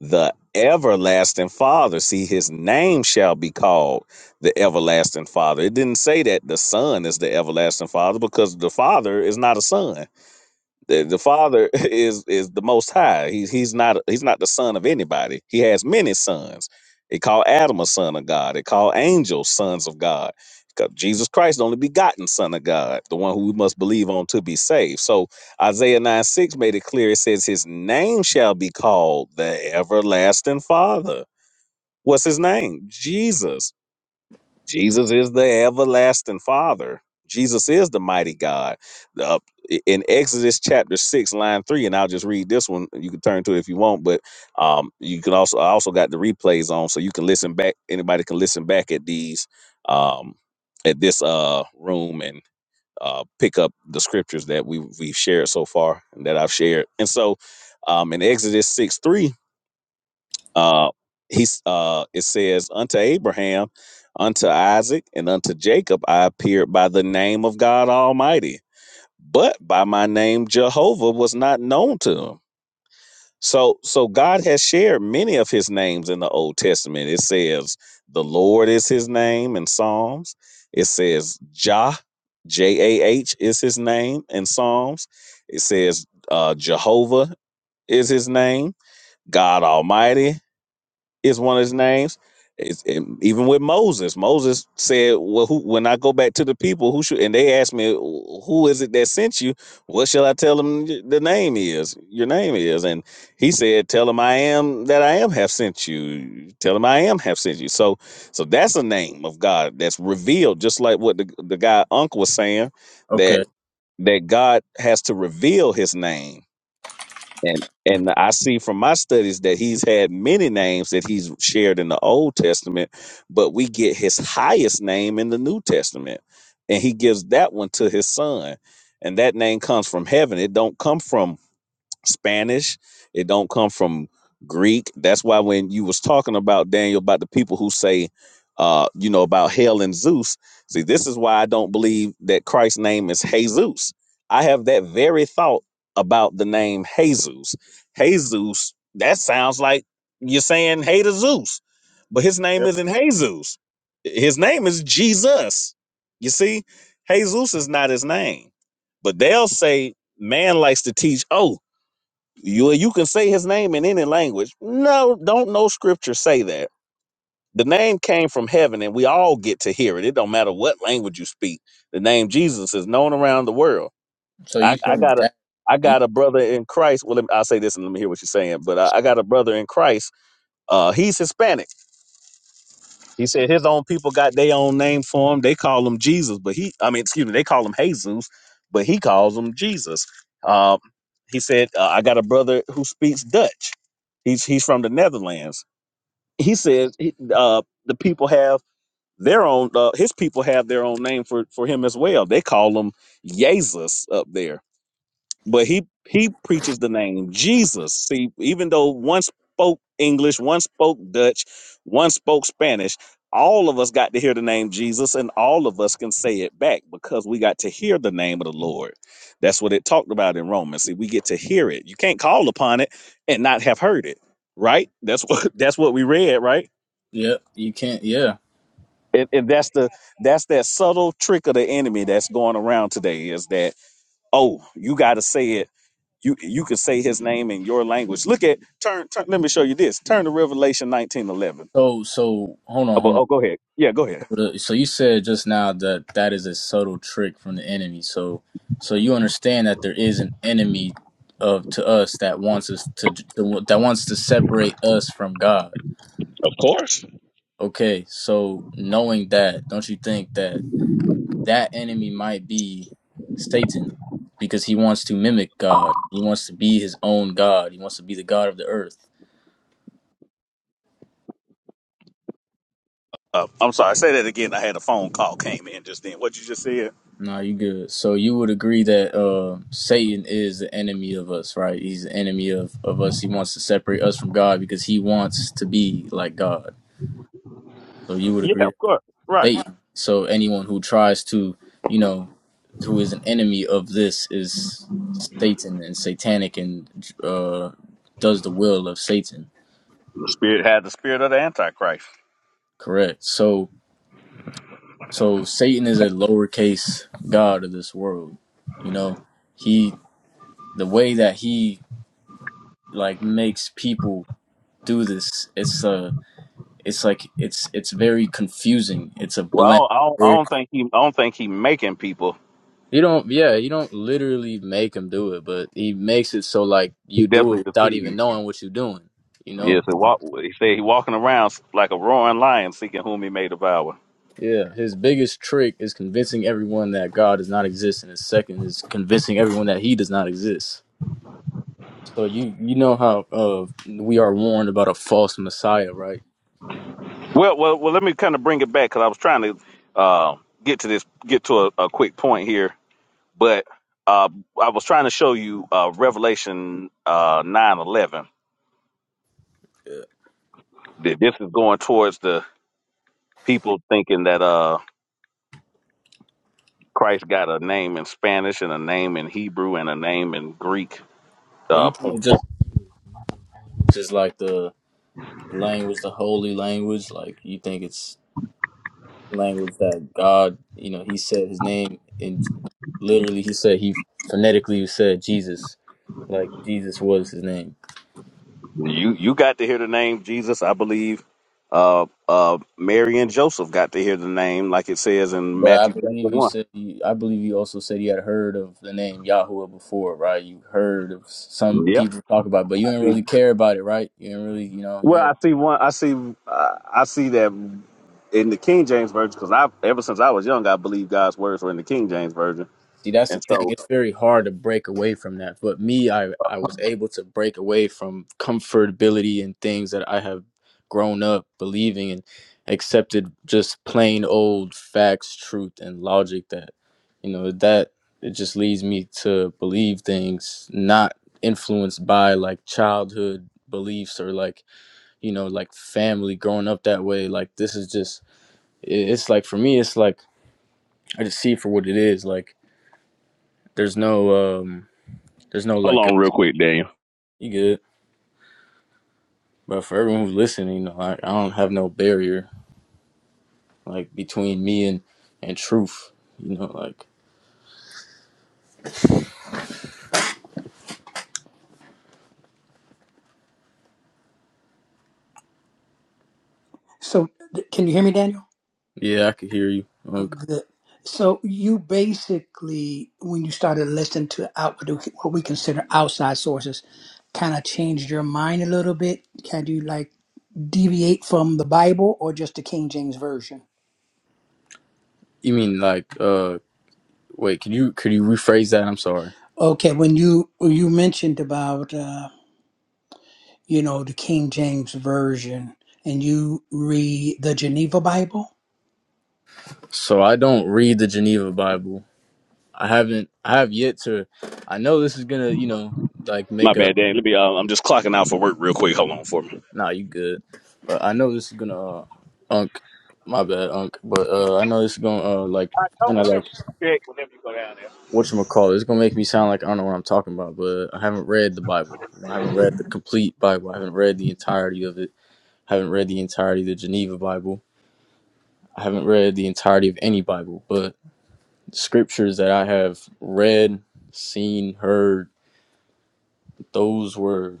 the everlasting Father. See, his name shall be called the everlasting Father. It didn't say that the Son is the everlasting Father because the Father is not a son. the, the father is is the most high he's he's not he's not the son of anybody he has many sons they call adam a son of god they call angels sons of god 'Cause jesus christ the only begotten son of god the one who we must believe on to be saved so isaiah 9 6 made it clear it says his name shall be called the everlasting father what's his name jesus Jesus is the everlasting Father. Jesus is the mighty God. Uh, in Exodus chapter six, line three, and I'll just read this one. You can turn to it if you want, but um, you can also I also got the replays on, so you can listen back. Anybody can listen back at these um, at this uh, room and uh, pick up the scriptures that we we've shared so far and that I've shared. And so um, in Exodus six three, uh, he's uh, it says unto Abraham, unto Isaac, and unto Jacob I appeared by the name of God Almighty, but by my name Jehovah was not known to him. So, so God has shared many of His names in the Old Testament. It says the Lord is His name in Psalms. It says Jah, J A H is His name in Psalms. It says uh, Jehovah is his name. God Almighty is one of his names. It's, and even with Moses, Moses said, "Well, who, when I go back to the people, who should?" And they asked me, "Who is it that sent you? What shall I tell them? y- The name is your name is." And he said, "Tell them I am that I am have sent you. Tell them I am have sent you." So, so that's a name of God that's revealed, just like what the the guy Unc was saying that
Okay.
that God has to reveal His name and and I see from my studies that he's had many names that he's shared in the Old Testament, but we get his highest name in the New Testament. And he gives that one to his son. And that name comes from heaven. It don't come from Spanish. It don't come from Greek. That's why when you was talking about Daniel about the people who say, uh, you know, about hell and Zeus. See, this is why I don't believe that Christ's name is Jesus. I have that very thought about the name Jesus. Jesus, that sounds like you're saying hey to Zeus, but his name
Yep.
isn't Jesus. His name is Jesus. You see, Jesus is not his name. But they'll say man likes to teach, oh, you you can say his name in any language. No, don't no scripture say that. The name came from heaven and we all get to hear it. It don't matter what language you speak. The name Jesus is known around the world.
So
I,
you
I
think
got a
that?
I got a brother in Christ. Well, let me, I'll say this and let me hear what you're saying. But I, I got a brother in Christ. Uh, he's Hispanic he said his own people got their own name for him. They call him Jesus, but he, I mean, excuse me, they call him Jesus, but he calls him Jesus. Um, he said, uh, I got a brother who speaks Dutch. He's he's from the Netherlands. He says he, uh, the people have their own, uh, his people have their own name for, for him as well. They call him Jesus up there but he he preaches the name Jesus. See, even though one spoke English, one spoke Dutch, one spoke Spanish, all of us got to hear the name Jesus, and all of us can say it back because we got to hear the name of the Lord. That's what it talked about in Romans. See, we get to hear it. You can't call upon it and not have heard it, right? That's what that's what we read, right?
Yep. You can't. Yeah.
And, and that's the that's that subtle trick of the enemy that's going around today is that oh you got to say it you you could say his name in your language. Look at turn turn. Let me show you this. Turn to Revelation nineteen eleven.
So so hold on,
Oh,
hold on.
but- oh, go ahead. Yeah, go ahead.
So you said just now that that is a subtle trick from the enemy. So, so you understand that there is an enemy of to us that wants us to, to that wants to separate us from God.
Of course.
Okay, so knowing that, don't you think that that enemy might be Satan, because he wants to mimic God. He wants to be his own God. He wants to be the God of the earth.
Uh, I'm sorry. Say that again. I had a phone call came in just then. What you just said?
No, you good. So you would agree that uh, Satan is the enemy of us, right? He's the enemy of, of us. He wants to separate us from God because he wants to be like God. So you would
Yeah,
agree
of
that
course. Right.
Satan. So anyone who tries to, you know, who is an enemy of this is Satan and satanic and uh, does the will of Satan.
The spirit had the spirit of the antichrist.
Correct. So so Satan is a lowercase god of this world. You know, he the way that he like makes people do this. It's uh it's like it's it's very confusing. It's a blend.
Well, I don't, I don't, I don't
You
think he. I don't think he making people.
don't yeah, you don't literally make him do it, but he makes it so like you
He
do it
definitely
without even
deceived.
knowing what you're doing. You know?
Yes, he, walk, he said he walking around like a roaring lion, seeking whom he may devour.
Yeah. His biggest trick is convincing everyone that God does not exist and his second is convincing everyone that he does not exist. So you you know how uh we are warned about a false messiah, right?
Well, well, well. Let me kind of bring it back because I was trying to uh, get to this, get to a, a quick point here But uh, I was trying to show you uh, Revelation uh, nine eleven. That this is going towards the people thinking that uh, Christ got a name in Spanish and a name in Hebrew and a name in Greek.
So you
Uh,
think
point.
it's just just like the language, the holy language. Like you think it's language that God, you know, He said His name, and literally He said He phonetically said Jesus, like Jesus was His name.
You you got to hear the name Jesus, I believe. Uh, uh, Mary and Joseph got to hear the name, like it says in
But I
Matthew chapter
believe you
one.
said you, I believe you also said you had heard of the name Yahweh before, right? You heard of some
Yep,
people talk about, it, but you
I
didn't
see
really care about it, right? You didn't really, you know, you
Well,
didn't
I see one. I see. Uh, I see that in the King James version because I, ever since I was young, I believe God's words were in the King James version.
See, that's
And
the thing.
so,
It's very hard to break away from that. But me, I, I was able to break away from comfortability and things that I have grown up believing and accepted just plain old facts, truth, and logic that, you know, that it just leads me to believe things not influenced by like childhood beliefs or like, you know, like family growing up that way. Like, this is just, it- it's like for me, it's like I just see it for what it is. Like, there's no, um, there's no
hold
like uh,
on, real quick, Daniel.
you good. But for everyone who's listening, you know, I, I don't have no barrier like between me and and truth. You know, like
So, can you hear me, Daniel?
yeah, I could hear you.
Oh,
Like,
good. So, you basically, when you started listening to out what we consider outside sources, kind of changed your mind a little bit. Can you like deviate from the Bible or just the King James version?
you mean like uh wait, Can you could you rephrase that? I'm sorry.
Okay, when you when you mentioned about uh, you know the King James version, and you read the Geneva Bible,
So I don't read the Geneva Bible. I haven't I have yet to I know this is gonna, you know, like
My
make a
bad, Daniel. Let me. Uh, I'm just clocking out for work, real quick. Hold on for me.
nah you good. But I know this is gonna uh unk my bad, unk. But uh I know this is gonna uh like kinda like whatchamacallit, it's gonna make me sound like I don't know what I'm talking about, but I haven't read the Bible. You know, I haven't read the complete Bible. I haven't read the entirety of it. I haven't read the entirety of the Geneva Bible. I haven't read the entirety of any Bible, but the scriptures that I have read, seen, heard, those were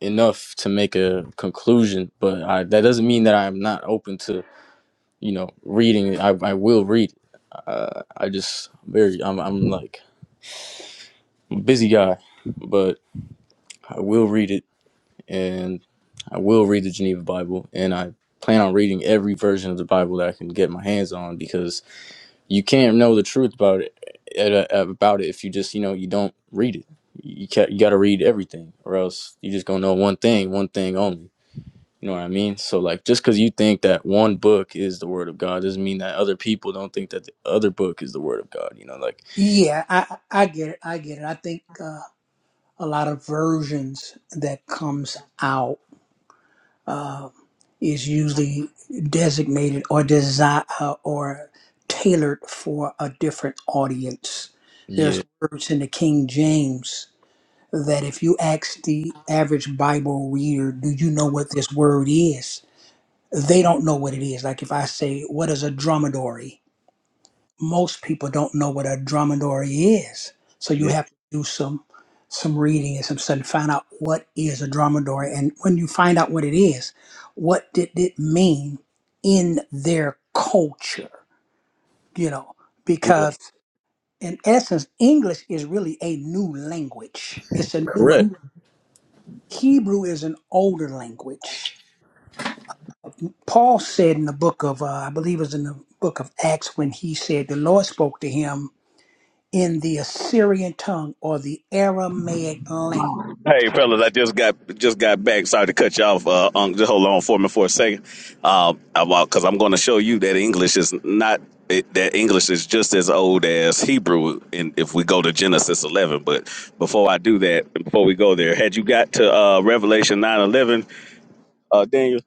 enough to make a conclusion. But I, that doesn't mean that I'm not open to, you know, reading. I, I will read. Uh, I just very, I'm, I'm like I'm a busy guy, but I will read it and I will read the Geneva Bible, and I plan on reading every version of the Bible that I can get my hands on because you can't know the truth about it at a- about it if you just you know you don't read it. You ca you got to read everything, or else you just gonna know one thing, one thing only. You know what I mean? So like, just because you think that one book is the Word of God doesn't mean that other people don't think that the other book is the Word of God. You know, like
yeah, I I I get it. I get it. I think uh, a lot of versions that comes out uh, is usually designated or designed uh, or tailored for a different audience.
yeah,
There's words in the King James that if you ask the average Bible reader, do you know what this word is? they don't know what it is. Like if I say, what is a dromedary? Most people don't know what a dromedary is. So you
yeah,
have to do some some reading and some study, find out what is a dromedary. And when you find out what it is, what did it mean in their culture? You know,
yeah,
because in essence, English is really a new language. It's a newer
correct.
Hebrew is an older language Paul said in the book of, uh, I believe it was in the book of Acts, when he said the Lord spoke to him in the Assyrian tongue or the Aramaic language.
Hey fellas, I just got just got back. Sorry to cut you off. Uh, Unc, just hold on for me for a second, because I'm going to show you that English is not it, that English is just as old as Hebrew. And if we go to Genesis 11, but before I do that, before we go there, had you got to uh, Revelation 9:11, uh, Daniel?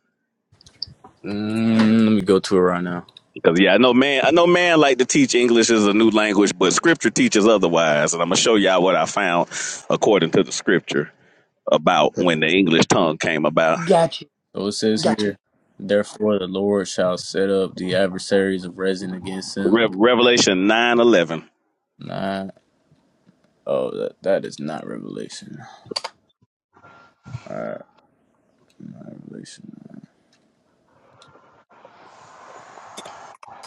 Mm, let me go to it right now.
Because yeah, I know man, I know man like to teach English is a new language, but Scripture teaches otherwise, and I'm gonna show y'all what I found according to the Scripture about when the English tongue came about.
Got you.
So it says
Got you.
here, therefore the Lord shall set up the adversaries of resin against him.
Re- Revelation nine eleven.
Nah, oh, that, that is not revelation. Alright, not revelation.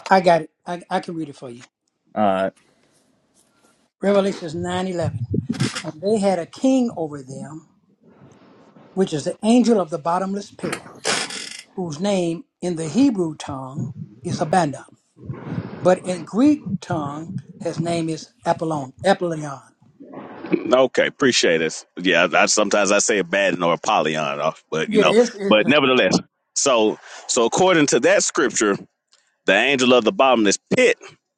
I got it. I, I can read it for you.
Alright,
Revelations 9 11 And they had a king over them, which is the angel of the bottomless pit, whose name in the Hebrew tongue is Abana, but in Greek tongue, his name is Apollon. Apollyon.
Okay, appreciate it. Yeah, I, I sometimes I say it bad or Apollyon, uh, but you
Yeah,
know,
it's, it's
but nevertheless. So, so according to that scripture, the angel of the bottomless pit.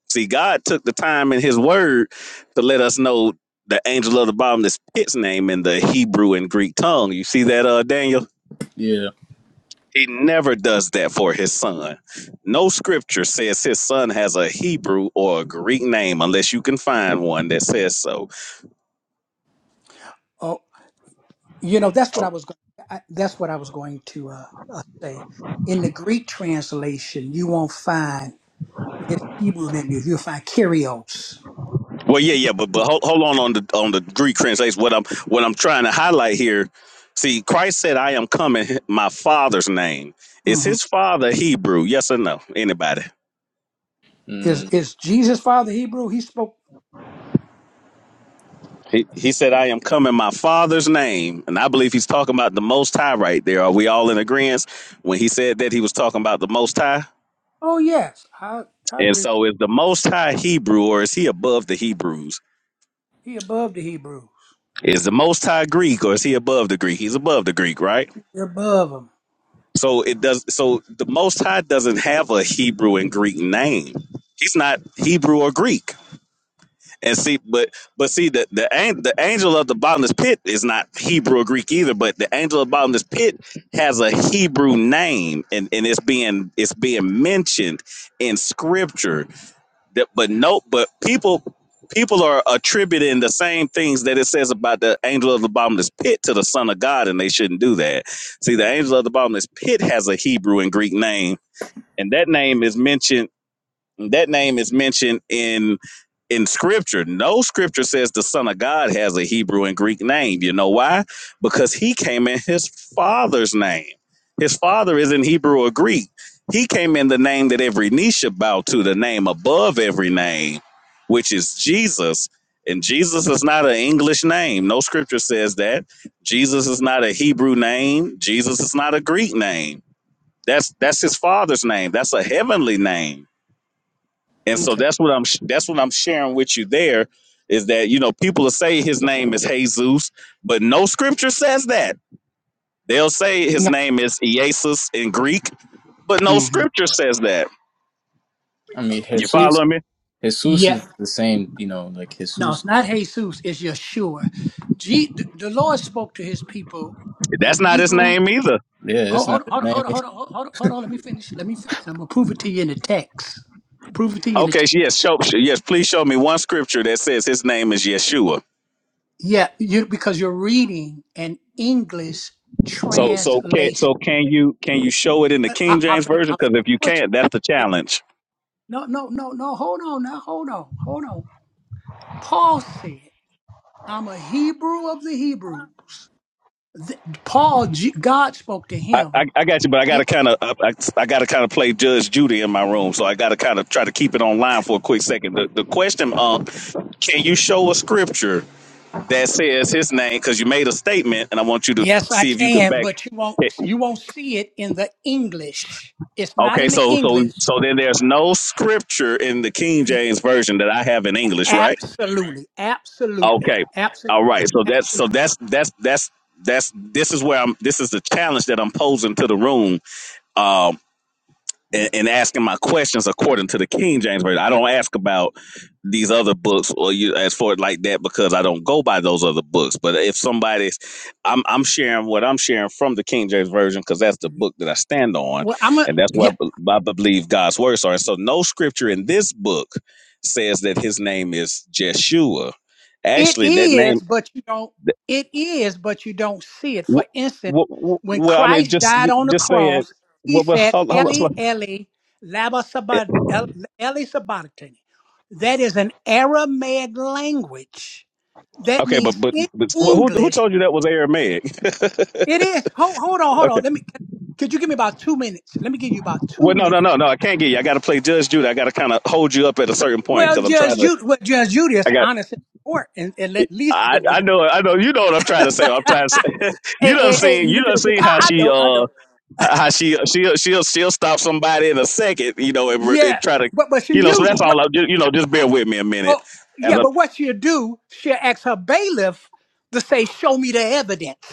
See, God took the time in His Word to let us know the angel of the bottomless pit's name in the Hebrew and Greek tongue. You see that, uh, Daniel?
yeah.
He never does that for his son. No scripture says his son has a Hebrew or a Greek name unless you can find one that says so.
uh, You know, that's what
Oh,
I was going. I, that's what I was going to uh, uh, say. In the Greek translation, you won't find his Hebrew name. You'll find Kyrios.
Well, yeah, yeah, but but hold, hold on on the on the Greek translation. What I'm what I'm trying to highlight here. See, Christ said, "I am coming." in My Father's name is
hmm
His Father Hebrew. Yes or no? Anybody?
Is
mm,
is Jesus' father Hebrew? He spoke.
He He said, "I am coming." in My Father's name, and I believe He's talking about the Most High right there. Are we all in agreement when He said that He was talking about the Most High?
Oh yes, I I
And
agree.
so, is the Most High Hebrew, or is He above the Hebrews?
He above the Hebrews.
Is the Most High Greek, or is He above the Greek? He's above the Greek, right?
He above them.
So it does. So the Most High doesn't have a Hebrew and Greek name. He's not Hebrew or Greek. And see, but but see, the the an- the angel of the bottomless pit is not Hebrew or Greek either. But the angel of the bottomless pit has a Hebrew name, and and it's being it's being mentioned in Scripture that, but no, but people people are attributing the same things that it says about the angel of the bottomless pit to the Son of God, and they shouldn't do that. See, the angel of the bottomless pit has a Hebrew and Greek name, and that name is mentioned that name is mentioned in in scripture. No scripture says the Son of God has a Hebrew and Greek name. You know why? Because he came in his father's name. His father is in Hebrew or Greek. He came in the name that every knee should bow to, the name above every name, which is Jesus. And Jesus is not an English name. No scripture says that. Jesus is not a Hebrew name. Jesus is not a Greek name. That's that's his father's name. That's a heavenly name and so
Okay.
that's what I'm sh- that's what I'm sharing with you there is that you know people will say his name is Jesus, but no scripture says that. They'll say his
No.
name is Iesus in Greek, but no
hmm
scripture says that.
I mean,
You
Jesus,
following me?
Jesus
Yeah.
is the same, you know, like
No,
Jesus.
it's not Jesus. It's Yeshua. G- the the Lord spoke to His people
That's
in
not his
Hebrew
name either.
Yeah,
Hold,
that's not
hold,
his
hold,
name.
hold, hold, hold, hold, hold on. Let me finish. Let me. Finish. I'm gonna prove it to you in the text. Prove it to you in the
Okay,
text.
so yes, show, yes, please show me one scripture that says his name is Yeshua.
Yeah, you because you're reading an English
So so can
translation.
so can you can you show it in the
I, I,
King
I,
James
fin-
version
I
cuz
fin-
if you
what you?
can't that's the
yeah.
challenge.
No, no, no, no. Hold on now. Hold on. Hold on. Paul said, "I'm a Hebrew of the Hebrews." Th- Paul, G- God spoke to
I, I,
him.
I got you, but I got to
It-
kind of I, I got to kind of play Judge Judy in my room, so I got to kind of try to keep it online for a quick second. The, the question, um, can you show a scripture that says his name? Because you made a statement, and I want you to
yes, I
see if you can
can,
back.
but you won't.
it.
You won't see it in the English. It's not
Okay,
in the
so so
English.
so then there's no scripture in the King James version that I have in English, right?
Absolutely, absolutely,
Okay,
absolutely,
all right. So that's so
absolutely.
that's that's that's that's this is where I'm. This is the challenge that I'm posing to the room Um, and, and asking my questions according to the King James version. I don't ask about these other books or you as for it like that because I don't go by those other books. But if somebody's, I'm I'm sharing what I'm sharing from the King James version because that's the book that I stand on,
Well, I'm a
and that's
yeah.
what I, be- I believe God's words are. And so, no scripture in this book says that His name is Jeshua.
It
Actually, that
is,
name.
but you don't. It is, but you don't see it. For
wh-
instance,
wh- wh-
when
well, I mean,
Christ
just
died on the
just say it.
cross, he
Well, well,
said,
hold, hold, on.
"Eli,
so
Eli, lama sabat, El- Eli sabachthani." That is an Aramaic language. That
Okay, but
means
but,
in
but who who
English,
told you that was Aramaic?
it is. Hold, hold on, hold
okay.
on. Let me. Could you give me about two minutes? Let me give you about two
Well, no,
minutes.
no, no, no. I can't get you. I got to play Judge Judy. I got to kind of hold you up at a certain point
Well,
because I'm trying
Judge
to.
Judy, well, Judge Judy
I
is
got.
honest in court and, and let least
I
give the.
I know. I know. You know what I'm trying to say. I'm trying to. Say,
Hey,
you done
hey, hey!
seen.
You
You
looking
done
at your?
seen how
I, I
she
know, I
uh
know.
how she she'll she'll she'll stop somebody in a second. You know and, re- and
Yeah,
try to.
but but she
You know. So
used
that's
what?
all. I, you know. Just bear with me a minute.
Oh,
And
yeah, but
I'm-
what she'll do? She'll ask her bailiff to say, "Show me the evidence."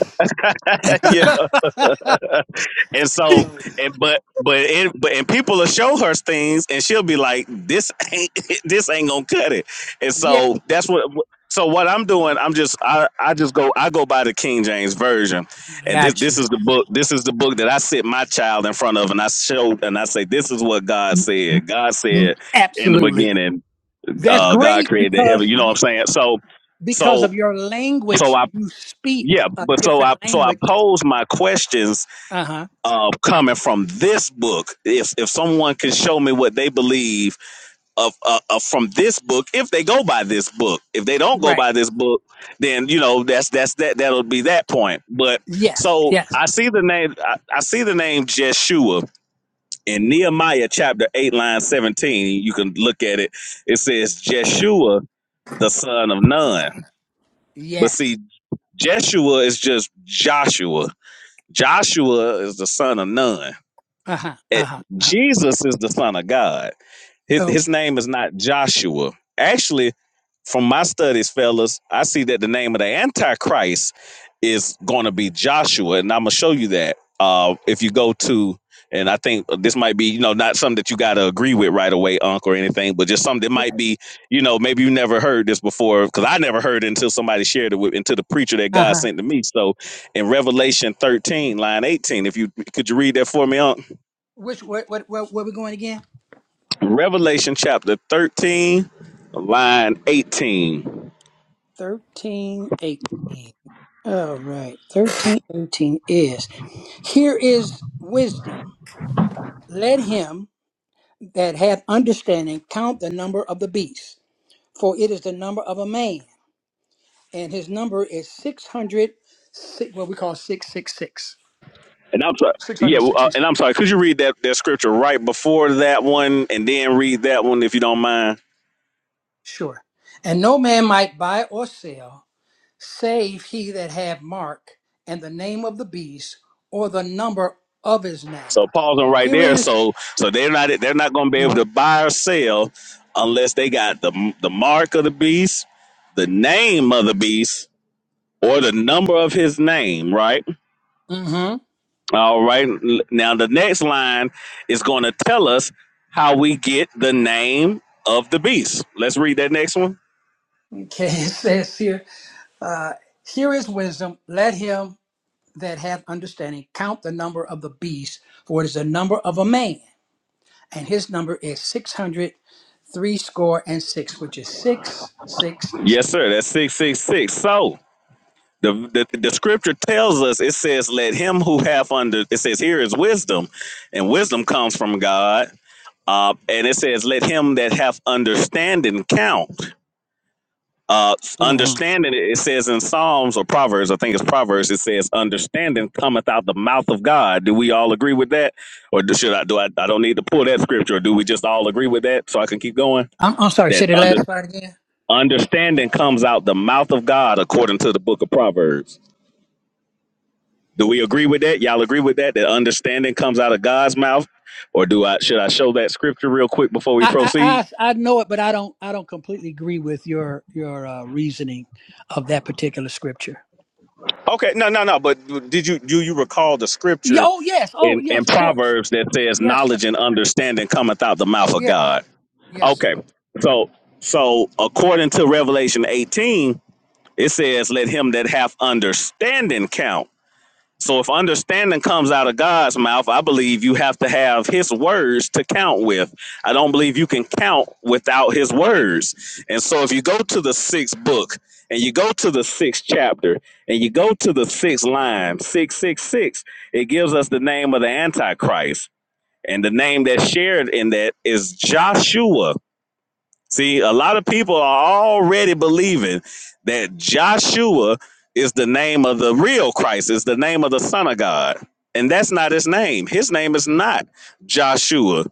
yeah. and so, and, but but it, but and people will show her things, and she'll be like, "This ain't this ain't gonna cut it." And
yeah,
so that's what. So what I'm doing, I'm just I, I just go I go by the King James version, and this
got
this is the book this is the book that I sit my child in front of, and I show and I say this is what God
you.
said. God said in the
Absolutely,
beginning,
that's
uh, God
great
created the heaven.
because
You know what I'm
you
saying? So
because
so
of your
so
language,
I
you speak
yeah,
a
but so
different
I so I
language.
pose my questions
Uh huh.
uh, coming from this book. If if someone can show me what they believe of uh, of from this book, if they go by this book, if they don't go
Right.
by this book, then you know that's that's that that'll be that point. But
Yes.
so I
Yes.
see the name I, I see the name Jeshua in Nehemiah chapter eight line seventeen. You can look at it. It says Jeshua the son of Nun. But
Yes.
see, Jeshua is just Joshua. Joshua is the son of Nun.
Uh huh. Uh
it-
huh. Uh huh.
Jesus is the Son of God. His his
Okay.
name is not Joshua. Actually, from my studies, fellas, I see that the name of the Antichrist is going to be Joshua, and I'm gonna show you that. Uh, if you go to, and I think this might be, you know, not something that you got to agree with right away, Unc, or anything, but just something that might be, you know, maybe you never heard this before, because I never heard it until somebody shared it with, until the preacher that
Uh
God
huh.
sent to me. So, in Revelation 13, line 18, if you could you read that for me, Unc?
Which what what what where we going again?
Revelation chapter 13, line 18.
Thirteen eighteen. All right. Thirteen eighteen is here is wisdom. Let him that hath understanding count the number of the beast, for it is the number of a man, and his number is six hundred. si-, What we call six six six.
And I'm sorry.
Six
Yeah,
hundred
well, uh,
sixty.
and I'm sorry. Could you read that, that scripture right before that one, and then read that one if you don't mind?
Sure. And no man might buy or sell. save he that have mark and the name of the beast or the number of his name.
So pausing right
Here it
there.
is-
So so they're not they're not going to be able
Mhm.
to buy or sell unless they got the the mark of the beast, the name of the beast, or the number of his name. Right.
Mhm.
All right. L- Now the next line is going to tell us how we get the name of the beast. Let's read that next one.
Okay, it says here, uh, here is wisdom. Let him that hath understanding count the number of the beast, for it is the number of a man, and his number is six hundred three score and six, which is six, six,
Yes,
six.
sir. That's 666. So the, the, the scripture tells us it says, Let him who hath under it says, Here is wisdom, and wisdom comes from God. Uh, and it says, Let him that hath understanding count. Uh,
Mhm.
understanding, it says in Psalms or Proverbs, I think it's Proverbs, it says, understanding cometh out the mouth of God. Do we all agree with that? Or do, should I, do I, I don't need to pull that scripture. Or Do we just all agree with that so I can keep going?
I'm, I'm sorry,
That
say the
under,
last part again.
understanding comes out the mouth of God according to the book of Proverbs. Do we agree with that? Y'all agree with that? That understanding comes out of God's mouth? Or do I, should I show that scripture real quick before we
I, I
proceed?
I I know it, but I don't I don't completely agree with your your uh, reasoning of that particular scripture.
Okay, no, no, no. But did you, do you recall the
Yeah,
scripture
oh yes, oh
in, in
yes, of course.
Proverbs that says
Yes, sir.
knowledge and understanding cometh out the mouth of
Yeah,
God.
yes, sir.
Okay. So so according to Revelation 18, it says, Let him that hath understanding count. So if understanding comes out of God's mouth, I believe you have to have his words to count with. I don't believe you can count without his words. And so if you go to the sixth book and you go to the sixth chapter and you go to the sixth line, 666, it gives us the name of the Antichrist. And the name that's shared in that is Joshua. See, a lot of people are already believing that Joshua is the name of the real Christ, is the name of the Son of God. And that's not his name. His name is not Joshua.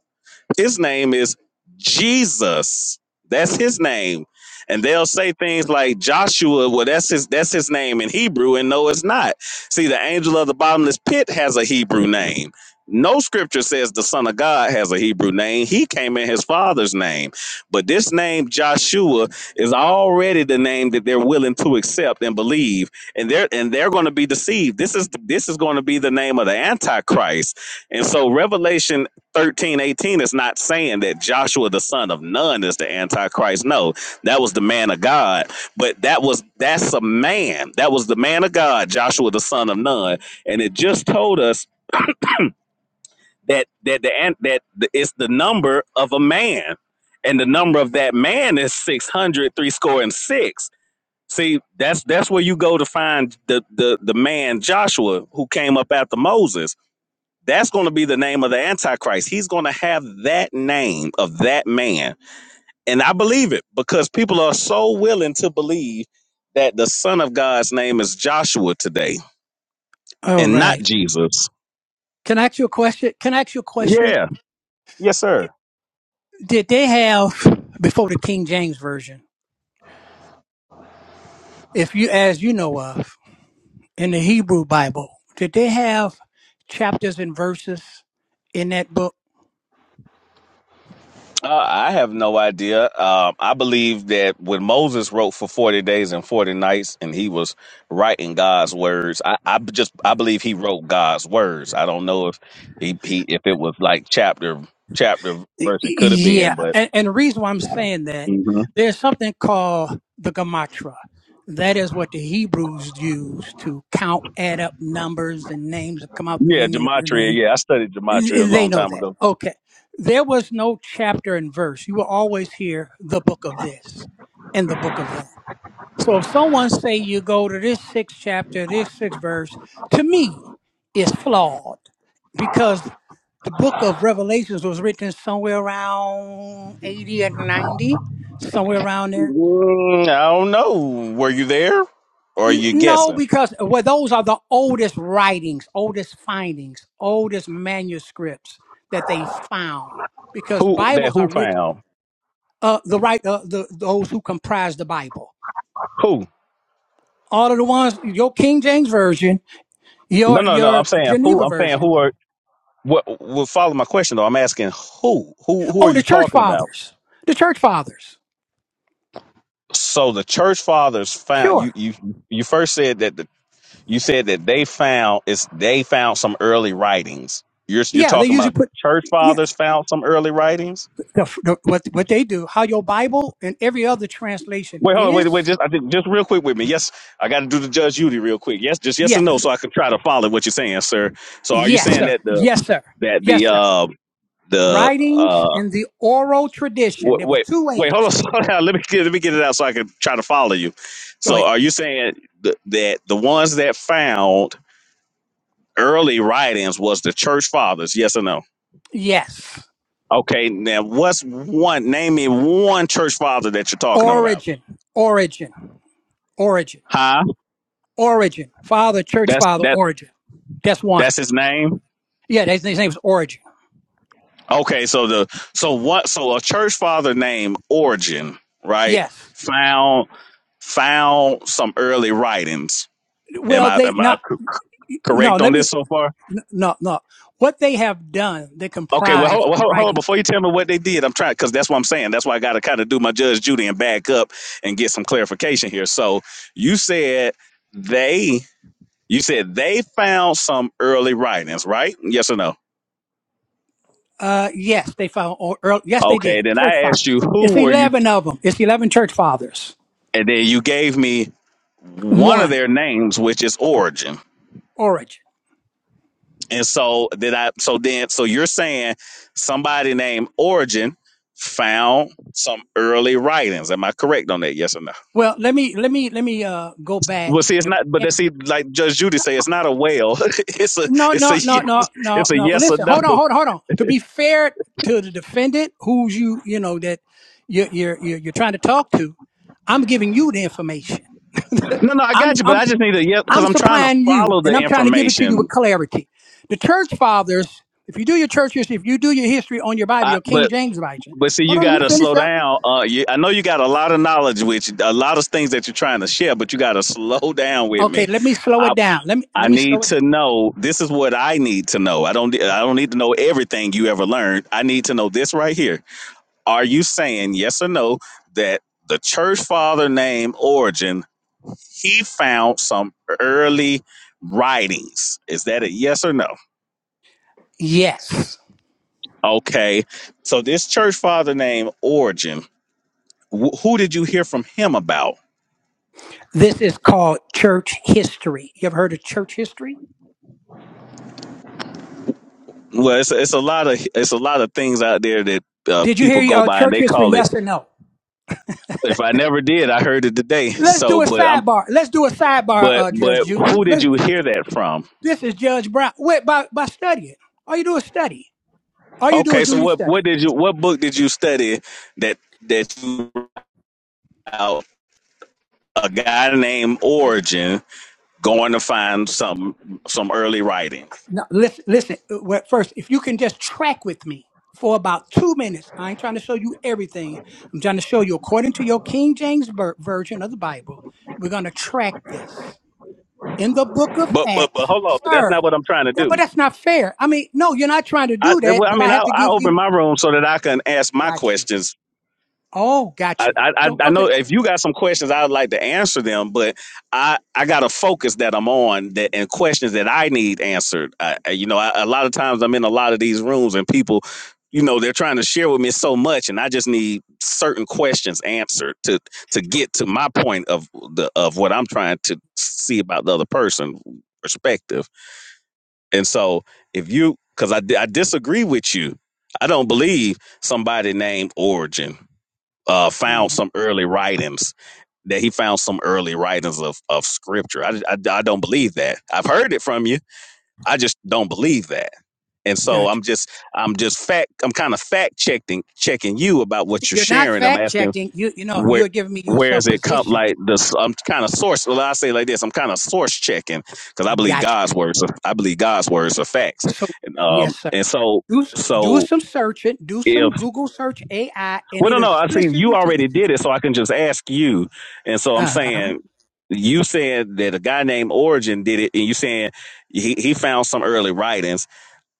His name is Jesus. That's his name. And they'll say things like Joshua, well, that's his that's his name in Hebrew, and no, it's not. See, the angel of the bottomless pit has a Hebrew name. No scripture says the Son of God has a Hebrew name. He came in his father's name. But this name, Joshua, is already the name that they're willing to accept and believe. And they're and they're going to be deceived. This is this is going to be the name of the Antichrist. And so Revelation thirteen eighteen is not saying that Joshua the son of Nun is the Antichrist. No, that was the man of God. But that was that's a man. That was the man of God, Joshua the son of Nun. And it just told us that that the an- that the- it's the number of a man. And the number of that man is six hundred three score and six. See, that's that's where you go to find the the the man Joshua who came up after Moses that's going to be the name of the Antichrist. He's going to have that name of that man. And I believe it because people are so willing to believe that the Son of God's name is Joshua today
All
and not
right.
Jesus.
Can I ask you a question? Can I ask you a question?
Yeah. Yes, sir.
Did they have before the King James version, if you as you know of in the Hebrew Bible, did they have chapters and verses in that book?
Uh, I have no idea. Um, I believe that when Moses wrote for 40 days and 40 nights and he was writing God's words, I, I b- just I believe he wrote God's words. I don't know if he, he if it was like chapter chapter verse it could have been,
Yeah,
but
and, and the reason why I'm saying that
hmm
there's something called the Gamatra. That is what the Hebrews use to count, add up numbers and names that come out the
Yeah,
meaning of your
gematria.
name.
Yeah, I studied gematria a
They
long
know
time
that.
ago.
Okay. There was no chapter and verse. You will always hear the book of this and the book of that. So if someone say you go to this sixth chapter, this sixth verse, to me, is flawed because the book of Revelations was written somewhere around 80 and 90, somewhere around there
Mm, I don't know. Were you there, or are
N-
you
No,
guessing?
because well, those are the oldest writings, oldest findings, oldest manuscripts that they found. Because
Who that?
Bibles
Who
are written,
found?
uh, the right, uh, the those who comprise the Bible.
Who?
All of the ones, your King James version,
No,
your
no, no. I'm
your
saying who.
Geneva
I'm saying
version.
who are. What? Well, follow my question though. I'm asking who. Who? Who are
Oh, the
you
Church
talking about?
Fathers, the Church Fathers.
So the church fathers found you.
Sure,
You. You first said that the, you said that they found it's they found some early writings. You're you're
yeah, they
talking
usually
about the
put
church
yeah
fathers found some early writings.
the, the, what what they do, how your Bible and every other translation
Wait, hold on, wait, wait,
is.
just I think just real quick with me. Yes, I got to do the Judge Judy real quick. Yes, just yes and no,
Yes,
so I can try to follow what you're saying, sir. So are you
yes,
saying
sir,
that the
yes, sir,
that the
yes, sir.
uh the
writings
uh
and the oral tradition.
wait
There was
wait
two
wait hold on,
ways.
slow down. Let me get let me get it out so I can try to follow you.
Go
So
ahead.
are you saying th- that the ones that found early writings was the church fathers? Yes or no?
Yes.
Okay, now what's one? Name me one church father that you're talking about.
Origin, origin, origin,
Huh?
origin. Father, church
That's
father,
that
origin. That's one.
that's his name.
Yeah, his, name was Origin.
Okay, so the so what so a church father named Origin, right?
Yes.
Found found some early writings. Am
Well,
I
they
am I
not.
c-
No,
correct on
let me.
this so far?
No, no. What they have done, they
Okay, well
comprise
hold, well, hold hold on
writing.
before you tell me what they did. I'm trying because that's what I'm saying. That's why I got to kind of do my Judge Judy and back up and get some clarification here. So you said they you said they found some early writings, right? Yes or no?
Uh, yes, they found. Or, earl- yes, they did.
Okay, then
Church
I asked
fathers.
you
It's
who were you
eleven of them. It's eleven church fathers.
and then you gave me one of
One
their names, which is Origin.
Origin.
And so did I. So then, so you're saying somebody named Origin found some early writings. Am I correct on that? Yes or no?
Well, let me let me let me uh go back.
Well, see, it's
and.
not. But that see, like Judge Judy say, it's not a whale. it's a,
No,
it's a
no, no, no,
yes,
no,
it's a
no.
yes or
Listen,
no.
hold on, hold on, hold on. To be fair to the defendant, who's you, you know, that you're you're you're, you're trying to talk to, I'm giving you the information.
No, no, I got
I'm
you. But
I'm
I just need a yes because
I'm
I'm trying to
supplying you,
follow the
and I'm trying to give it to you with
information.
clarity. The church fathers, if you do your church history, if you do your history on your Bible,
I,
your
but
King James version.
But see,
Hold
you
on, let me
gotta
finish
slow
up.
down. Uh, you, I know you got a lot of knowledge, which a lot of things that you're trying to share, but you gotta slow down with
Okay,
me.
let me slow
I
it down. Let me
I
let me
need
slow it
to know. This is what I need to know. I don't
down.
I don't need to know everything you ever learned. I need to know this right here. Are you saying yes or no that the church father named Origin he found some early writings? Is that a yes or no?
Yes,
Okay. So this church father named Origin, wh- who did you hear from him about?
this is called church history. You ever heard of church history?
Well, it's a, it's a lot of it's a lot of things out there that uh,
Did you hear
people go
your
by and
church
they
history?
call it.
Yes or no?
If I never did, I heard it today.
Let's
So,
do a
but I'm
sidebar. Let's do a sidebar,
but
uh, Judge
but
Judy.
who did
Let's.
you hear that from?
This is Judge Brown. Wait, by by studying. All you do is study. All you do
Okay,
is do
so
your
what
study.
what did you what book did you study that that you about a guy named
Listen,
Origin going to find some some early writing?
no, listen, listen. uh, well, First, if you can just track with me for about two minutes, I ain't trying to show you everything. I'm trying to show you according to your King James ver- version of the Bible. We're gonna track this in the Book of
But but but
Acts,
hold on, but that's
sir.
not what I'm trying to
Yeah, but
do.
that's not fair. I mean, no, you're not trying to
I
do that.
well, I
But
mean
I
I
have to
I
give
open
you.
my room so that I can ask my
Gotcha.
questions
Oh, got
I,
you.
I I
Go. Okay.
know if you got some questions, I'd like to answer them, but I I got a focus that I'm on that and questions that I need answered. I, I- you know, I, a lot of times I'm in a lot of these rooms and people, you know, they're trying to share with me so much, and I just need certain questions answered to to
Sure.
get to my point of the of what I'm trying to see about the other person perspective. And so if you, because I di- I disagree with you, I don't believe somebody named Origin uh, found
Uh-huh.
some early writings that he found some early writings of, of scripture. I, I, I don't believe that. I've heard it from you. I just don't believe that. And so
Got
I'm just I'm just fact I'm kind of fact checking checking you about
you.
what you're
You're not
sharing. I'm
fact
asking
checking. You you know
where
you're giving me
where
yourself
is it come
position.
like this I'm kind of source well I say it like this I'm kind of source checking because I believe
Got
God's words are, I believe God's words are facts
you. So
and um
yes, sir.
and so
Do s- do
so
some searching. Do
if.
some Google search AI, and
Well,
it
no, no. I see you
explicitly tell
already
you.
did it, so I can just ask you. And so I'm
Uh huh.
saying, you said that a guy named Origin did it, and you saying he, he found some early writings.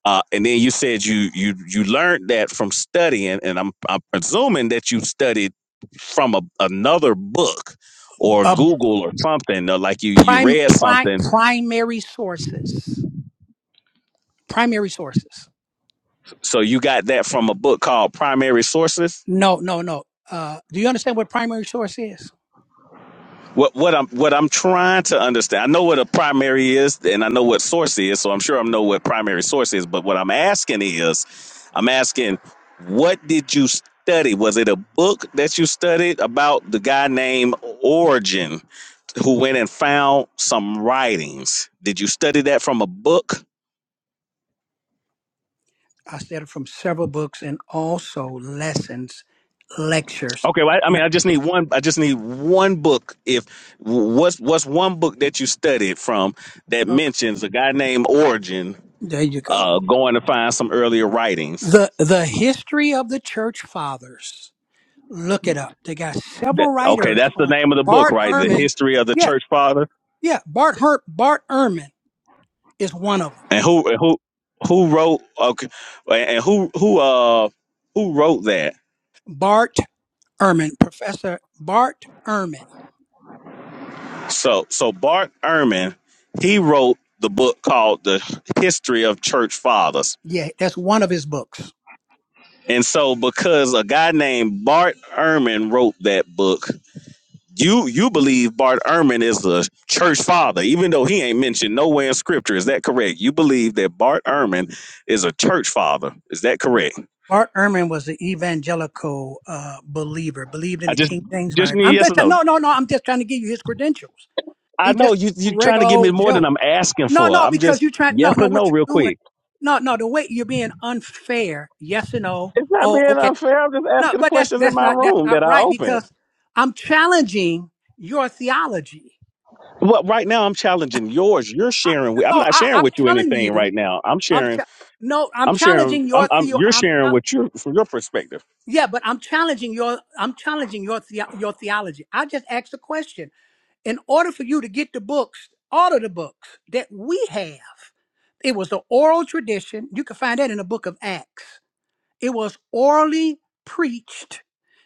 Uh, and then you said you you you learned that from studying, and I'm I'm presuming that you studied from a, another book or
Uh,
Google or something, or like you you
prime,
read
prime
something.
primary sources. Primary sources.
So you got that from a book called Primary Sources.
No, no, no. Uh, do you understand what primary source is?
What what I'm what I'm trying to understand. I know what a primary is, and I know what source is. So I'm sure I know what primary source is. But what I'm asking is, I'm asking, what did you study? Was it a book that you studied about the guy named Origin, who went and found some writings? Did you study that from a book?
I said it from several books and also lessons, lectures.
Okay, well, I I mean,
Not-
I just need one. I just need one book. If what's what's one book that you studied from that
okay.
mentions a guy named Origin
There you go.
uh, going to find some earlier writings.
The the history of the church fathers. Look it up. They got several
That, okay,
writers
that's the
on
name of the book,
Bart
right? The
Ehrman.
History of the
Yeah,
Church Father,
yeah. Bart Her- Bart Ehrman is one of
and who and who who wrote? Okay, and who who uh who wrote that?
them. Bart Ehrman, Professor Bart Ehrman.
So so Bart Ehrman, he wrote the book called The History of Church Fathers,
Yeah, that's one of his books.
and so because a guy named Bart Ehrman wrote that book, You you believe Bart Ehrman is the church father, even though he ain't mentioned nowhere in scripture. Is that correct? You believe that Bart Ehrman is a church father. Is that correct?
Bart Ehrman was an evangelical uh, believer, believed in
I
the
just
King James
just
Bible.
need
I'm
yes
just
or no.
no, no, no. I'm just trying to give you his credentials.
I
He's
know
just
you
a
you're trying to
regular
give me
old
more than
Joe.
I'm asking
No,
for.
no,
I'm
because
just
you are trying
yes
no, no.
or no
What you're
real
doing?
quick.
No, no. The way you're being unfair. Yes or no?
It's not
Oh,
being
okay.
unfair. I'm just
No,
asking the
but that's
questions in
that's
my
not that's
room that
not
I
right
open.
because I'm challenging your theology.
Well, right now I'm challenging yours. You're
I,
sharing. With, I'm
no,
not
I,
sharing
I'm
with you
telling
anything
you.
right now. I'm
I'm
sharing.
t- no, I'm
I'm sharing.
challenging
I'm.
your
I'm
theo.
you're sharing
I'm
with your from your perspective.
Yeah, but I'm challenging your I'm challenging your the, your theology. I just asked a question. In order for you to get the books, all of the books that we have, it was the oral tradition. You can find that in the book of Acts. It was orally preached,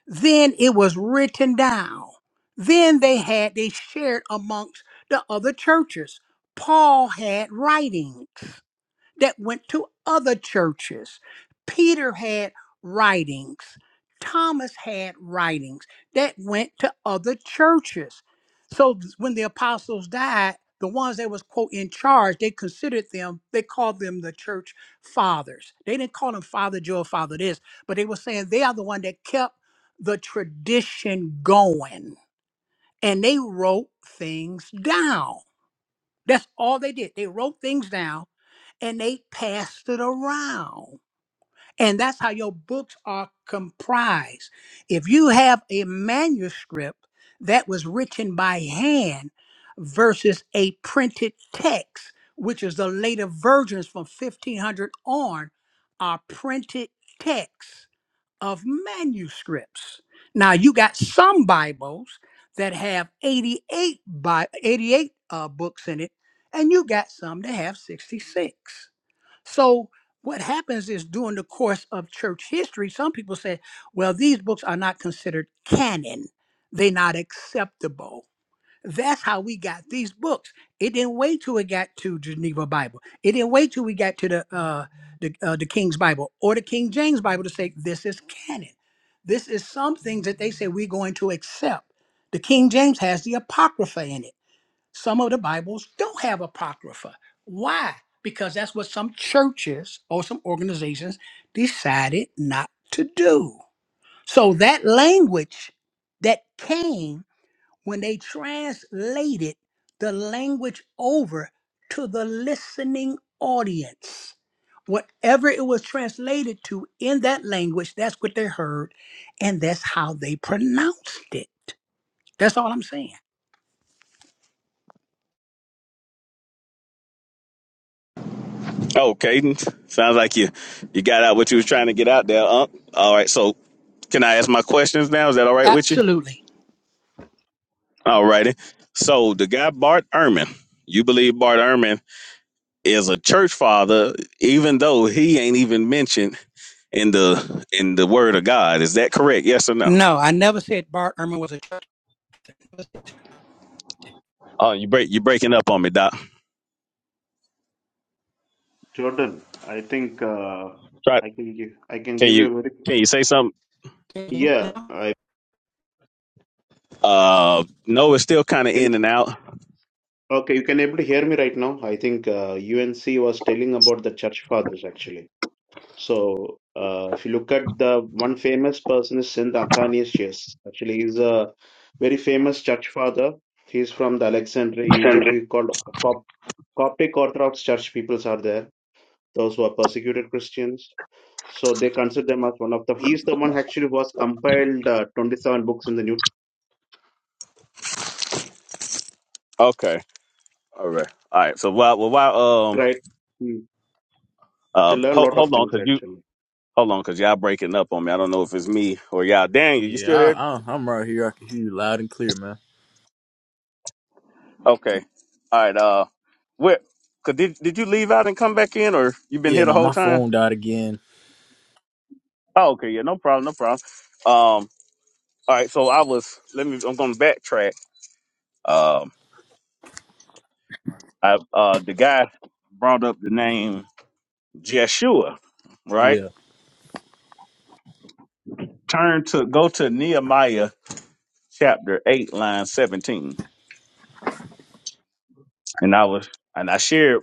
then it was written down. Then they had they shared amongst the other churches. Paul had writings that went to other churches. Peter had writings, Thomas had writings that went to other churches. So th- when the apostles died, the ones that was quote in charge, they considered them, they called them the church fathers. They didn't call them Father Joe, Father this, but they were saying they are the one that kept the tradition going. And they wrote things down. That's all they did. They wrote things down and they passed it around. And that's how your books are comprised. If you have a manuscript that was written by hand versus a printed text, which is the later versions from 1500 on, are printed texts of manuscripts. Now you got some Bibles that have 88 by 88 uh, books in it, and you got some that have 66. So what happens is during the course of church history, some people say, well, these books are not considered canon. They're not acceptable that's how we got these books. It didn't wait till it got to Geneva Bible. It didn't wait till we got to the uh, the, uh, the King's Bible or the King James Bible to say this is canon. This is some things that they say we're going to accept. The King James has the Apocrypha in it. Some of the Bibles don't have Apocrypha. Why? Because that's what some churches or some organizations decided not to do. So that language that came when they translated the language over to the listening audience. Whatever it was translated to in that language, that's what they heard, and that's how they pronounced it. That's all I'm saying.
Oh, Caden, sounds like you you got out what you was trying to get out there. Unc. All right, so can I ask my questions now? Is that all right with you?
Absolutely.
All righty. So the guy Bart Ehrman, you believe Bart Ehrman is a church father, even though he ain't even mentioned in the in the Word of God. Is that correct? Yes or no?
No, I never said Bart Ehrman was a church.
Oh, you break you breaking up on me, Doc.
Jordan, I think uh,
Try
I can give I can
can
give you a
you
very
can you say something?
person.
Yeah, I
Uh no, it's still kinda in
can.
and out.
Okay, you can able to hear me right now. I think uh, UNC was telling about the church fathers actually. So uh, if you look at the one famous person is Saint Athanasius. Actually, he's a very famous church father. He's from the Alexandria, Egypt. We called Cop- Coptic Orthodox Church peoples are there. Those who are persecuted Christians. So they consider them as one of the. He's the one actually who has compiled uh, 27 books in the New
Okay. All right. All right. So while well while um
Right. You
uh
can learn a
hold,
lot of
hold on
things
cause you
actually.
hold on cause y'all breaking up on me. I don't know if it's me or y'all. Daniel, you
Yeah,
still
I,
there?
I, I'm right here. I can hear you loud and clear, man.
Okay. All right, uh where cause did did you leave out and come back in or you been
Yeah,
here the
no,
whole
my
time?
phone died again.
Oh, okay, yeah, no problem, no problem. Um all right, so I was let me I'm gonna backtrack. Um I uh the guy brought up the name Jeshua, right?
Yeah.
Turn to go to Nehemiah chapter eight, line seventeen, and I was and I shared.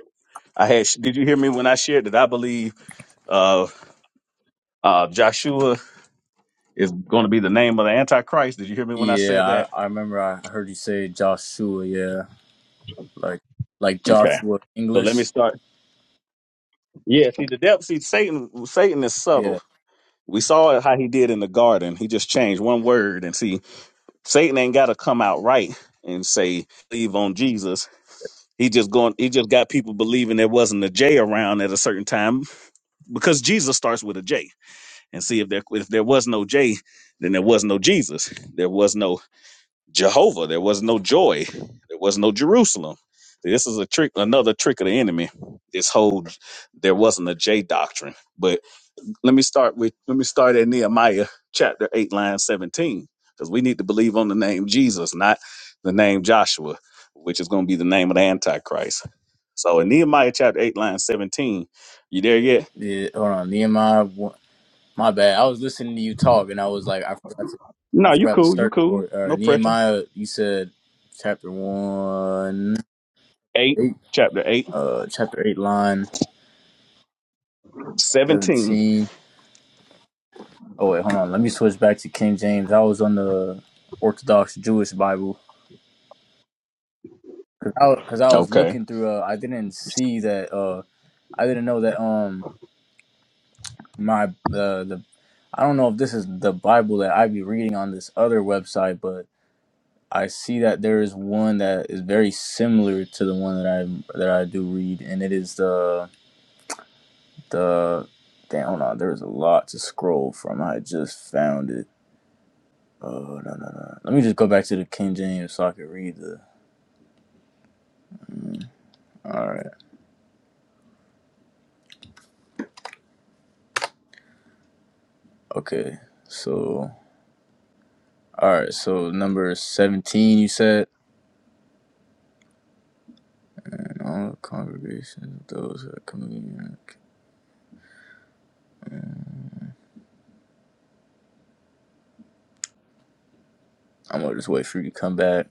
I had. Did you hear me when I shared that I believe uh, uh, Joshua is going to be the name of the Antichrist? Did you hear me when I
Yeah,
said that?
I, I remember I heard you say Joshua, yeah. Like, like
Okay.
Joshua
So let me
English.
start. Yeah. See, the devil. See, Satan. Satan is
Yeah.
subtle. We saw how he did in the garden. He just changed one word, and see. Satan ain't got to come out right and say believe on Jesus. He just going. He just got people believing there wasn't a J around at a certain time because Jesus starts with a J. And see if there if there was no J, then there was no Jesus. There was no Jehovah. There was no joy. There was no Jerusalem. This is a trick. Another trick of the enemy. This whole there wasn't a J doctrine, but let me start with let me start at Nehemiah chapter 8 line 17 because we need to believe on the name Jesus not the name Joshua which is going to be the name of the antichrist so in Nehemiah chapter 8 line 17 you there yet
Yeah, hold on. Nehemiah, one- my bad. I was listening to you talk, and I was like, I forgot to, I
no you
forgot to
cool you
search
cool
for it. Uh,
no pressure
Nehemiah, you said chapter one,
8
eight,
chapter 8
uh, chapter eight, line
17.
seventeen. Oh wait, hold on. Let me switch back to King James. I was on the Orthodox Jewish Bible because I, because I was
okay
looking through. Uh, I didn't see that. Uh, I didn't know that. Um, my uh, the I don't know if this is the Bible that I be reading on this other website, but I see that there is one that is very similar to the one that I that I do read, and it is the the damn. Hold on, there is a lot to scroll from. I just found it. Oh no no no! Let me just go back to the King James so I can read the. Mm, all right. Okay. So all right. So number seventeen, you said. And all the congregations, those that come in. I'm gonna just wait for you to come back.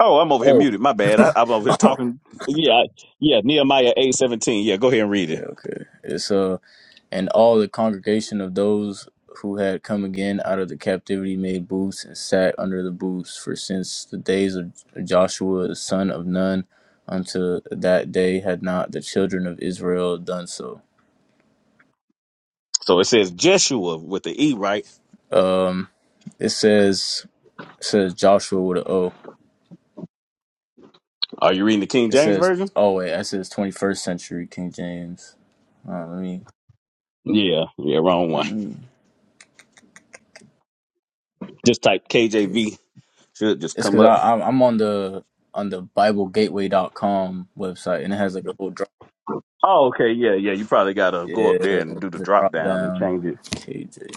oh I'm over here muted my bad I,
oh.
I'm over here
Okay.
talking yeah I- yeah Nehemiah 8 17. yeah go ahead and read it
Okay. It's uh. And all the congregation of those who had come again out of the captivity made booths and sat under the booths, for since the days of Joshua the son of Nun unto that day had not the children of Israel done so.
so it says Jeshua with the E right
Um, it says it says Joshua with a O.
are you reading the King
It
James
says
version
oh wait, that says twenty first century King James. Uh, let me
Yeah, yeah, wrong
let
one.
me.
Just type
Okay,
KJV. Should just
it's
come
because
up.
I I'm I'm on the on the Bible Gateway dot com website and it has like a whole
Oh, okay, yeah, yeah. You probably gotta
Yeah,
go up there and do the
there's a
drop
drop
down and
down.
change it.
KJ.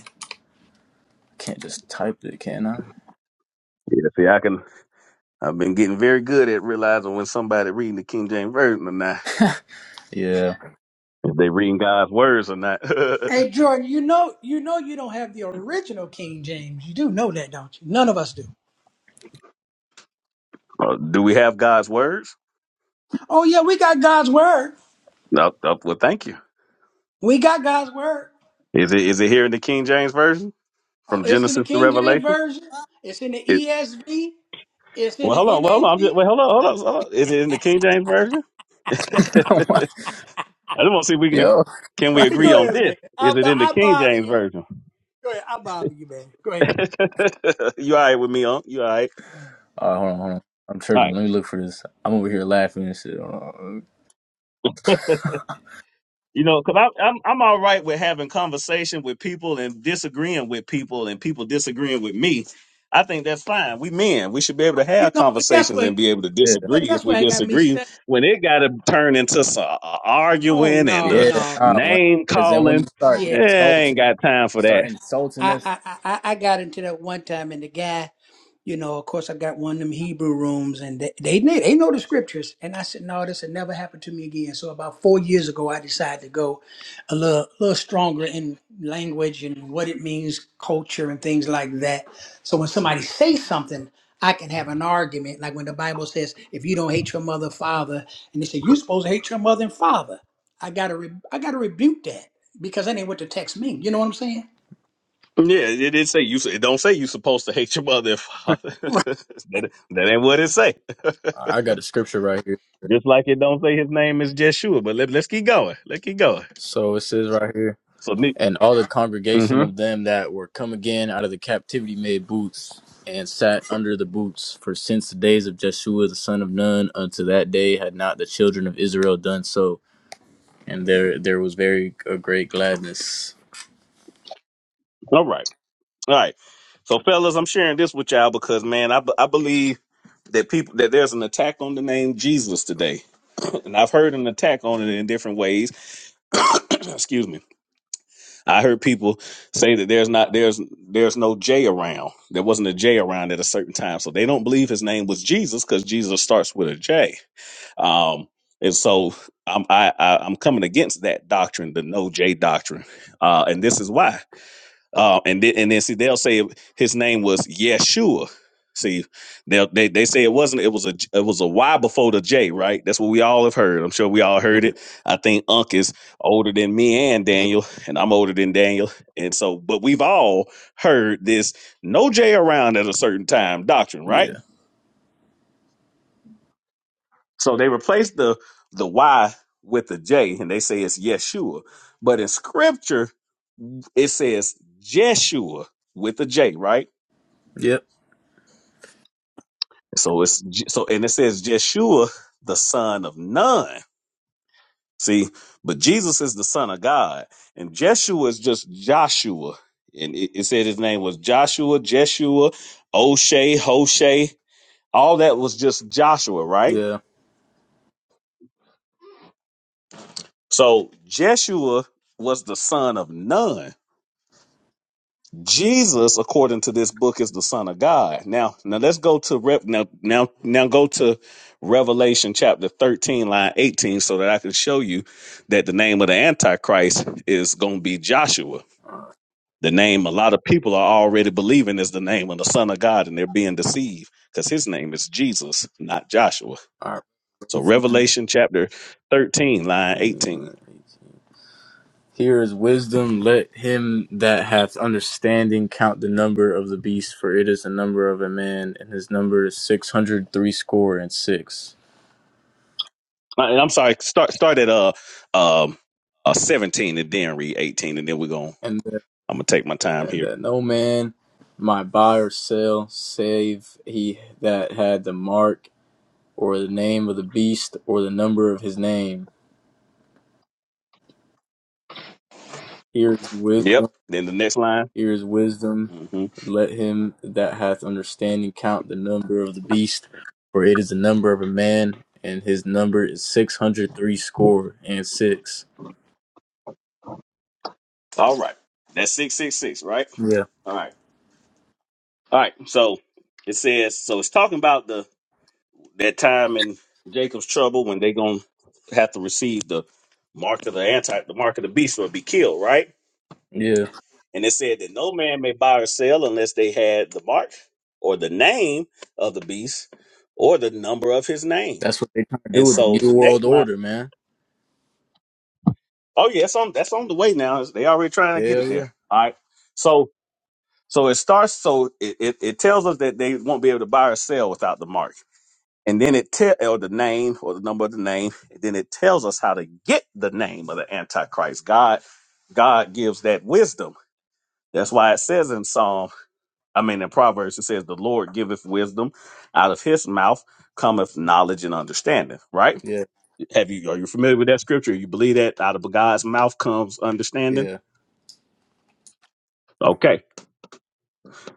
Can't just type it, can I?
Yeah, see, I can. I've been getting very good at realizing when somebody reading the King James version or not,
Yeah.
if they reading God's words or not.
Hey Jordan, you know you know you don't have the original King James. You do know that, don't you? None of us do.
Uh, do we have God's words?
Oh yeah, we got God's word.
No. uh, well, thank you.
We got God's word.
Is it is it here in the King James version
Oh,
from
it's in the
Genesis to
King James
Revelation?
version. It's in the
It,
ESV. It's in
well, hold
the
on. Well, hold on. I'm just, well,
NAT.
hold on, hold on. Hold on. Is it in the King James version? I just want to see if we can
Yo.
can
All
we agree
Go
on
ahead, man.
this.
I,
Is it
bo-
in the
I
King
bother
James
you, man.
version?
Go ahead. I bother you, man. Go ahead.
you all right with me, huh? You all right?
right, hold on, hold on. I'm
All
tripping.
right.
Let me look for this. I'm over here laughing and shit. Hold on.
You know, because I'm I'm I'm all right with having conversation with people and disagreeing with people and people disagreeing with me. I think that's fine. We men, we should be able to
You
have
know that's
conversations
what.
and be able to
Yeah.
Well,
disagree if
that's
we
what got me
disagree.
stuck.
When it got to turn into some
Oh
arguing and
no,
the
Yeah.
no, no.
Nah,
name
because then when you
calling,
start
eh,
Yeah,
I ain't
insulting,
got time for that.
start insulting
I,
this.
I, I, I I got into that one time, and the guy. you know, of course, I got one of them Hebrew rooms, and they they, kn- they know the scriptures. And I said, no, this will never happen to me again. So about four years ago, I decided to go a little little stronger in language and what it means, culture, and things like that. So when somebody says something, I can have an argument. Like when the Bible says, if you don't hate your mother, and father, and they say you're supposed to hate your mother and father, I gotta re- I gotta rebuke that because that ain't what the text means. You know what I'm saying?
Yeah, it did say you. It don't say you supposed to hate your mother and father.
Right.
that, that ain't what it say.
I got a scripture right here.
just like it don't say his name is Jeshua. But let, let's keep going. Let's keep going.
So it says right here.
So, ne-
and all the congregation
mhm.
of them that were come again out of the captivity made boots and sat under the boots for since the days of Jeshua the son of Nun unto that day had not the children of Israel done so and there there was very a great gladness
all right, all right. So, fellas, I'm sharing this with y'all because, man, I, be- I believe that people that there's an attack on the name Jesus today, and I've heard an attack on it in different ways. Excuse me I heard people say that there's not there's there's no J around. There wasn't a J around at a certain time, so they don't believe his name was Jesus because Jesus starts with a J. Um, and so I'm I, I, I'm coming against that doctrine, the no J doctrine, uh, and this is why. Uh, and then and then see they'll say his name was Yeshua. See, they they they say it wasn't. It was a J- it was a Y before the J, right? That's what we all have heard. I'm sure we all heard
yeah
it. I think Unc is older than me and Daniel, and I'm older than Daniel, and so but we've all heard this no J around at a certain time doctrine, right?
yeah
So they replaced the the Y with the J, and they say it's Yeshua, but in Scripture it says Jeshua with a J, right?
yep
So it's J- so, and it says Jeshua, the son of Nun. See, but Jesus is the son of God, and Jeshua is just Joshua. And it, it said his name was Joshua, Jeshua, Oshay, Hoshay. All that was just Joshua, right?
yeah
So Jeshua was the son of Nun Jesus, according to this book, is the Son of God. Now, now let's go to Rev. Now, now, now go to Revelation chapter thirteen, line eighteen, so that I can show you that the name of the Antichrist is going to be Joshua. The name a lot of people are already believing is the name of the Son of God, and they're being deceived because his name is Jesus, not Joshua.
All
So,
right.
Revelation chapter thirteen, line eighteen.
here is wisdom let him that hath understanding count the number of the beast for it is the number of a man and his number is six hundred three score and six
Uh, I'm sorry. Start start at uh um uh seventeen, and then read eighteen, and then we're going. to
and that,
I'm gonna take my time
and
here.
that no man might buy or sell save he that had the mark or the name of the beast or the number of his name. Here is wisdom.
Yep. Then the next line.
Here is wisdom.
Mhm.
Let him that hath understanding count the number of the beast, for it is the number of a man, and his number is six hundred three score and six.
All right. That's six six six, right?
Yeah,
All right. All right. So it says so it's talking about the that time in Jacob's trouble when they gonna have to receive the mark of the anti the mark of the beast or be killed, right?
yeah.
And it said that no man may buy or sell unless they had the mark or the name of the beast or the number of his name.
That's what they trying to do
And
with the
so
new
the
world
next line,
order, man.
oh yeah, it's on that's on the way now. They already trying to get
Hell
it
yeah,
there. All right. So So it starts. So it, it, it tells us that they won't be able to buy or sell without the mark, and then it tell or the name or the number of the name, and then it tells us how to get the name of the Antichrist. God, God gives that wisdom. That's why it says in Psalm, I mean in Proverbs, it says, "The Lord giveth wisdom; out of His mouth cometh knowledge and understanding." Right?
yeah,
Have you are you familiar with that scripture? You believe that out of God's mouth comes understanding?
yeah,
Okay.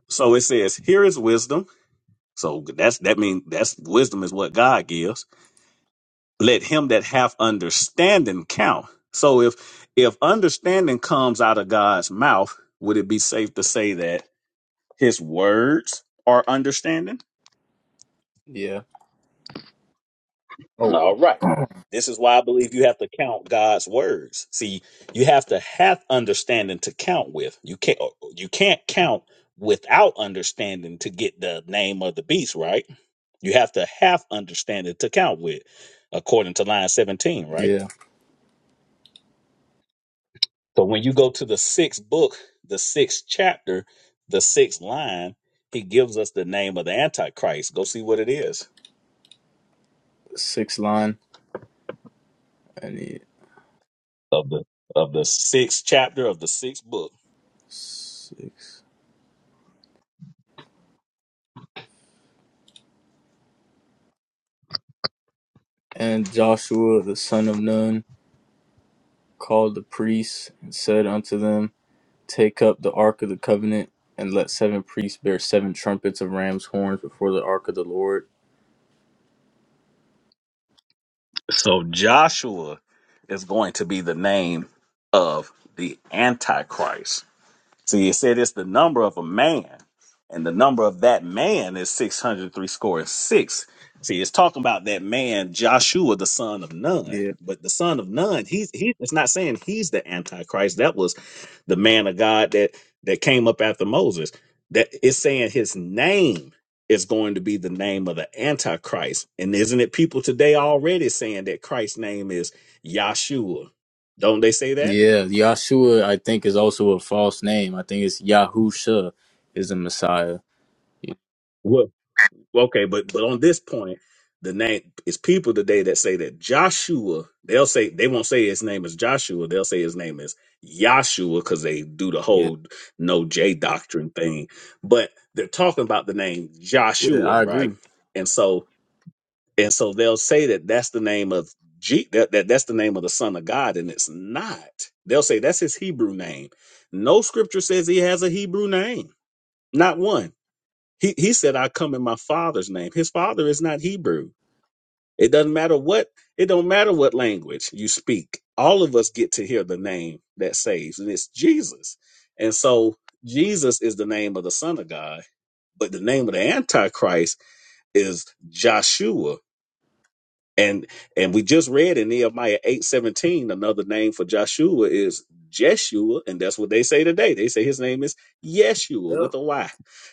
So it says, "Here is wisdom." So that's that means that's wisdom is what God gives. Let him that hath understanding count. So if if understanding comes out of God's mouth, would it be safe to say that his words are understanding?
yeah. Oh,
All right. This is why I believe you have to count God's words. See, you have to have understanding to count with. You can't you can't count without understanding to get the name of the beast, right? You have to half understand it to count with, according to line 17, right?
yeah.
So when you go to the sixth book, the sixth chapter, the sixth line, he gives us the name of the Antichrist. Go see what it is
six line. I need
of the of the sixth chapter of the sixth book.
six. And Joshua the son of Nun called the priests and said unto them, Take up the ark of the covenant, and let seven priests bear seven trumpets of ram's horns before the ark of the Lord.
So Joshua is going to be the name of the Antichrist. See, it said it's the number of a man, and the number of that man is 603 score and six. See, it's talking about that man, Joshua, the son of Nun.
Yeah.
But the son of Nun, he's he, it's not saying he's the Antichrist. That was the man of God that that came up after Moses. That it's saying his name is going to be the name of the Antichrist. And isn't it people today already saying that Christ's name is Yahshua? Don't they say that?
Yeah. Yahshua, I think, is also a false name. I think it's Yahusha is the Messiah.
Well, okay, but but on this point, the name is people today that say that Joshua. They'll say they won't say his name is Joshua. They'll say his name is Yahshua because they do the
Yeah.
whole no J doctrine thing. But they're talking about the name
Yeah,
Joshua,
I
right?
agree.
And so and so they'll say that that's the name of G. That, that that's the name of the Son of God, and it's not. They'll say that's his Hebrew name. No scripture says he has a Hebrew name. Not one. He he said, I come in my father's name. His father is not Hebrew. It doesn't matter what it don't matter what language you speak. All of us get to hear the name that saves, and it's Jesus. And so Jesus is the name of the Son of God, but the name of the Antichrist is Joshua, and and we just read in Nehemiah eight seventeen another name for Joshua is Jeshua, and that's what they say today. They say his name is Yeshua
Yep.
with a Y.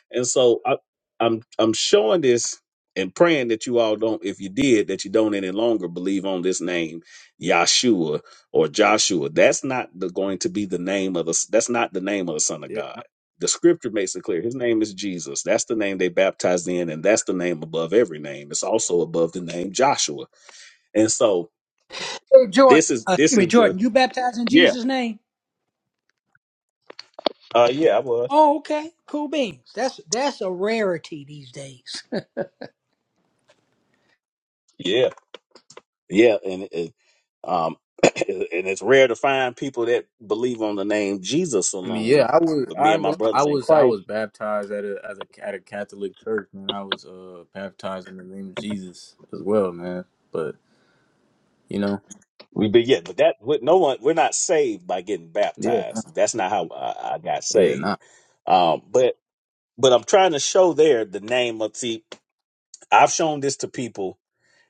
And so I, I'm I'm showing this and praying that you all don't, if you did, that you don't any longer believe on this name, Yahshua or Joshua. That's not the, going to be the name of the. That's not the name of the Son of God. The Scripture makes it clear. His name is Jesus. That's the name they baptized in, and that's the name above every name. It's also above the name Joshua. And so
Hey Jordan,
this is
uh,
this
excuse me,
is the
Jordan, you baptized in
yeah
Jesus' name?
uh yeah I was
Oh, okay. Cool beans. That's that's a rarity these days.
yeah yeah and it, um and it's rare to find people that believe on the name Jesus
I mean, yeah,
alone.
I was,
But me
I
and
ain't
my
gonna, lie, I
brothers in
was, I
Christ,
was baptized at a as a at a Catholic church, man. I was uh baptized in the name of Jesus as well, man. But you know,
we be yeah. But that with no one, we're not saved by getting
yeah,
baptized. That's not how I, I got
yeah,
saved.
nah.
Um, but but I'm trying to show there the name of see. I've shown this to people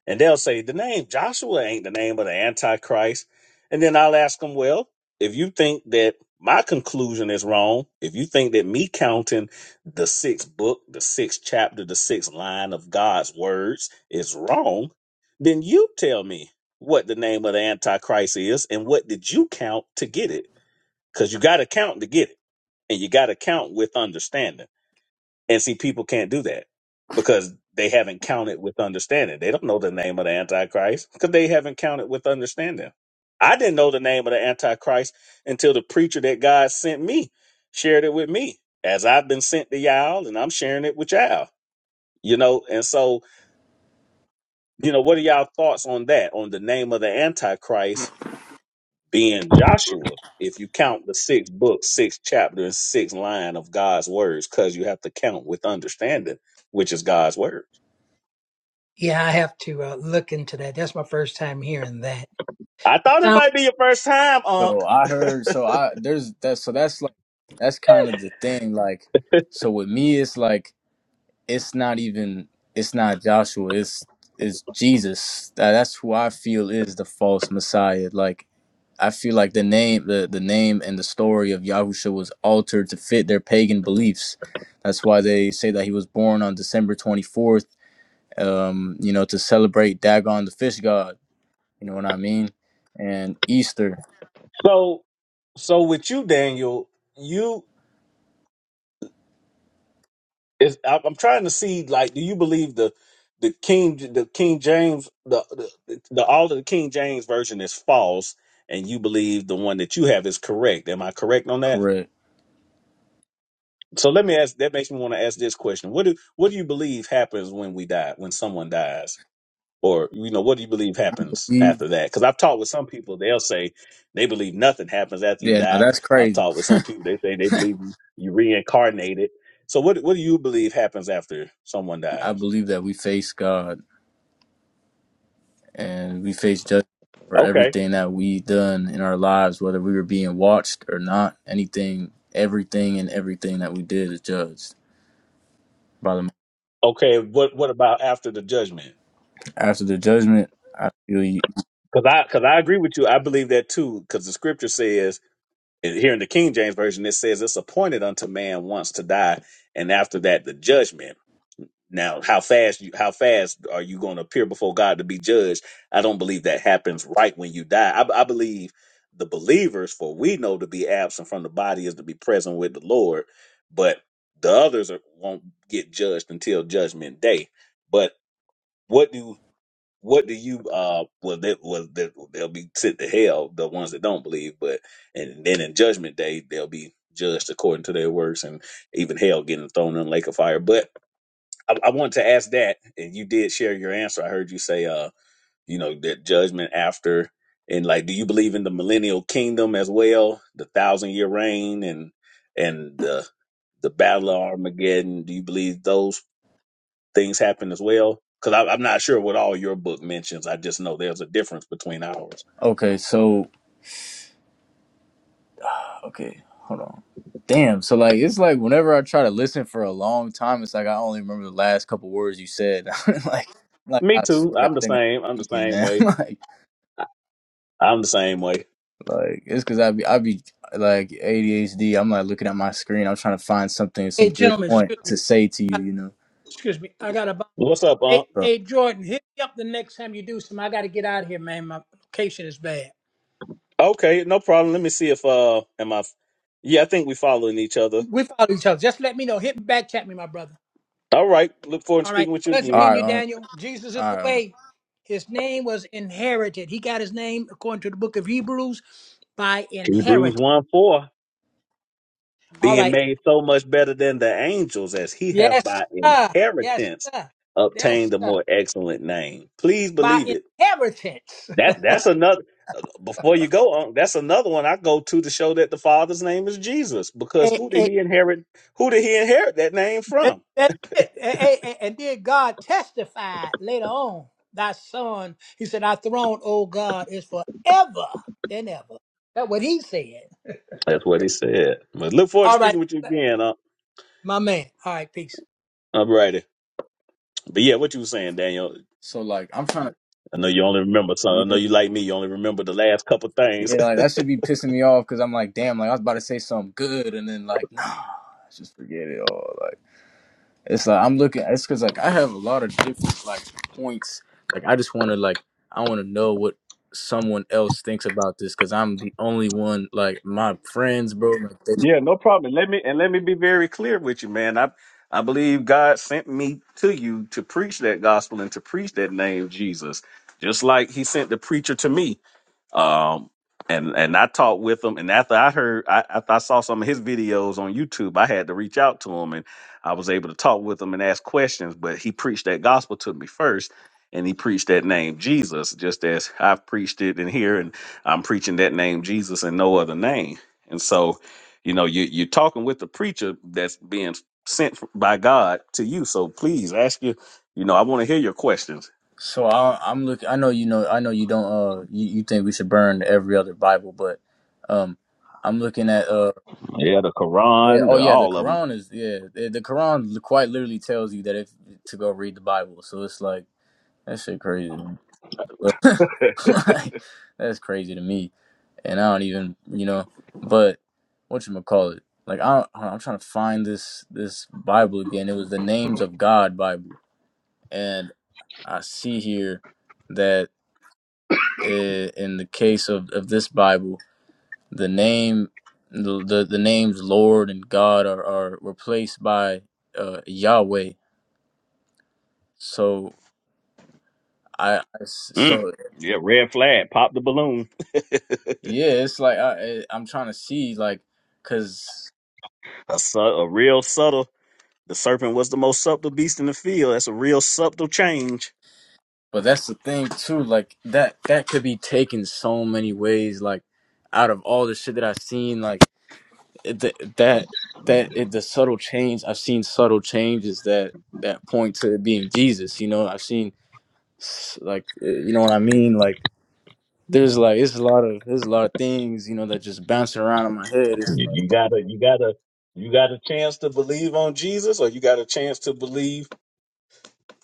And they'll say, the name Joshua ain't the name of the Antichrist. And then I'll ask them, well, if you think that my conclusion is wrong, if you think that me counting the sixth book, the sixth chapter, the sixth line of God's words is wrong, then you tell me what the name of the Antichrist is and what did you count to get it? Because you got to count to get it and you got to count with understanding. And see, people can't do that because they haven't counted with understanding. They don't know the name of the Antichrist because they haven't counted with understanding. I didn't know the name of the Antichrist until the preacher that God sent me shared it with me. As I've been sent to y'all and I'm sharing it with y'all. You know, and so, you know, what are y'all thoughts on that? On the name of the Antichrist being Joshua, if you count the six books, six chapters, six line of God's words, because you have to count with understanding, which is God's word.
yeah, I have to uh, look into that. That's my first time hearing that.
I
It
thought it
sounds.
might be your first time, Unc.
So I heard, so I there's that, so that's like that's kind of the thing, like. So with me, it's like it's not even it's not Joshua, it's it's Jesus. That, that's who I feel is the false Messiah, like I feel like the name, the, the name and the story of Yahusha was altered to fit their pagan beliefs. That's why they say that he was born on December 24th, um, you know, to celebrate Dagon, the fish god. You know what I mean? And Easter,
So, so with you, Daniel, you is I- I'm trying to see like, do you believe the the King the King James the the, the all of the King James version is false, and you believe the one that you have is correct? Am I correct on that?
correct.
So let me ask. That makes me want to ask this question: What do what do you believe happens when we die? When someone dies? or you know what do you believe happens
Mhm.
after that because i've talked with some people they'll say they believe nothing happens after you
Yeah, now
die
that's
i've
crazy.
talked with some people they say they believe you reincarnated so what what do you believe happens after someone
I
dies
believe that we face God and we face judgment for
okay
everything that we done in our lives, whether we were being watched or not. Anything, everything, and everything that we did is judged by the.
okay what what about after the judgment
after the judgment, I feel you.
because i because i agree with you i believe that too because the scripture says and here in the king james version it says it's appointed unto man once to die and after that the judgment Now, how fast you how fast are you going to appear before God to be judged? I don't believe that happens right when you die. I, I believe the believers, for we know to be absent from the body is to be present with the Lord, but the others are, won't get judged until judgment day. But what do what do you uh well they well they, they'll be sent to hell the ones that don't believe but and then in judgment day they'll be judged according to their works and even hell getting thrown in the lake of fire but I, I want to ask that, and you did share your answer. I heard you say, uh, you know, that judgment after, and like, do you believe in the millennial kingdom as well, the thousand year reign, and and the the battle of Armageddon? Do you believe those things happen as well? Because I'm not sure what all your book mentions. I just know there's a difference between ours.
Okay, so okay, hold on. Damn. So like, it's like whenever I try to listen for a long time, it's like I only remember the last couple words you said. like, like
Me
I
too.
swear,
I'm
I
the
think I'm
same. I'm the
speaking,
same
man.
way.
like,
I- I'm the same way.
like it's because I be I be like ADHD. I'm like looking at my screen. I'm trying to find something,
Hey,
some good
gentlemen,
point
excuse me.
to say to
I-
you. You know.
Excuse me. I got about.
What's up, Unc?
Hey,
So
hey, Jordan, hit me up the next time you do some. I got to get out of here, man. My location is bad.
Okay, no problem. Let me see if uh, am I? Yeah, I think we following each other.
We follow each other. Just let me know. Hit me back, chat me, my brother.
All right. Look forward to
All right.
speaking with you
Pleasure
all
again.
meeting
right,
you,
um,
Daniel. Jesus is
all
the
right. um,
way. His name was inherited. He got his name according to the book of Hebrews by
Hebrews
inheritance.
1 4.
All
Being
right.
made so much better than the angels as he hath
Yes,
by
sir. Yes,
inheritance
sir. Yes,
obtained a
sir.
more excellent name. Please
By
believe it.
inheritance.
That that's another before you go on, that's another one I go to to show that the Father's name is Jesus. Because
A-
who did
a-
he inherit? Who did he inherit that name from?
That's it. A- a- And then God testified later on, thy son, he said, our throne, O God, is forever and ever. That's what he said.
That's what he said. But look forward to
All right,
speaking with you again. Uh,
my man. All right, peace.
all righty. But yeah, what you were saying, Daniel.
So like, I'm trying to.
I know you only remember some. I know
Yeah,
you like me. You only remember the last couple things.
Yeah, like that should be pissing me off because I'm like, damn, like I was about to say something good, and then like, nah, just forget it all. Like it's like I'm looking, it's because like I have a lot of different like points. Like I just want to like I want to know what someone else thinks about this because I'm the only one. Like my friends, bro. Like, they,
Yeah, no problem. Let me and let me be very clear with you, man. I I believe God sent me to you to preach that gospel and to preach that name Jesus, just like He sent the preacher to me um, and and I talked with him. And after I heard, I after I saw some of his videos on YouTube, I had to reach out to him, and I was able to talk with him and ask questions. But he preached that gospel to me first, and he preached that name Jesus, just as I've preached it in here, and I'm preaching that name Jesus and no other name. And so, you know, you you're talking with the preacher that's being sent by God to you. So please ask you. You know, I want to hear your questions.
so I, I'm looking. I know you know. I know you don't. Uh, you, you think we should burn every other Bible, but um, I'm looking at. uh,
Yeah, the
Yeah.
Quran,
Oh,
the,
yeah. The
all of them.
Quran is yeah. The the Quran li- quite literally tells you that if to go read the Bible. So it's like that shit crazy. man. like, that's crazy to me. And I don't even you know. But what you call it? Like I don't, hold on, I'm trying to find this this Bible again. It was the Names of God Bible, and I see here that uh in the case of of this Bible. the name the the, the names Lord and God are, are replaced by uh, Yahweh. So I, I s-
Mm.
so
Yeah, red flag. Pop the balloon.
yeah, it's like I I- I'm trying to see like cuz
A, su- a real subtle. The serpent was the most subtle beast in the field. That's a real subtle change.
but that's the thing too like that that could be taken so many ways like out of all the shit that I've seen like it, th- that that it, the subtle change I've seen subtle changes that that point to it being Jesus, you know? I've seen s- like uh, you know what I mean like there's like it's a lot of there's a lot of things you know that just bounce around in my head. It's
You, you
like
gotta, you gotta, you got a chance to believe on Jesus, or you got a chance to believe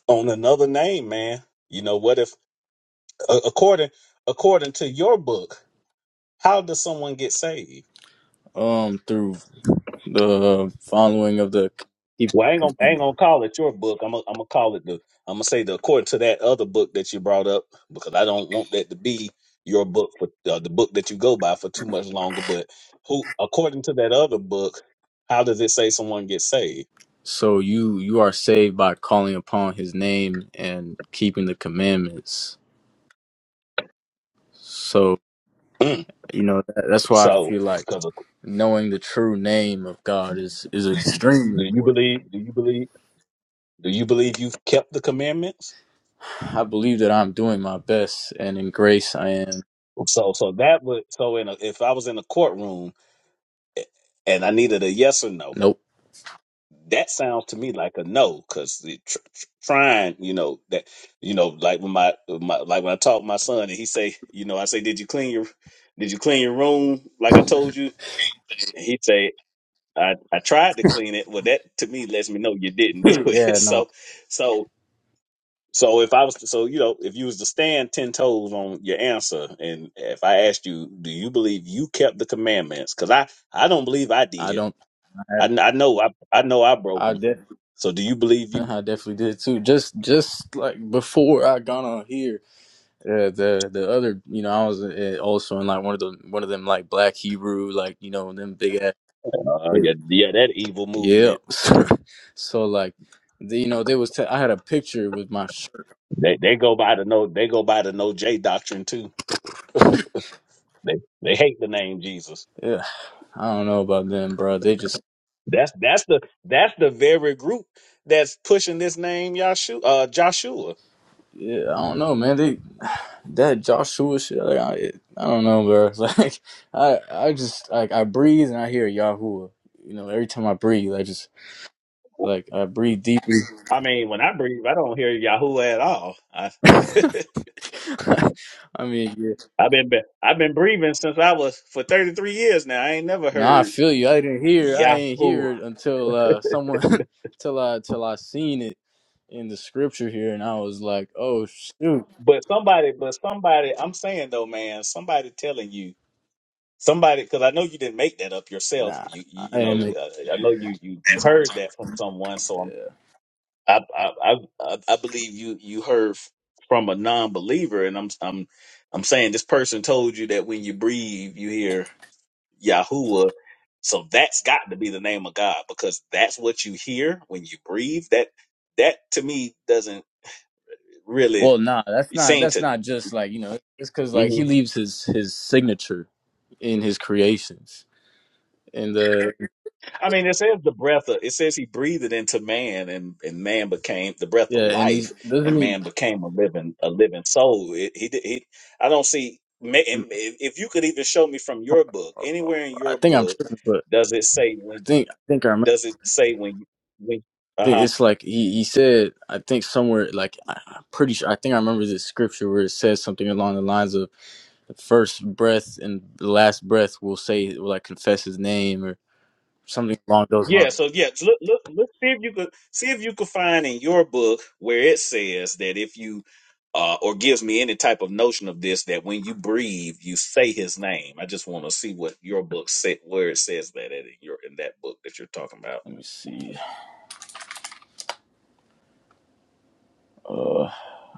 on another name, man. You know what? If a- according according to your book, how does someone get saved?
um through the following of the keep
Well, I ain't gonna, I ain't
commandment.
gonna call it your book. I'm gonna, I'm gonna call it the. I'm gonna say the according to that other book that you brought up because I don't want that to be your book for uh, the book that you go by for too much longer. But who, according to that other book, how does it say someone gets saved?
So you you are saved by calling upon His name and keeping the commandments. So
Mm.
you know that, that's why I
So,
feel like
because
knowing the true name of God is is extremely
do you
important.
believe? Do you believe? Do you believe you've kept the commandments?
I believe that I'm doing my best, and in grace I am.
So, so that would so in a, if I was in a courtroom and I needed a yes or no,
Nope.
that sounds to me like a no because the tr- tr- trying you know that you know like when my, my like when i talk to my son and he say you know i say did you clean your did you clean your room like i told you and he say i i tried to clean it well that to me lets me know you didn't do it
yeah, no,
so so so if i was to, so you know if you was to stand 10 toes on your answer and if i asked you do you believe you kept the commandments because i i don't believe i
I
did
don't. I
i, kn- I know I, I know i broke them
I
so do you believe you
I definitely did too. Just just like before I got on here, uh, the the other you know I was uh, also in like one of the one of them like black Hebrew like you know them big ass
Uh,
yeah
yeah, yeah, that evil
yeah.
movement.
So, so like the, you know they was t- I had a picture with my shirt.
They they go by the no they go by the no J doctrine too. They they hate the name Jesus.
Yeah, I don't know about them, bro. They just
That's that's the that's the very group that's pushing this name Yahshua uh Joshua.
yeah I don't know man. They that Joshua shit like I I don't know, bro. Like I I just like I breathe and I hear Yahuwah. You know every time I breathe I just Like I breathe deeply.
I mean, when I breathe, I don't hear Yahoo at all. I
I mean, yeah.
I've been, been I've been breathing since I was for 33 years now. I ain't never
nah, I
heard
feel you. I didn't hear. I ain't
Yahoo.
hear it until uh, someone, till I, till I seen it in the scripture here, and I was like, oh shoot,
But somebody, but somebody, I'm saying though, man, somebody telling you Somebody, because I know you didn't make that up yourself.
nah,
But You, you, you
I am.
know,
Like,
uh, I know you, you you heard that from someone. So I'm, I, I, I, I I believe you you heard f- from a non-believer, and I'm, I'm, I'm saying this person told you that when you breathe, you hear Yahuwah. So that's got to be the name of God because that's what you hear when you breathe. That, that to me doesn't really
well, nah, that's not.
seem
That's
to.
not just like you know. It's because like he leaves his his signature in his creations, and uh,
I mean, it says the breath of, it says he breathed it into man and, and man became the breath of
yeah, and he
life
doesn't
and
he.
man became a living, a living soul. It, he, did- he, I don't see, ma-
um,
and if if you could even show me from your book, anywhere in
I
your
think I'm
book,
tripping, but
does it say
I
when,
think I think I remember.
does it say when, when,
think
uh-huh
it's like he, he said i think somewhere like I- i'm pretty sure i think i remember this scripture where it says something along the lines of the first breath and the last breath will say will like confess his name or something along those
Yeah,
lines
so yeah, so look, look, look, see if you could see if you could find in your book where it says that if you uh, or gives me any type of notion of this that when you breathe, you say his name. I just want to see what your book said, where it says that at in your in that book that you're talking about.
let me see uh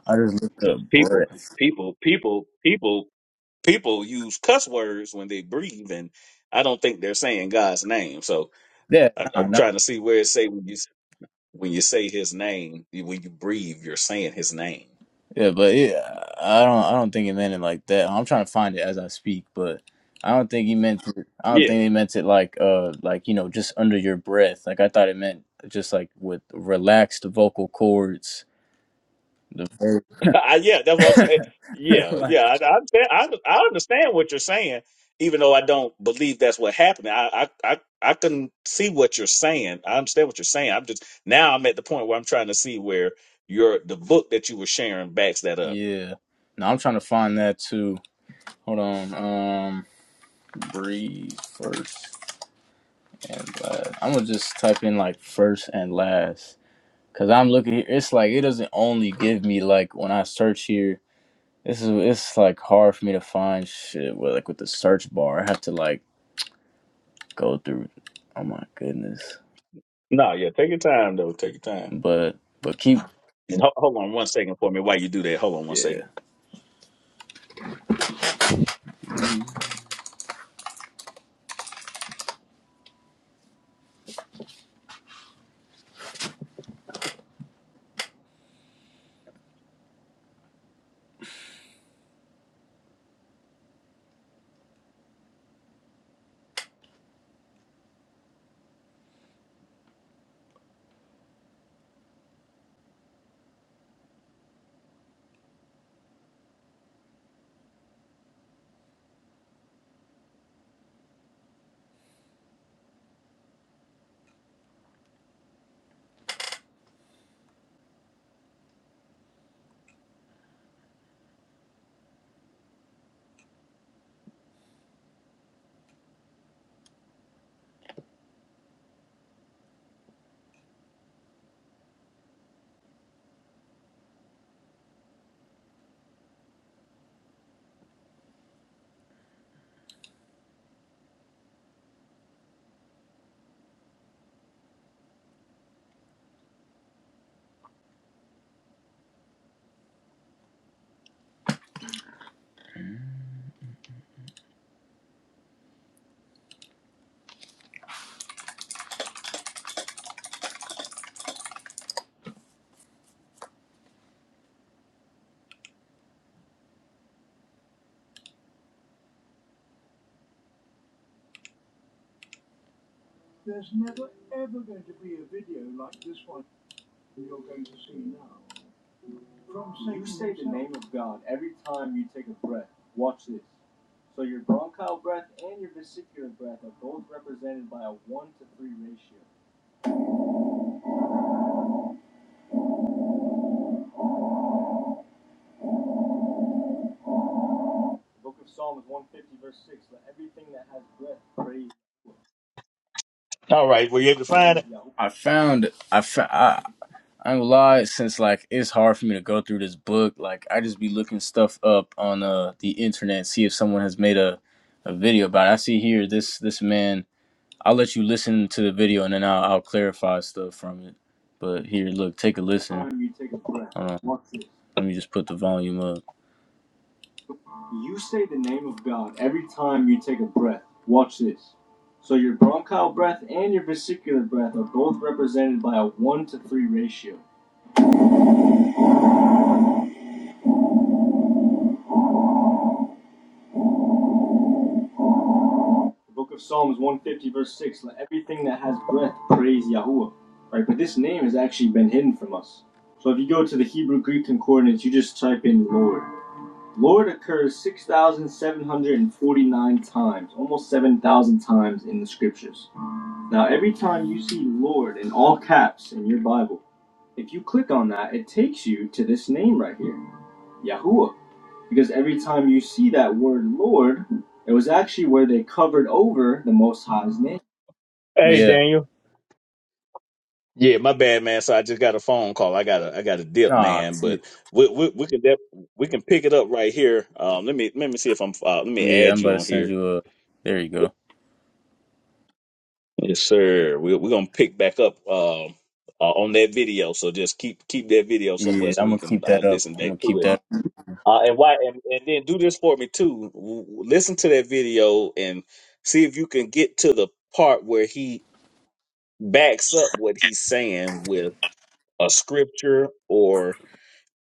i just looked up
Because people,
breath
people, people, people, people use cuss words when they breathe, and I don't think they're saying God's name. So
yeah
I,
nah,
I'm
nah.
trying to see where it say when you when you say his name, when you breathe, you're saying his name.
Yeah, but yeah, I don't I don't think he meant it like that. I'm trying to find it as I speak, but I don't think he meant it. I don't think he meant it like uh like you know just under your breath. Like I thought it meant just like with relaxed vocal cords. The ver-
I, yeah, that's what I'm saying. Yeah,
like,
yeah, I, I, understand- I I understand what you're saying, even though I don't believe that's what happened. I, I, I, I can see what you're saying. I understand what you're saying. I'm just now I'm at the point where I'm trying to see where your the book that you were sharing backs that up.
yeah. No, I'm trying to find that too. Hold on. Um, breathe first and last. I'm gonna just type in like first and last. Cause I'm looking here, it's like it doesn't only give me like when I search here This is it's like hard for me to find shit with like with the search bar. I have to like go through. Oh my goodness.
No, yeah, take your time though. Take your time.
But but keep
And ho- hold on one second for me while you do that. Hold on one
yeah.
second.
Name of God, every time you take a breath, watch this. So your bronchial breath and your vesicular breath are both represented by a one to three ratio. The Book of Psalms one fifty verse six. Let everything that has breath praise
All right, were you able to find
praise
it?
Yahweh. I found I found I, I ain't gonna lie, since like it's hard for me to go through this book, like I just be looking stuff up on uh the internet, see if someone has made a, a video about it. I see here this this man. I'll let you listen to the video and then I'll, I'll clarify stuff from it. But here, look, take a listen. Time you take a breath. Hold on. Watch this. Let me just put the volume up. You say the name of God every time you take a breath. Watch this. So your bronchial breath and your vesicular breath are both represented by a one to three ratio. The book of Psalms 150, verse 6 Let everything that has breath praise Yahuwah. Right? But this name has actually been hidden from us. So if you go to the Hebrew Greek concordance, you just type in Lord. Lord occurs 6,749 times, almost 7,000 times in the scriptures. Now, every time you see Lord in all caps in your Bible, if you click on that, it takes you to this name right here. Yahuwah. Because every time you see that word Lord, it was actually where they covered over the Most High's name.
Hey,
Yeah.
Daniel. Yeah, my bad, man. So I just got a phone call. I got to I got to dip,
Nah.
man.
shit.
But we we, we can def- we can pick it up right here. Um, let me let me see if I'm uh, let me
Yeah,
add
I'm
you
about to
on
send
here.
you a. There you go.
Yes, sir. We we're gonna pick back up um uh, on that video. So just keep keep that video somewhere
Yeah,
so
I'm
we
gonna
can
keep
uh,
that up.
listen
I'm
back
gonna
to
keep
it.
that.
Uh, and why and, and then do this for me too. W- Listen to that video and see if you can get to the part where he backs up what he's saying with a scripture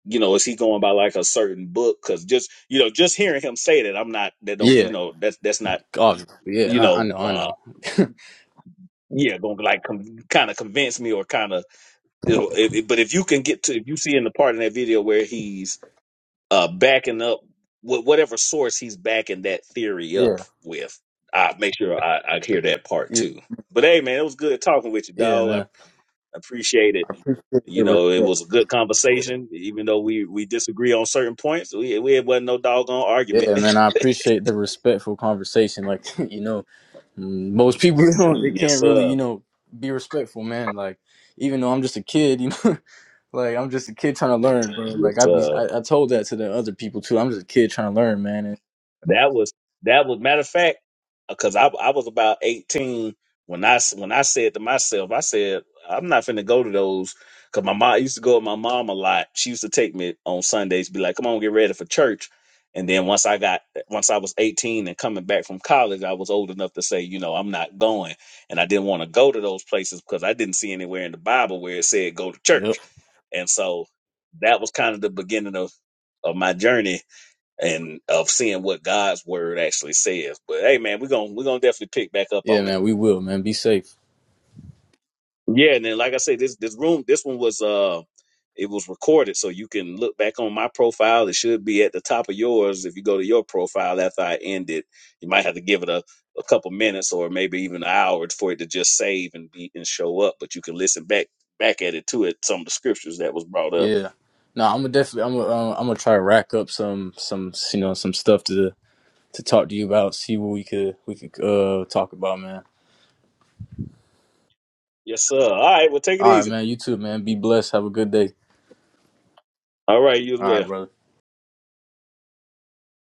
you know, is he going by like a certain book? Because just you know, just hearing him say that, I'm not that don't
Yeah.
you know that's that's not
God.
you
Yeah. I, I
know
know. I
uh
know.
yeah going to like com- kind of convince me or kind of you know. If, if- but if you can get to if you see in the part in that video where he's uh backing up wh- whatever source he's backing that theory up
Yeah.
with, I make sure I, I hear that part
Yeah.
too. But hey, man, it was good talking with you,
Yeah,
dog. I
man.
appreciate it
I appreciate
You
the
know, it
respect.
was a good conversation, even though we we disagree on certain points. We we it wasn't no doggone argument.
Yeah, man. I appreciate the respectful conversation. Like, you know. Mm, most people you know they
yes,
can't really
sir.
you know be respectful man like even though i'm just a kid you know like i'm just a kid trying to learn bro
Yes,
like i be
sir.
I, I told that to the other people too i'm just a kid trying to learn man and
That was that was matter of fact, because I I was about eighteen when I s- when I said to myself, I said I'm not finna go to those because my mom I used to go with my mom a lot. She used to take me on Sundays, be like, "Come on, get ready for church." And then once I got once I was eighteen and coming back from college, I was old enough to say, you know, I'm not going, and I didn't want to go to those places because I didn't see anywhere in the Bible where it said go to
yep
church, and so that was kind of the beginning of of my journey and of seeing what God's word actually says. But hey, man, we're gonna we're gonna definitely pick back up
yeah
on it.
man we will man be safe
Yeah, and then like I said, this this room this one was uh it was recorded, so you can look back on my profile. It should be at the top of yours. If you go to your profile after I end it, you might have to give it a, a couple minutes or maybe even an hour for it to just save and be and show up. But you can listen back back at it too at some of the scriptures that was brought up.
yeah no i'm gonna definitely i'm gonna uh, i'm gonna try to rack up some some you know some stuff to to talk to you about see what we could we could uh talk about man
Yes, sir. All right, well take it
all right
easy.
man you too man be blessed have a good day
All right, you as
all
well.
right brother